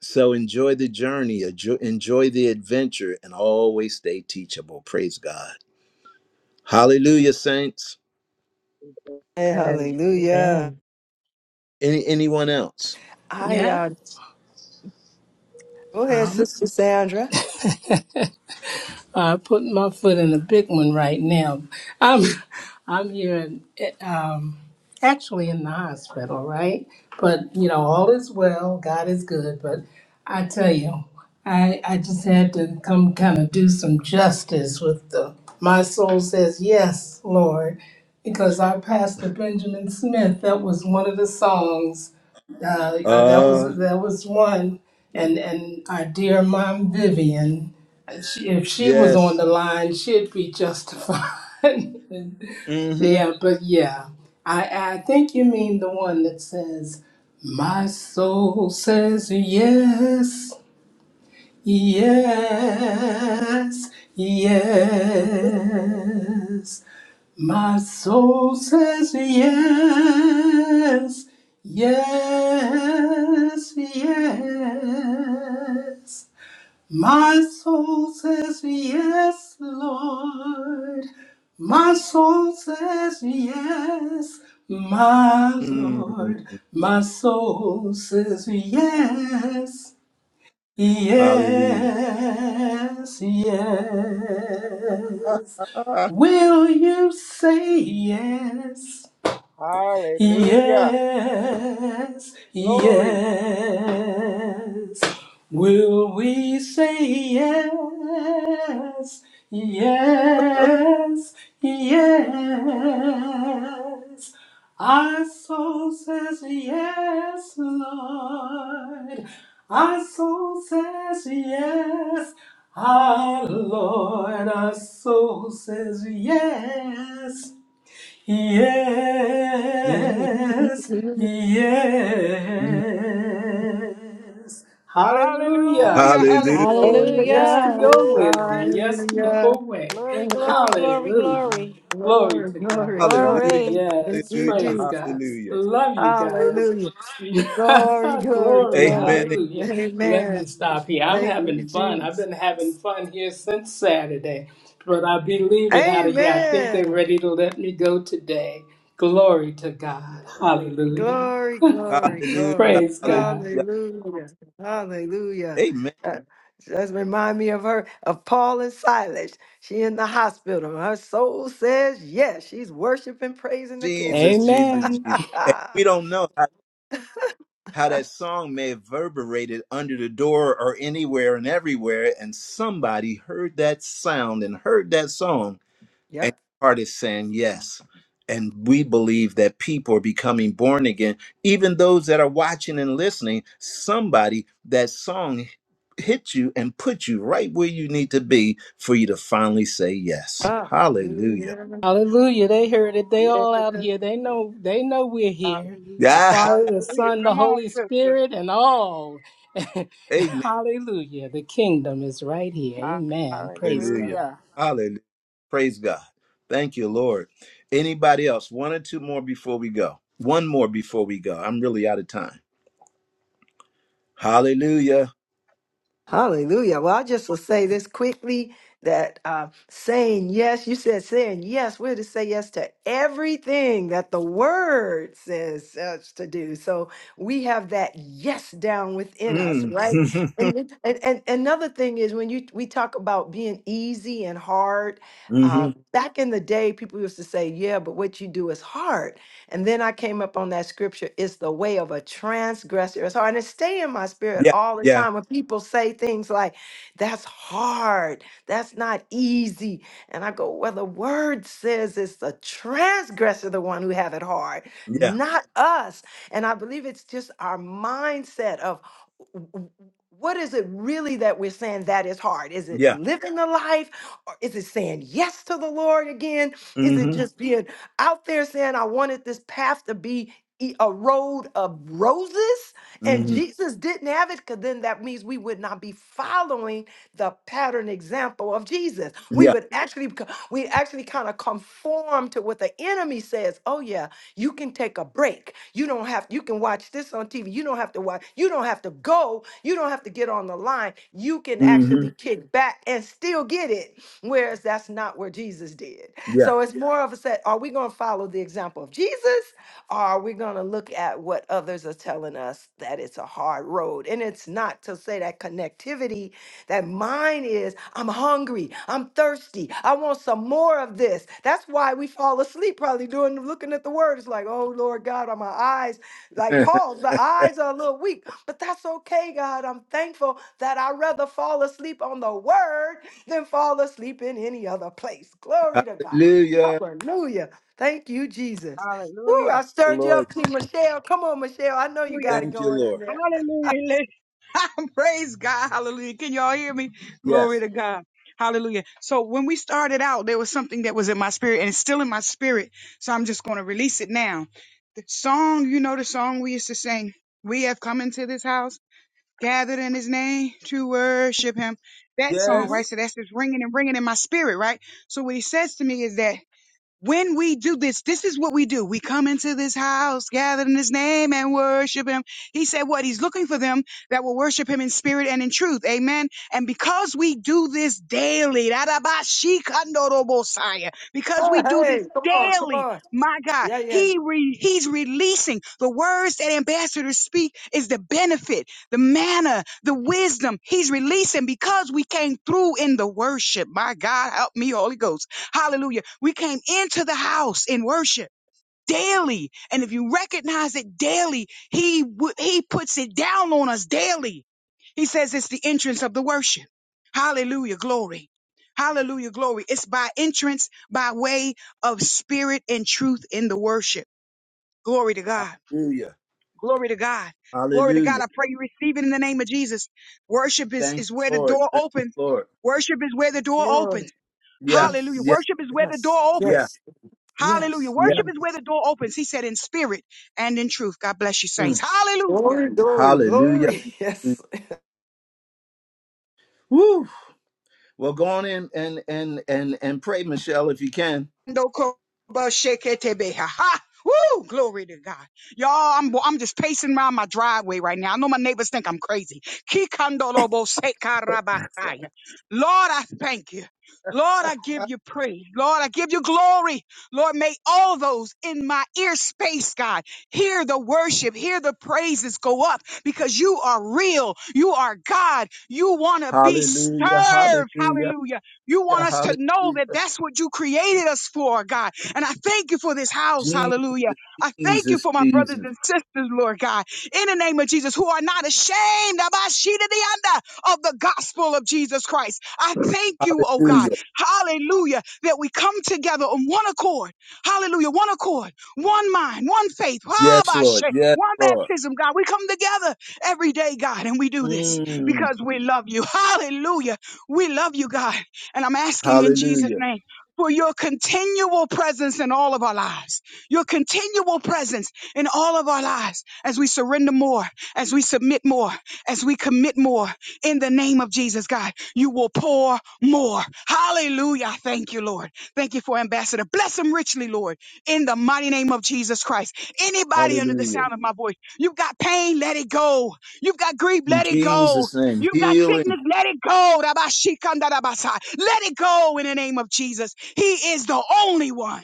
So enjoy the journey, enjoy enjoy the adventure, and always stay teachable. Praise God. Hallelujah, saints.
Amen.
hallelujah.
Amen.
Any anyone else?
I
Yeah,
uh, go ahead, Sister Sandra.
I put my foot in a big one right now. I'm I'm here. actually in the hospital, right? But you know, all is well. God is good. But I tell you, I I just had to come kind of do some justice with the. My soul says yes, Lord, because our pastor Benjamin Smith. That was one of the songs. Uh, uh, that was
Uh
that was one. And and our dear mom Vivian, she, if she was
yes.
on the line, she'd be justified. <laughs>
Mm-hmm.
Yeah, but yeah, I I think you mean the one that says, "My soul says yes, yes, yes." My soul says yes, yes, yes. My soul says yes, Lord. My soul says yes, my
Mm-hmm.
Lord. My soul says yes,
Hallelujah.
yes, yes.
<laughs>
Will you say yes?
Hallelujah.
Yes, yes.
Glory.
Will we say yes? Yes, yes. Our soul says yes, Lord. Our soul says yes. Our Lord, our soul says yes. Yes, yes. Hallelujah.
Hallelujah.
Yes,
Hallelujah.
Hallelujah.
Glory
Lord.
to
Yes
Hallelujah.
to
God.
your
Woo.
will and yes to
Hallelujah.
your way.
Glory, glory, glory,
Hallelujah.
glory.
Glory
Glory,
to
glory,
God.
glory.
Hallelujah.
Glory.
Thank
Yes,
Hallelujah.
you,
praise God.
Jesus.
Hallelujah.
Love you
Woo.
guys.
Hallelujah. Glory,
<laughs>
glory,
Glory,
Amen.
glory.
hallelujah. Let me
Amen.
stop here. I'm
Thank you,
having fun. I've
Jesus.
been having fun here since Saturday but I be leaving out of here. I think they're
Amen.
ready to let me go today. Glory to God. Hallelujah.
Glory, glory,
Hallelujah.
glory.
Praise
Hallelujah.
God.
Hallelujah. Hallelujah.
Amen.
That just remind me of her, of Paul and Silas. She in the hospital. Her soul says yes. She's worshiping, praising the King.
Jesus, Jesus.
Amen.
<laughs>
We don't know how, how that song may have reverberated under the door or anywhere and everywhere, and somebody heard that sound and heard that song and
yep.
your heart is saying yes. And we believe that people are becoming born again. Even those that are watching and listening, somebody that song hit you and put you right where you need to be for you to finally say yes. Hallelujah.
Hallelujah. They heard it. They
Yeah.
all out here. They know they know we're here.
Hallelujah.
The
Yeah.
Father, the
Hallelujah.
Son, the
Come on,
Holy
sister.
Spirit, and all. <laughs>
<laughs> Amen.
Hallelujah. The kingdom is right here. Amen. Praise
Hallelujah.
God.
Hallelujah.
Hallelujah. Praise God. Thank you, Lord. Anybody else? One or two more before we go. One more before we go. I'm really out of time. Hallelujah.
Hallelujah. Well, I just will say this quickly that uh, saying yes, you said saying yes, we're to say yes to everything that the word says us to do. So we have that yes down within us,
Mm.
right? And, and, and and another thing is when you we talk about being easy and hard,
<laughs> hmm
um, back in the day, people used to say, yeah, but what you do is hard. And then I came up on that scripture, it's the way of a transgressor. It's hard. And it stay in my spirit
Yeah.
all the
Yeah.
time when people say things like, that's hard, that's not easy. And I go, well, the word says it's the transgressor, the one who have it hard,
Yeah.
not us. And I believe it's just our mindset of w- w- what is it really that we're saying that is hard? Is it
Yeah.
living the life? Or is it saying yes to the Lord again? Is it
Mm-hmm.
just being out there saying, I wanted this path to be e- a road of roses, and
Mm-hmm.
Jesus didn't have it, because then that means we would not be following the pattern example of Jesus. We
Yeah.
would actually, beco- we actually kind of conform to what the enemy says. Oh yeah, you can take a break. You don't have, you can watch this on TV. You don't have to watch, you don't have to go. You don't have to get on the line. You can
Mm-hmm.
actually kick back and still get it. Whereas that's not what Jesus did.
Yeah.
So it's more of a set. Are we going to follow the example of Jesus? Or are we going to look at what others are telling us that it's a hard road? And it's not to say that connectivity, that mine is, I'm hungry, I'm thirsty, I want some more of this. That's why we fall asleep probably doing looking at the word. It's like, oh Lord God, are my eyes like
<laughs>
Paul's? The eyes are a little weak, but that's okay, God. I'm thankful that I rather fall asleep on the word than fall asleep in any other place. Glory to God.
Hallelujah.
Hallelujah. Thank you, Jesus. Woo,
Hallelujah.
I
The
stirred you
Lord.
up, T. Michelle. Come on, Michelle. I know you got
Hallelujah.
it
Thank you,
going in
Lord.
there.
Hallelujah. <laughs> Praise God. Hallelujah. Can y'all hear me? Glory
Yes.
to God. Hallelujah. So when we started out, there was something that was in my spirit and it's still in my spirit. So I'm just going to release it now. The song, you know, the song we used to sing, we have come into this house, gathered in his name to worship him. That song,
hmm
right?
Yes.
So that's just ringing and ringing in my spirit, right? So what he says to me is that when we do this, this is what we do. We come into this house, gather in his name and worship him. He said what? He's looking for them that will worship him in spirit and in truth. Amen. And because we do this daily, radabashikandorobosaya, because we
Oh,
do this
hey, come on, come
daily,
on.
my God,
Yeah, yeah.
he re, he's releasing the words that ambassadors speak is the benefit, the manner, the wisdom he's releasing because we came through in the worship. My God, help me, Holy Ghost. Hallelujah. We came into the house in worship daily. And if you recognize it daily, he, w- he puts it down on us daily. He says it's the entrance of the worship. Hallelujah. Glory. Hallelujah. Glory. It's by entrance, by way of spirit and truth in the worship. Glory to God.
Hallelujah.
Glory to God. Glory to God.
Hallelujah.
I pray you receive it in the name of Jesus. Worship is,
Thank
is where
you,
the
Lord.
door
Thank
opens.
you, Lord.
Worship is where the door
Glory.
opens.
Yeah.
Yes,
Hallelujah.
Yeah.
Worship is where the door opens.
Yeah.
yes,
Hallelujah.
yes.
Yeah.
Worship is where the door opens. He said in spirit and in truth. God bless you, saints.
Mm.
Hallelujah.
Glory, glory,
Hallelujah.
glory. <laughs> Yes.
Woo. Well, go on in and and and and pray, Michelle, if you can.
Ha! Woo! Glory to God. Y'all, I'm, I'm just pacing around my driveway right now. I know my neighbors think I'm crazy. kikandolobo Lord, I thank you. Lord, I give you praise. Lord, I give you glory. Lord, may all those in my ear space, God, hear the worship, hear the praises go up because you are real. You are God. You want to be served.
Hallelujah. Hallelujah.
Hallelujah. You want
Yeah,
us to know that
hallelujah.
that's what you created us for, God. And I thank you for this house.
Jesus,
Hallelujah. I thank you
Jesus,
for my brothers
Jesus.
and sisters, Lord God, in the name of Jesus, who are not ashamed of our sheet of the under of the gospel of Jesus Christ. I thank you, oh God.
Hallelujah.
Hallelujah. That we come together on one accord. Hallelujah. One accord, one mind, one faith,
Yes, Lord.
Abashe,
Yes,
one
Lord.
baptism, God. We come together every day, God, and we do this
Mm.
because we love you. <laughs> Hallelujah. We love you, God. And I'm asking in Jesus'
Hallelujah.
name for your continual presence in all of our lives, your continual presence in all of our lives as we surrender more, as we submit more, as we commit more in the name of Jesus, God. You will pour more. Hallelujah. I Thank you, Lord. Thank you for Ambassador. Bless him richly, Lord, in the mighty name of Jesus Christ. Anybody under the
Hallelujah.
sound of my voice, you've got pain, let it go. You've got grief,
In
let it go.
Jesus' name,
You got
healing.
sickness, let it go. Rabashikandarabasa. Let it go in the name of Jesus. He is the only one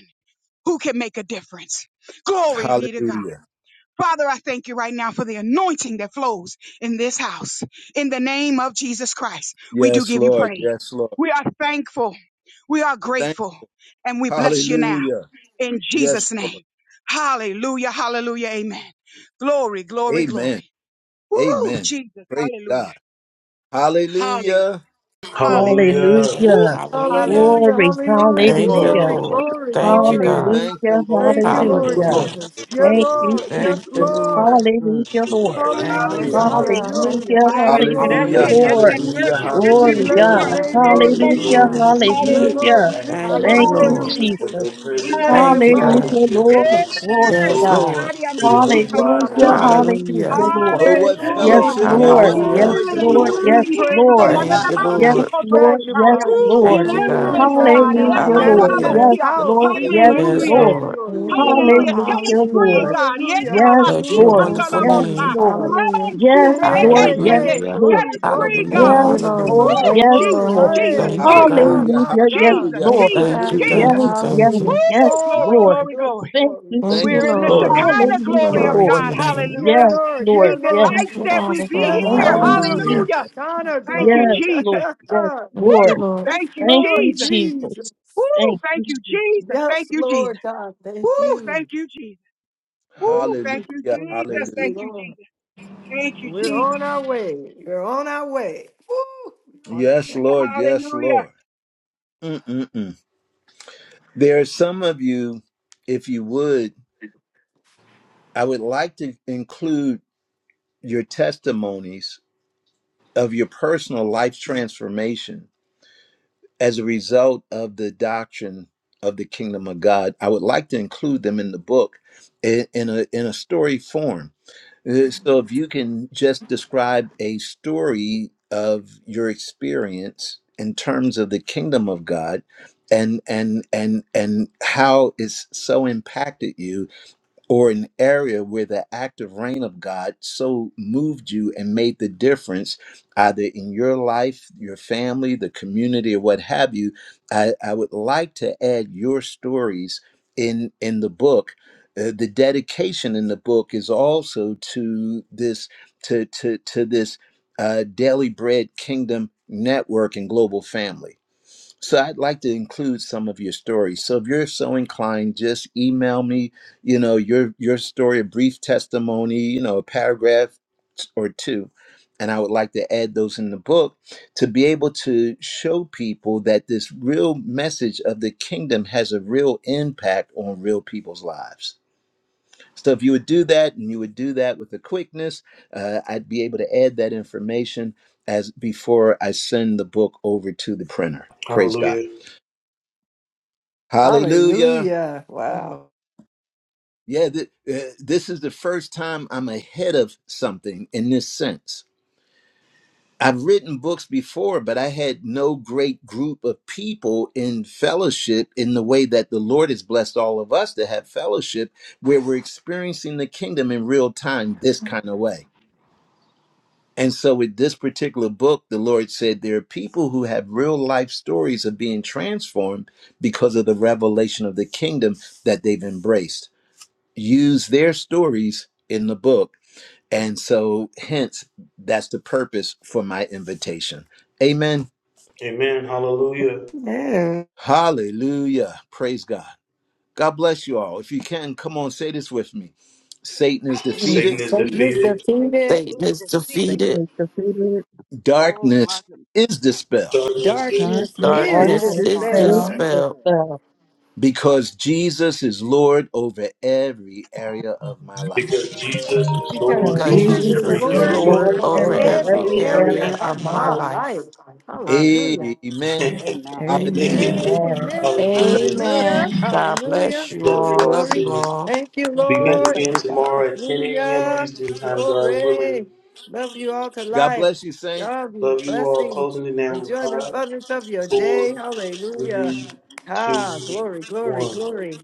who can make a difference. Glory be to God.
Hallelujah.
Father, I thank you right now for the anointing that flows in this house. In the name of Jesus Christ, we do
Yes,
give you
Lord.
praise.
Yes, Lord.
We are thankful. We are
Thank
grateful. And we bless you now
Hallelujah.
in
Yes,
Jesus' name.
Lord.
Hallelujah, hallelujah, amen. Glory, glory,
Amen.
glory. Woo,
Amen.
Jesus,
Praise
hallelujah.
God.
Hallelujah.
Hallelujah.
Hallelujah.
Hallelujah.
Amen.
Woo.
Hallelujah.
Hallelujah.
Hallelujah,
Hallelujah.
Glory.
Thank you,
hallelujah.
Thank you,
Lord.
Woo,
Hallelujah.
Glory,
Lord.
Jesus,
glory,
Thank you,
glory.
God.
Thank
Hallelujah,
you, Lord.
Thank you, Lord
Thank you,
Glory.
hallelujah.
Lord.
Hallelujah.
Jesus. Yeah,
Thank you,
Hallelujah.
Lord.
Thank
Yes,
Thank you,
Jesus.
you for
Lord.
your
Lord.
Mm,
Hallelujah,
for your
Lord.
word and
Thank
your
you,
Hallelujah,
mm.
word,
hallelujah.
Father.
Lord.
Hallelujah. Thank
hallelujah.
you,
Hallelujah,
Hallelujah.
Thank you,
Hallelujah.
Jesus.
That's
Lord
hallelujah,
Hallelujah.
it.
Thank you
Hallelujah.
That's
for
that
Lord.
Jesus.
being
Hallelujah.
worship.
mindful of
Glory
the
That's
to
We
that
your
Glory
saints
Hallelujah.
and
bless
name,
pure
your
giving
God.
us
Glory,
a
name,
Father.
spirit
Lord
season
glory,
of
Hallelujah.
worship.
Hallelujah,
glory
Jesus.
that
glory.
is in you,
Hallelujah.
Yeah,
that we
Lord,
Hallelujah.
can
hallelujah.
we lift
magnify
you
Thank
up,
your
you,
Thank
name
you,
Hallelujah.
Lord
Lord.
Thank
Hallelujah.
with
Jesus.
Jesus.
your
you,
We
Lord.
presence
Thank you,
and
Hallelujah.
magnify
all
Hallelujah.
you.
God.
that
Hallelujah,
you have done
Lord.
with
Hey,
exceeding
Glory
Yes,
joy.
God.
Lord.
Shadi
To the only
Anamasika
Hallelujah.
wise
Hallelujah,
God,
Narabosaya.
Hallelujah.
Hallelujah.
Hallelujah.
hallelujah,
dominion,
Lord.
Oh,
Thank
what
you,
Yes,
Thank
majesty,
you,
Lord
fellowship.
Hallelujah.
Oh,
Lord.
what
power,
Jesus.
Jesus.
Yes,
honor,
Hallelujah.
joy
and
Healing,
Lord.
glory.
We
Yes,
healing, healing.
praise you,
Lord.
divine.
Thank you,
Jesus.
Hallelujah.
We
<laughs>
Yes,
Lord.
Lord. Yes,
Anadabansikotoboshaya.
Magnify you,
Lord.
Lord.
Thank
Woo.
you,
Thank
God.
We
you,
Deliverance,
Father
God.
thank you.
God.
We
Hallelujah,
came
Lord.
into
Hallelujah.
Hallelujah.
this
Yes,
Ekandarabasia.
Hallelujah.
house.
Lord.
We
Yes,
bless your
Hallelujah.
Yes,
Hallelujah.
Lord.
name,
Lord.
Lord
Thank
God.
Hallelujah.
you, Lord.
Hallelujah. Set us
Hallelujah,
free,
Hallelujah.
Lord.
God.
Hallelujah,
Yende
Yes,
baba
Bless
si
your
hallelujah.
Lord.
kanda
Thank
wonderful
la
you,
Yes,
bota.
Jesus.
name.
Lord.
Hallelujah.
Rabban su
Yes,
Hey, hey,
reneke
Lord.
hey,
Yes,
hey.
Hallelujah.
Lord.
Set
Glory,
us free,
glory.
God.
Hallelujah.
Thank you,
Yes,
Lord.
Lord.
Hallelujah.
Woo!
Glory,
Thank you,
Yes,
glory,
Lord.
Jesus,
Lord.
Jesus,
hey,
Hallelujah.
Thank you,
my
Jesus,
God,
God.
Hallelujah,
my
Hallelujah. Yes,
God.
Jesus,
hallelujah,
Lord.
Thank you,
Jesus,
Thank
Father
you,
hallelujah.
God.
thank
Jesus.
Yes,
you,
yes,
thank
Hallelujah.
you.
Woo!
yes,
Glory,
Lord.
Glory,
glory,
glory,
glory.
Thank
glory,
you,
Thank
glory.
Thank
you,
We're
you,
in
Jesus.
the
Lord.
Lord.
Glory.
Shekinah
Thank you,
Hallelujah,
glory
Lord.
of
Glory to
Lord.
God.
your name.
Yeah,
Hallelujah.
Yes,
Lord,
He
yeah,
Lord. Yes,
Thank
delights
Lord.
you,
Lord.
that we
Father
be
God.
Yes,
Thank
here.
you,
Hallelujah.
Lord.
Hallelujah.
Yes,
Hallelujah.
Jesus.
Honor,
Thank you,
glory.
Yes, Lord.
Jesus.
Yes,
<laughs>
Thank you,
Lord.
Woo!
Lord.
yes,
Thank you,
Thank
Lord
you,
Jesus.
Jesus.
Jesus.
Woo!
Thank
Thank
you,
you,
Jesus.
Jesus. Thank
Yes,
you, Jesus.
Lord God. Thank
Woo!
you.
Thank you, Jesus. Woo, thank you,
Hallelujah,
Lord,
Jesus.
thank you,
Thank
hallelujah.
you,
Lord.
Jesus. Thank you, Jesus.
You're on our way. Woo! You're on our-
Yes, Lord, yes,
Hallelujah.
Lord. Mm-mm-mm. There are some of you, if you would, I would like to include your testimonies of your personal life transformation as a result of the doctrine of the kingdom of God. I would like to include them in the book in, in a, in a story form Uh, So if you can just describe a story of your experience in terms of the kingdom of God and and and and how it's so impacted you or an area where the active reign of God so moved you and made the difference, either in your life, your family, the community, or what have you, I, I would like to add your stories in in the book. Uh, the dedication in the book is also to this to to to this uh, daily bread kingdom network and global family so I'd like to include some of your stories. So if you're so inclined, just email me, you know, your your story, a brief testimony, you know, a paragraph or two. And I would like to add those in the book to be able to show people that this real message of the kingdom has a real impact on real people's lives. So if you would do that and you would do that with a quickness, uh, I'd be able to add that information as before I send the book over to the printer. Praise God.
Hallelujah.
Hallelujah.
Hallelujah. Wow.
Yeah, th- uh, this is the first time I'm ahead of something in this sense. I've written books before, but I had no great group of people in fellowship in the way that the Lord has blessed all of us to have fellowship where we're experiencing the kingdom in real time this kind of way. And so, with this particular book, the Lord said there are people who have real life stories of being transformed because of the revelation of the kingdom that they've embraced. use their stories in the book. And so, hence, that's the purpose for my invitation. Amen.
Amen. Hallelujah.
Hallelujah. Praise God. God bless you all. If you can, come on, say this with me Satan is
Mm,
defeated,
Satan is
Satan is
defeated.
Thank you.
defeated.
Satan
Please
is
just see it.
Thank
defeated.
you.
Oh, my
darkness
goodness.
is dispelled
Satan is
Darkness
darkness
disturbed
is
is
Darkness
All
Darkness
is
darkness
is
is
dispelled
dispelled.
dispelled
destroyed
dispelled
because Jesus is Lord over every area of my life.
because Jesus is
because
because
'Cause
Lord
because
because
over
Jesus
Jesus
Jesus
is
Jesus
is
is
Jesus
every
is
is
Lord
Lord
area
Lord
Lord
over
Lord
of my
over
over
over
every
life.
over
every
every
every
every
Hallelujah.
area
area
area
area
life.
of
of
of
my
of
my
my
my
life.
life.
life.
life.
Hallelujah.
Hallelujah.
Amen.
<laughs>
Amen.
Amen.
Hallelujah.
Amen.
Amen.
Amen.
God
Amen.
Hallelujah.
Ah,
Hallelujah.
Amen.
God
Hallelujah.
bless you
Love
Glory,
you
all.
all
Love
glory.
you
students.
all.
Thank you,
God bless
Begins
Lord.
again
everybody.
tomorrow at 10 a.m.
Hallelujah.
Eastern Time, God willing.
Glory. Love you all to
God
life.
bless you, saints.
Love you.
Love you all.
Blessings.
Closing it down with
Enjoy the
five,
abundance of your
four,
day. Hallelujah.
three,
Ah,
two,
glory, glory,
one.
glory.